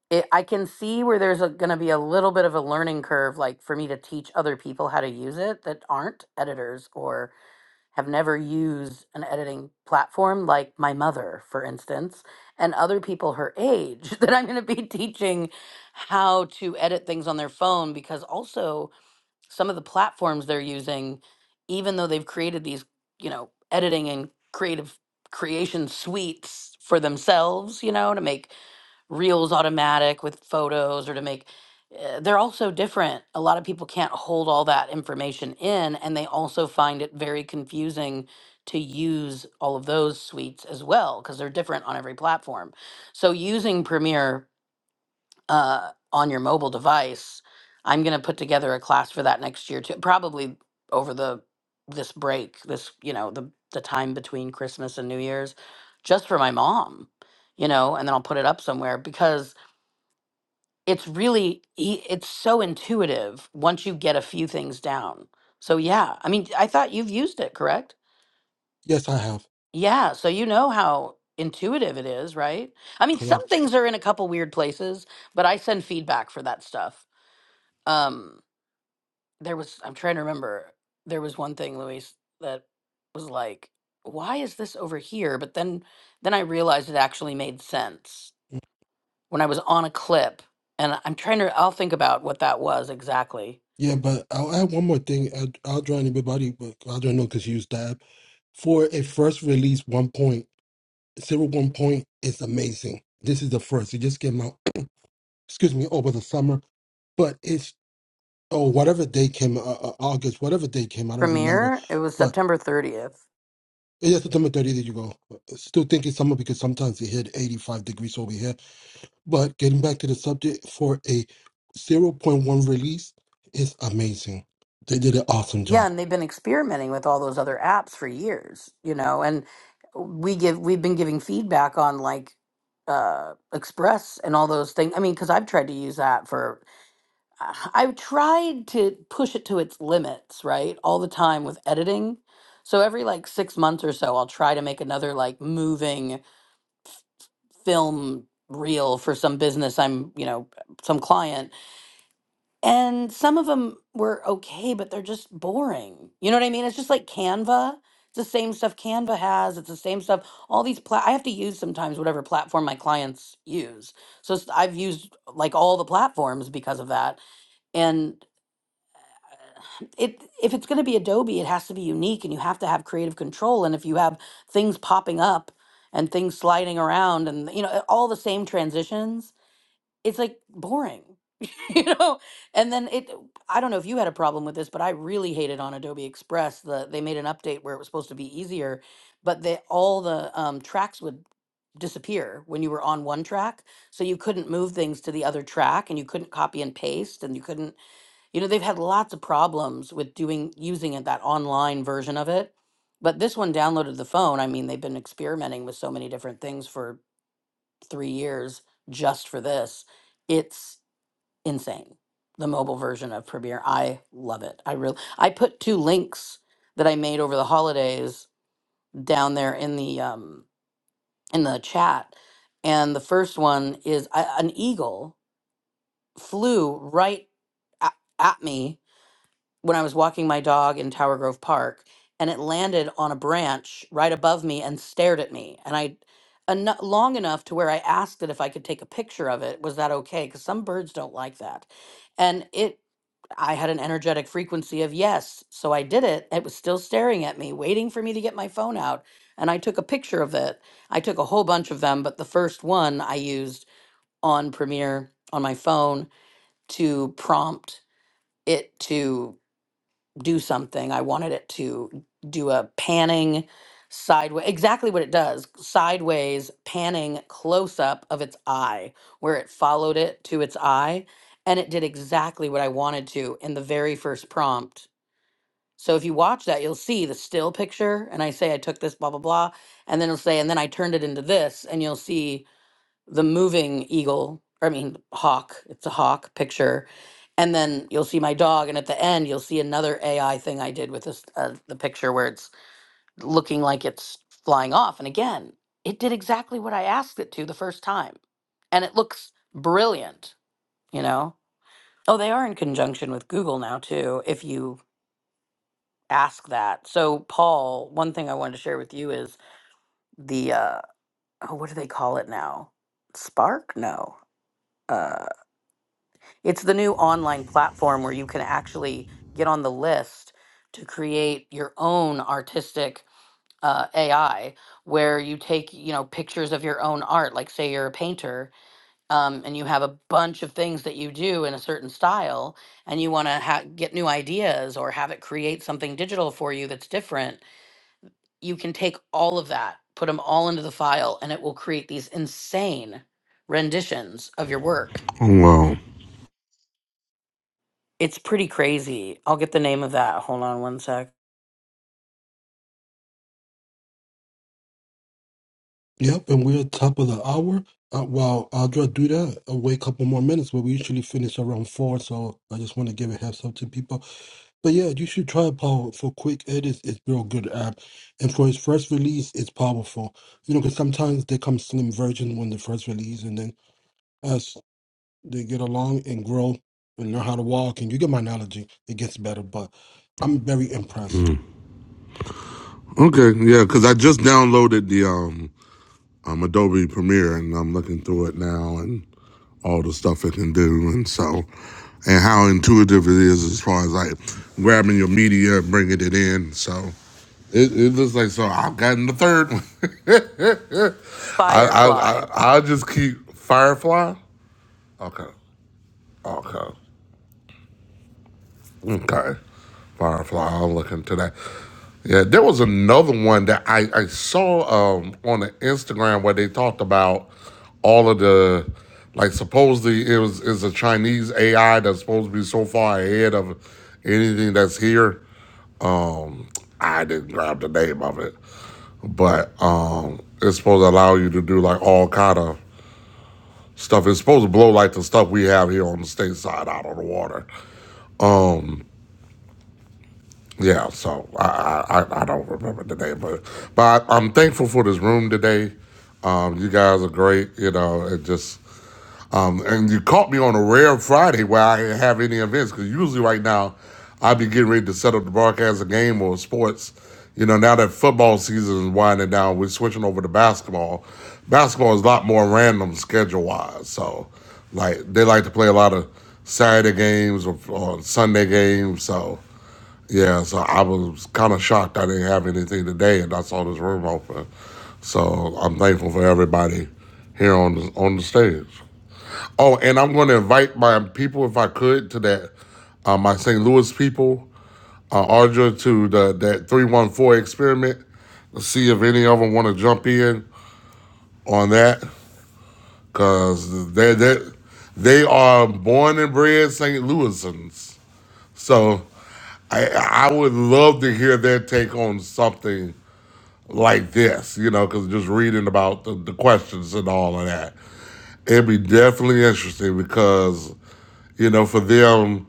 it, I can see where there's going to be a little bit of a learning curve, like for me to teach other people how to use it that aren't editors or have never used an editing platform, like my mother, for instance, and other people her age that I'm going to be teaching how to edit things on their phone because also some of the platforms they're using, even though they've created these, you know, editing and creative creation suites for themselves, you know, to make reels automatic with photos or to make uh, they're all so different a lot of people can't hold all that information in and they also find it very confusing to use all of those suites as well because they're different on every platform so using premiere uh, on your mobile device. I'm going to put together a class for that next year too, probably over the this break, this you know the the time between Christmas and New Year's, just for my mom, you know, and then I'll put it up somewhere because it's really e- it's so intuitive once you get a few things down. So yeah, I mean, I thought you've used it, correct? Yes, I have. Yeah, so you know how intuitive it is, right? I mean, some Correct. things are in a couple weird places, but I send feedback for that stuff. Um, there was I'm trying to remember. There was one thing, Luis, that was like, why is this over here? But then then I realized it actually made sense when I was on a clip and I'm trying to I'll think about what that was exactly. Yeah, but I'll add one more thing. I'll, I'll draw anybody, but I'll draw no because you used that. For a first release, one point, zero one point is amazing. This is the first. It just came out, excuse me, over the summer. but it's oh whatever day came uh, uh, August, whatever day came, I don't remember. Premiere, it was But September 30th. yeah, September 30th, you go. Uh, Still thinking summer because sometimes it hit 85 degrees over here. But getting back to the subject, for a zero point 0.1 release is amazing. They did an awesome Yeah, job. and they've been experimenting with all those other apps for years, you know, and we give we've been giving feedback on like uh Express and all those things. I mean, cuz I've tried to use that for I- I've tried to push it to its limits, right? All the time with editing. So every like six months or so, I'll try to make another like moving film reel for some business I'm, you know, some client. And some of them were okay, but they're just boring. You know what I mean? It's just like Canva. It's the same stuff Canva has. It's the same stuff. All these, pla- I have to use sometimes whatever platform my clients use. So s- I've used like all the platforms because of that. And it if it's going to be Adobe, it has to be unique and you have to have creative control. And if you have things popping up and things sliding around and you know all the same transitions, it's like boring. you know and then it i don't know if you had a problem with this but i really hated on adobe express the they made an update where it was supposed to be easier but they all the um, tracks would disappear when you were on one track so you couldn't move things to the other track and you couldn't copy and paste and you couldn't you know, they've had lots of problems with doing using it that online version of it. But this one downloaded the phone. I mean, they've been experimenting with so many different things for 3 years just for this. It's insane. The mobile version of Premiere. I love it. I really I put two links that I made over the holidays down there in the um in the chat. And the first one is I, an eagle flew right at, at me when I was walking my dog in Tower Grove Park and it landed on a branch right above me and stared at me. And I, eno- long enough to where I asked it if I could take a picture of it. Was that okay? Because some birds don't like that. And it, I had an energetic frequency of yes. So I did it. It was still staring at me, waiting for me to get my phone out. And I took a picture of it. I took a whole bunch of them, but the first one I used on Premiere on my phone to prompt it to do something. I wanted it to do a panning sideways, exactly what it does sideways panning close up of its eye, where it followed it to its eye. And it did exactly what I wanted to in the very first prompt. So if you watch that, you'll see the still picture. And I say, I took this, blah, blah, blah. And then it'll say, and then I turned it into this. And you'll see the moving eagle, I mean hawk, it's a hawk picture. And then you'll see my dog, and at the end you'll see another AI thing I did with this uh, the picture where it's looking like it's flying off. And again, it did exactly what I asked it to the first time, and it looks brilliant. You know, oh, they are in conjunction with Google now too. If you ask that, so Paul, one thing I wanted to share with you is the uh, oh, what do they call it now? Spark? No. Uh, It's the new online platform where you can actually get on the list to create your own artistic uh, AI, where you take you know pictures of your own art. Like say you're a painter, um, and you have a bunch of things that you do in a certain style, and you want to ha- get new ideas or have it create something digital for you that's different. You can take all of that, put them all into the file, and it will create these insane renditions of your work Oh, Wow. It's pretty crazy. I'll get the name of that. Hold on one sec. Yep, and we're top of the hour. Uh, while Audra do that, I'll wait a couple more minutes, but we usually finish around four, so I just want to give a heads up to people. But yeah, you should try it, Paul. For quick edits, it's real good app, and for its first release, it's powerful. You know, because sometimes they come slim versions when they first release, and then as they get along and grow and learn how to walk, and you get my analogy, it gets better. But I'm very impressed. Okay, yeah, because I just downloaded the um, um Adobe Premiere and I'm looking through it now and all the stuff it can do and so and how intuitive it is as far as like grabbing your media and bringing it in. So it, it looks like so I've gotten the third one. I I Firefly. I I just keep Firefly. Okay, okay. Okay. Firefly, i am looking into that. Yeah, there was another one that I, I saw um, on the Instagram where they talked about all of the like supposedly it was is a Chinese AI that's supposed to be so far ahead of anything that's here. Um I didn't grab the name of it. But um it's supposed to allow you to do like all kind of stuff. It's supposed to blow like the stuff we have here on the state side out of the water. Um, Yeah, so I, I I don't remember the name, but but I, I'm thankful for this room today. Um, you guys are great, you know, and just um, and you caught me on a rare Friday where I didn't have any events because usually right now I'd be getting ready to set up the broadcast a game or sports. You know, now that football season is winding down, we're switching over to basketball. Basketball is a lot more random schedule wise, so like they like to play a lot of Saturday games or, or Sunday games, so yeah, so I was kind of shocked I didn't have anything today, and I saw this room open. So I'm thankful for everybody here on the, on the stage. Oh, and I'm going to invite my people, if I could, to that uh, my St. Louis people, uh, Ardra, to the that 314 experiment. Let's see if any of them want to jump in on that, cause they they they are born and bred St. Louisans. So I I would love to hear their take on something like this, you know, because just reading about the, the questions and all of that. It'd be definitely interesting because, you know, for them,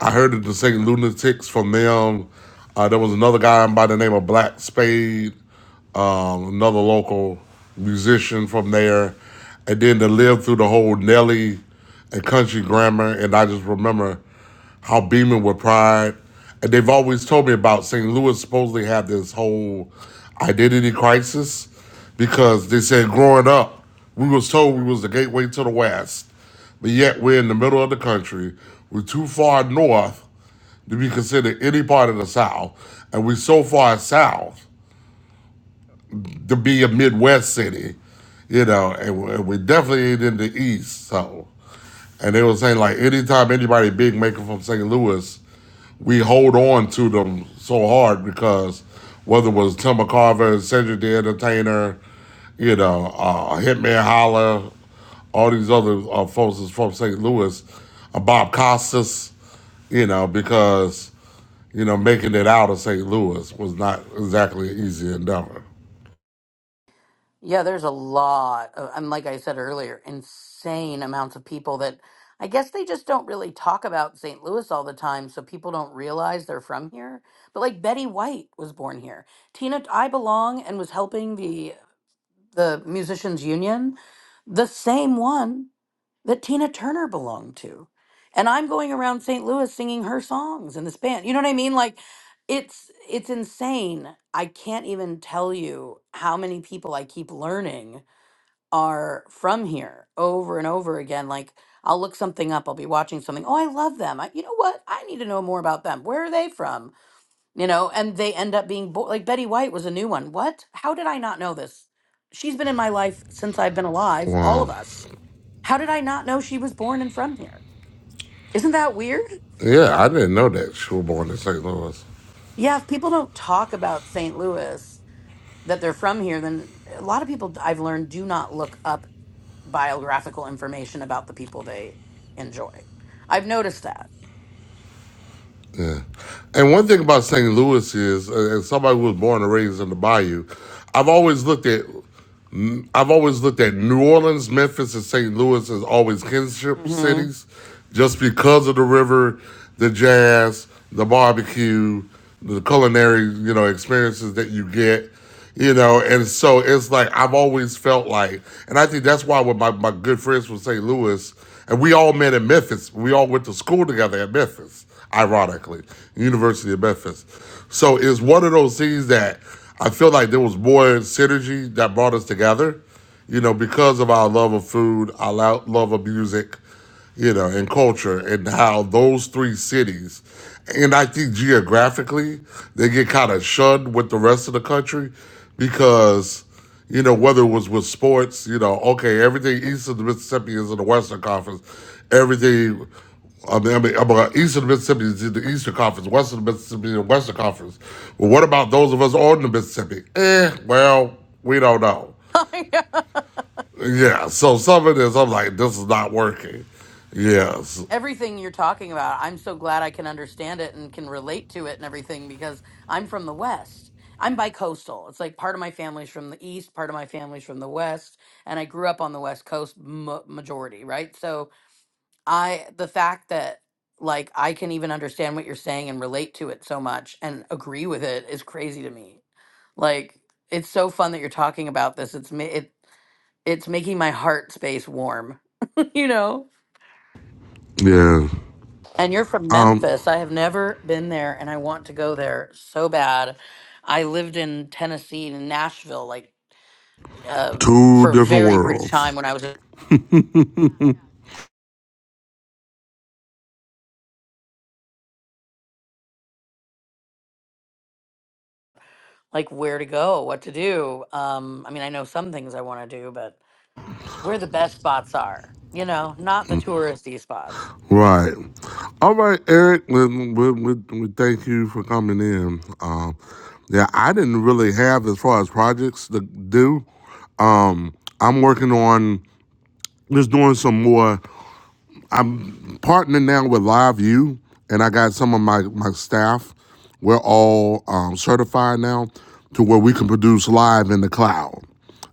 I heard it the same lunatics from them. Uh, there was another guy by the name of Black Spade, um, another local musician from there. And then to live through the whole Nelly and country grammar. And I just remember how beaming with pride. And they've always told me about St. Louis supposedly had this whole identity crisis because they said growing up, we was told we was the gateway to the West, but yet we're in the middle of the country. We're too far north to be considered any part of the South, and we're so far south to be a Midwest city, you know, and we and we definitely ain't in the East. So, and they were saying like anytime anybody big making from St. Louis we hold on to them so hard because whether it was Timber Carver, Cedric the Entertainer, you know, uh, Hitman Holler, all these other uh, folks is from St. Louis, uh, Bob Costas, you know, because, you know, making it out of St. Louis was not exactly an easy endeavor. Yeah, there's a lot of, and like I said earlier, insane amounts of people that I guess they just don't really talk about St. Louis all the time, so people don't realize they're from here. But like Betty White was born here. Tina I Belong and was helping the the musicians union, the same one that Tina Turner belonged to. And I'm going around St. Louis singing her songs in this band. You know what I mean? Like it's it's insane. I can't even tell you how many people I keep learning are from here over and over again. Like I'll look something up, I'll be watching something. Oh, I love them. I, you know what? I need to know more about them. Where are they from? You know, and they end up being bo- like Betty White was a new one. What? How did I not know this? She's been in my life since I've been alive, all of Wow. us how did I not know she was born and from here? Isn't that weird? Yeah, I didn't know that she was born in St. Louis. Yeah, if people don't talk about St. Louis that they're from here, then a lot of people I've learned do not look up biographical information about the people they enjoy. I've noticed that. Yeah. And one thing about St. Louis is, uh, as somebody who was born and raised in the bayou, I've always looked at I've always looked at New Orleans, Memphis, and St. Louis as always kinship hmm cities, just because of the river, the jazz, the barbecue, the culinary, you know, experiences that you get, you know, and so it's like I've always felt like, and I think that's why with my my good friends from St. Louis, and we all met in Memphis, we all went to school together at Memphis ironically, University of Memphis. So it's one of those things that I feel like there was more synergy that brought us together, you know, because of our love of food, our love of music, you know, and culture and how those three cities, and I think geographically, they get kind of shunned with the rest of the country because, you know, whether it was with sports, you know, okay, everything east of the Mississippi is in the Western Conference, everything. I mean, I mean, I'm, uh, east of the Mississippi is in the Eastern Conference, west of the Mississippi is in the Western Conference. But what about those of us on the Mississippi? Eh, well, we don't know. Yeah, so some of this, I'm like, this is not working. Yes. everything you're talking about i'm so glad i can understand it and can relate to it and everything because i'm from the west i'm bicoastal it's like part of my family's from the east part of my family's from the west and i grew up on the west coast m- majority right so i the fact that like i can even understand what you're saying and relate to it so much and agree with it is crazy to me like it's so fun that you're talking about this it's ma- it it's making my heart space warm you know Yeah. And you're from Um, Memphis. I have never been there and I want to go there so bad. I lived in Tennessee in Nashville like uh, two for a different very brief worlds. time when I was like where to go, what to do. Um, I mean, I know some things I want to do, but where the best spots are, you know, not the touristy spots. Right. All right, Eric. We, we, we, we thank you for coming in. Um, yeah, I didn't really have as far as projects to do. Um, I'm working on just doing some more. partner now with LiveU, and I got some of my my staff. We're all um, certified now to where we can produce live in the cloud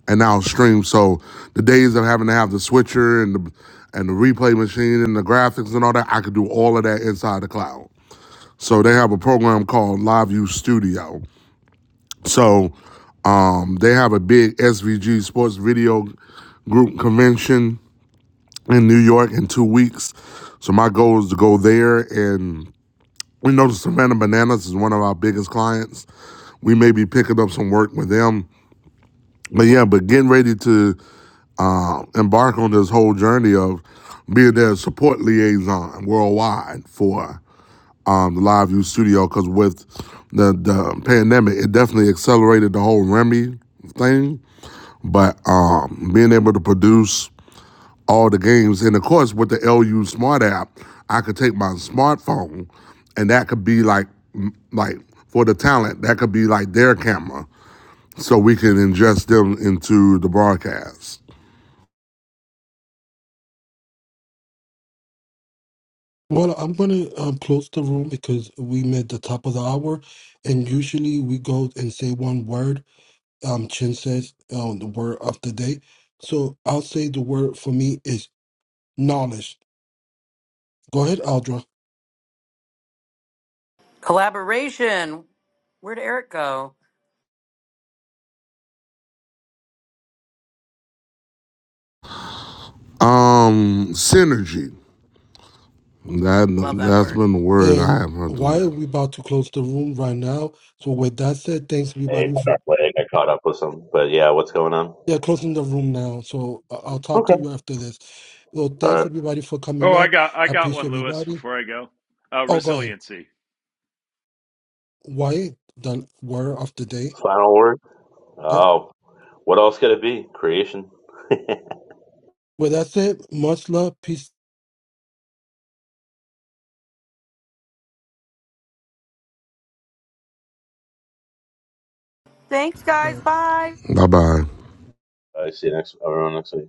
and now stream. So the days of having to have the switcher and the and the replay machine and the graphics and all that, I could do all of that inside the cloud. So they have a program called LiveU Studio. So um, they have a big SVG sports video group convention in New York in two weeks. So my goal is to go there and we know the Savannah Bananas is one of our biggest clients. We may be picking up some work with them. But yeah, but getting ready to uh, embark on this whole journey of being their support liaison worldwide for um, the Live View Studio because with the, the pandemic, it definitely accelerated the whole Remy thing. But um, being able to produce all the games. And of course, with the LU Smart app, I could take my smartphone, and that could be like, like for the talent, that could be like their camera, so we can ingest them into the broadcast. Well, I'm gonna um, close the room because we met the top of the hour, and usually we go and say one word. Um, Chin says um, the word of the day, so I'll say the word for me is knowledge. Go ahead, Aldra. Collaboration. Where'd Eric go? Um, synergy. Love That that that's word. been the word And I have heard on why are that. we about to close the room right now? So with that said, thanks Hey, everybody for like I caught up with some, but yeah, what's going on? yeah closing the room now. So I- I'll talk Okay. to you after this. Well, All thanks right. everybody for oh coming i up. got i I got appreciate one lewis everybody. before i go uh, Oh, go ahead. resiliency Why the word of the day? Final word. Yep. Oh, what else could it be? Creation. I Well, that's it. Much love. Peace. Thanks, guys. love. Bye. Bye bye. see you next. Everyone next week.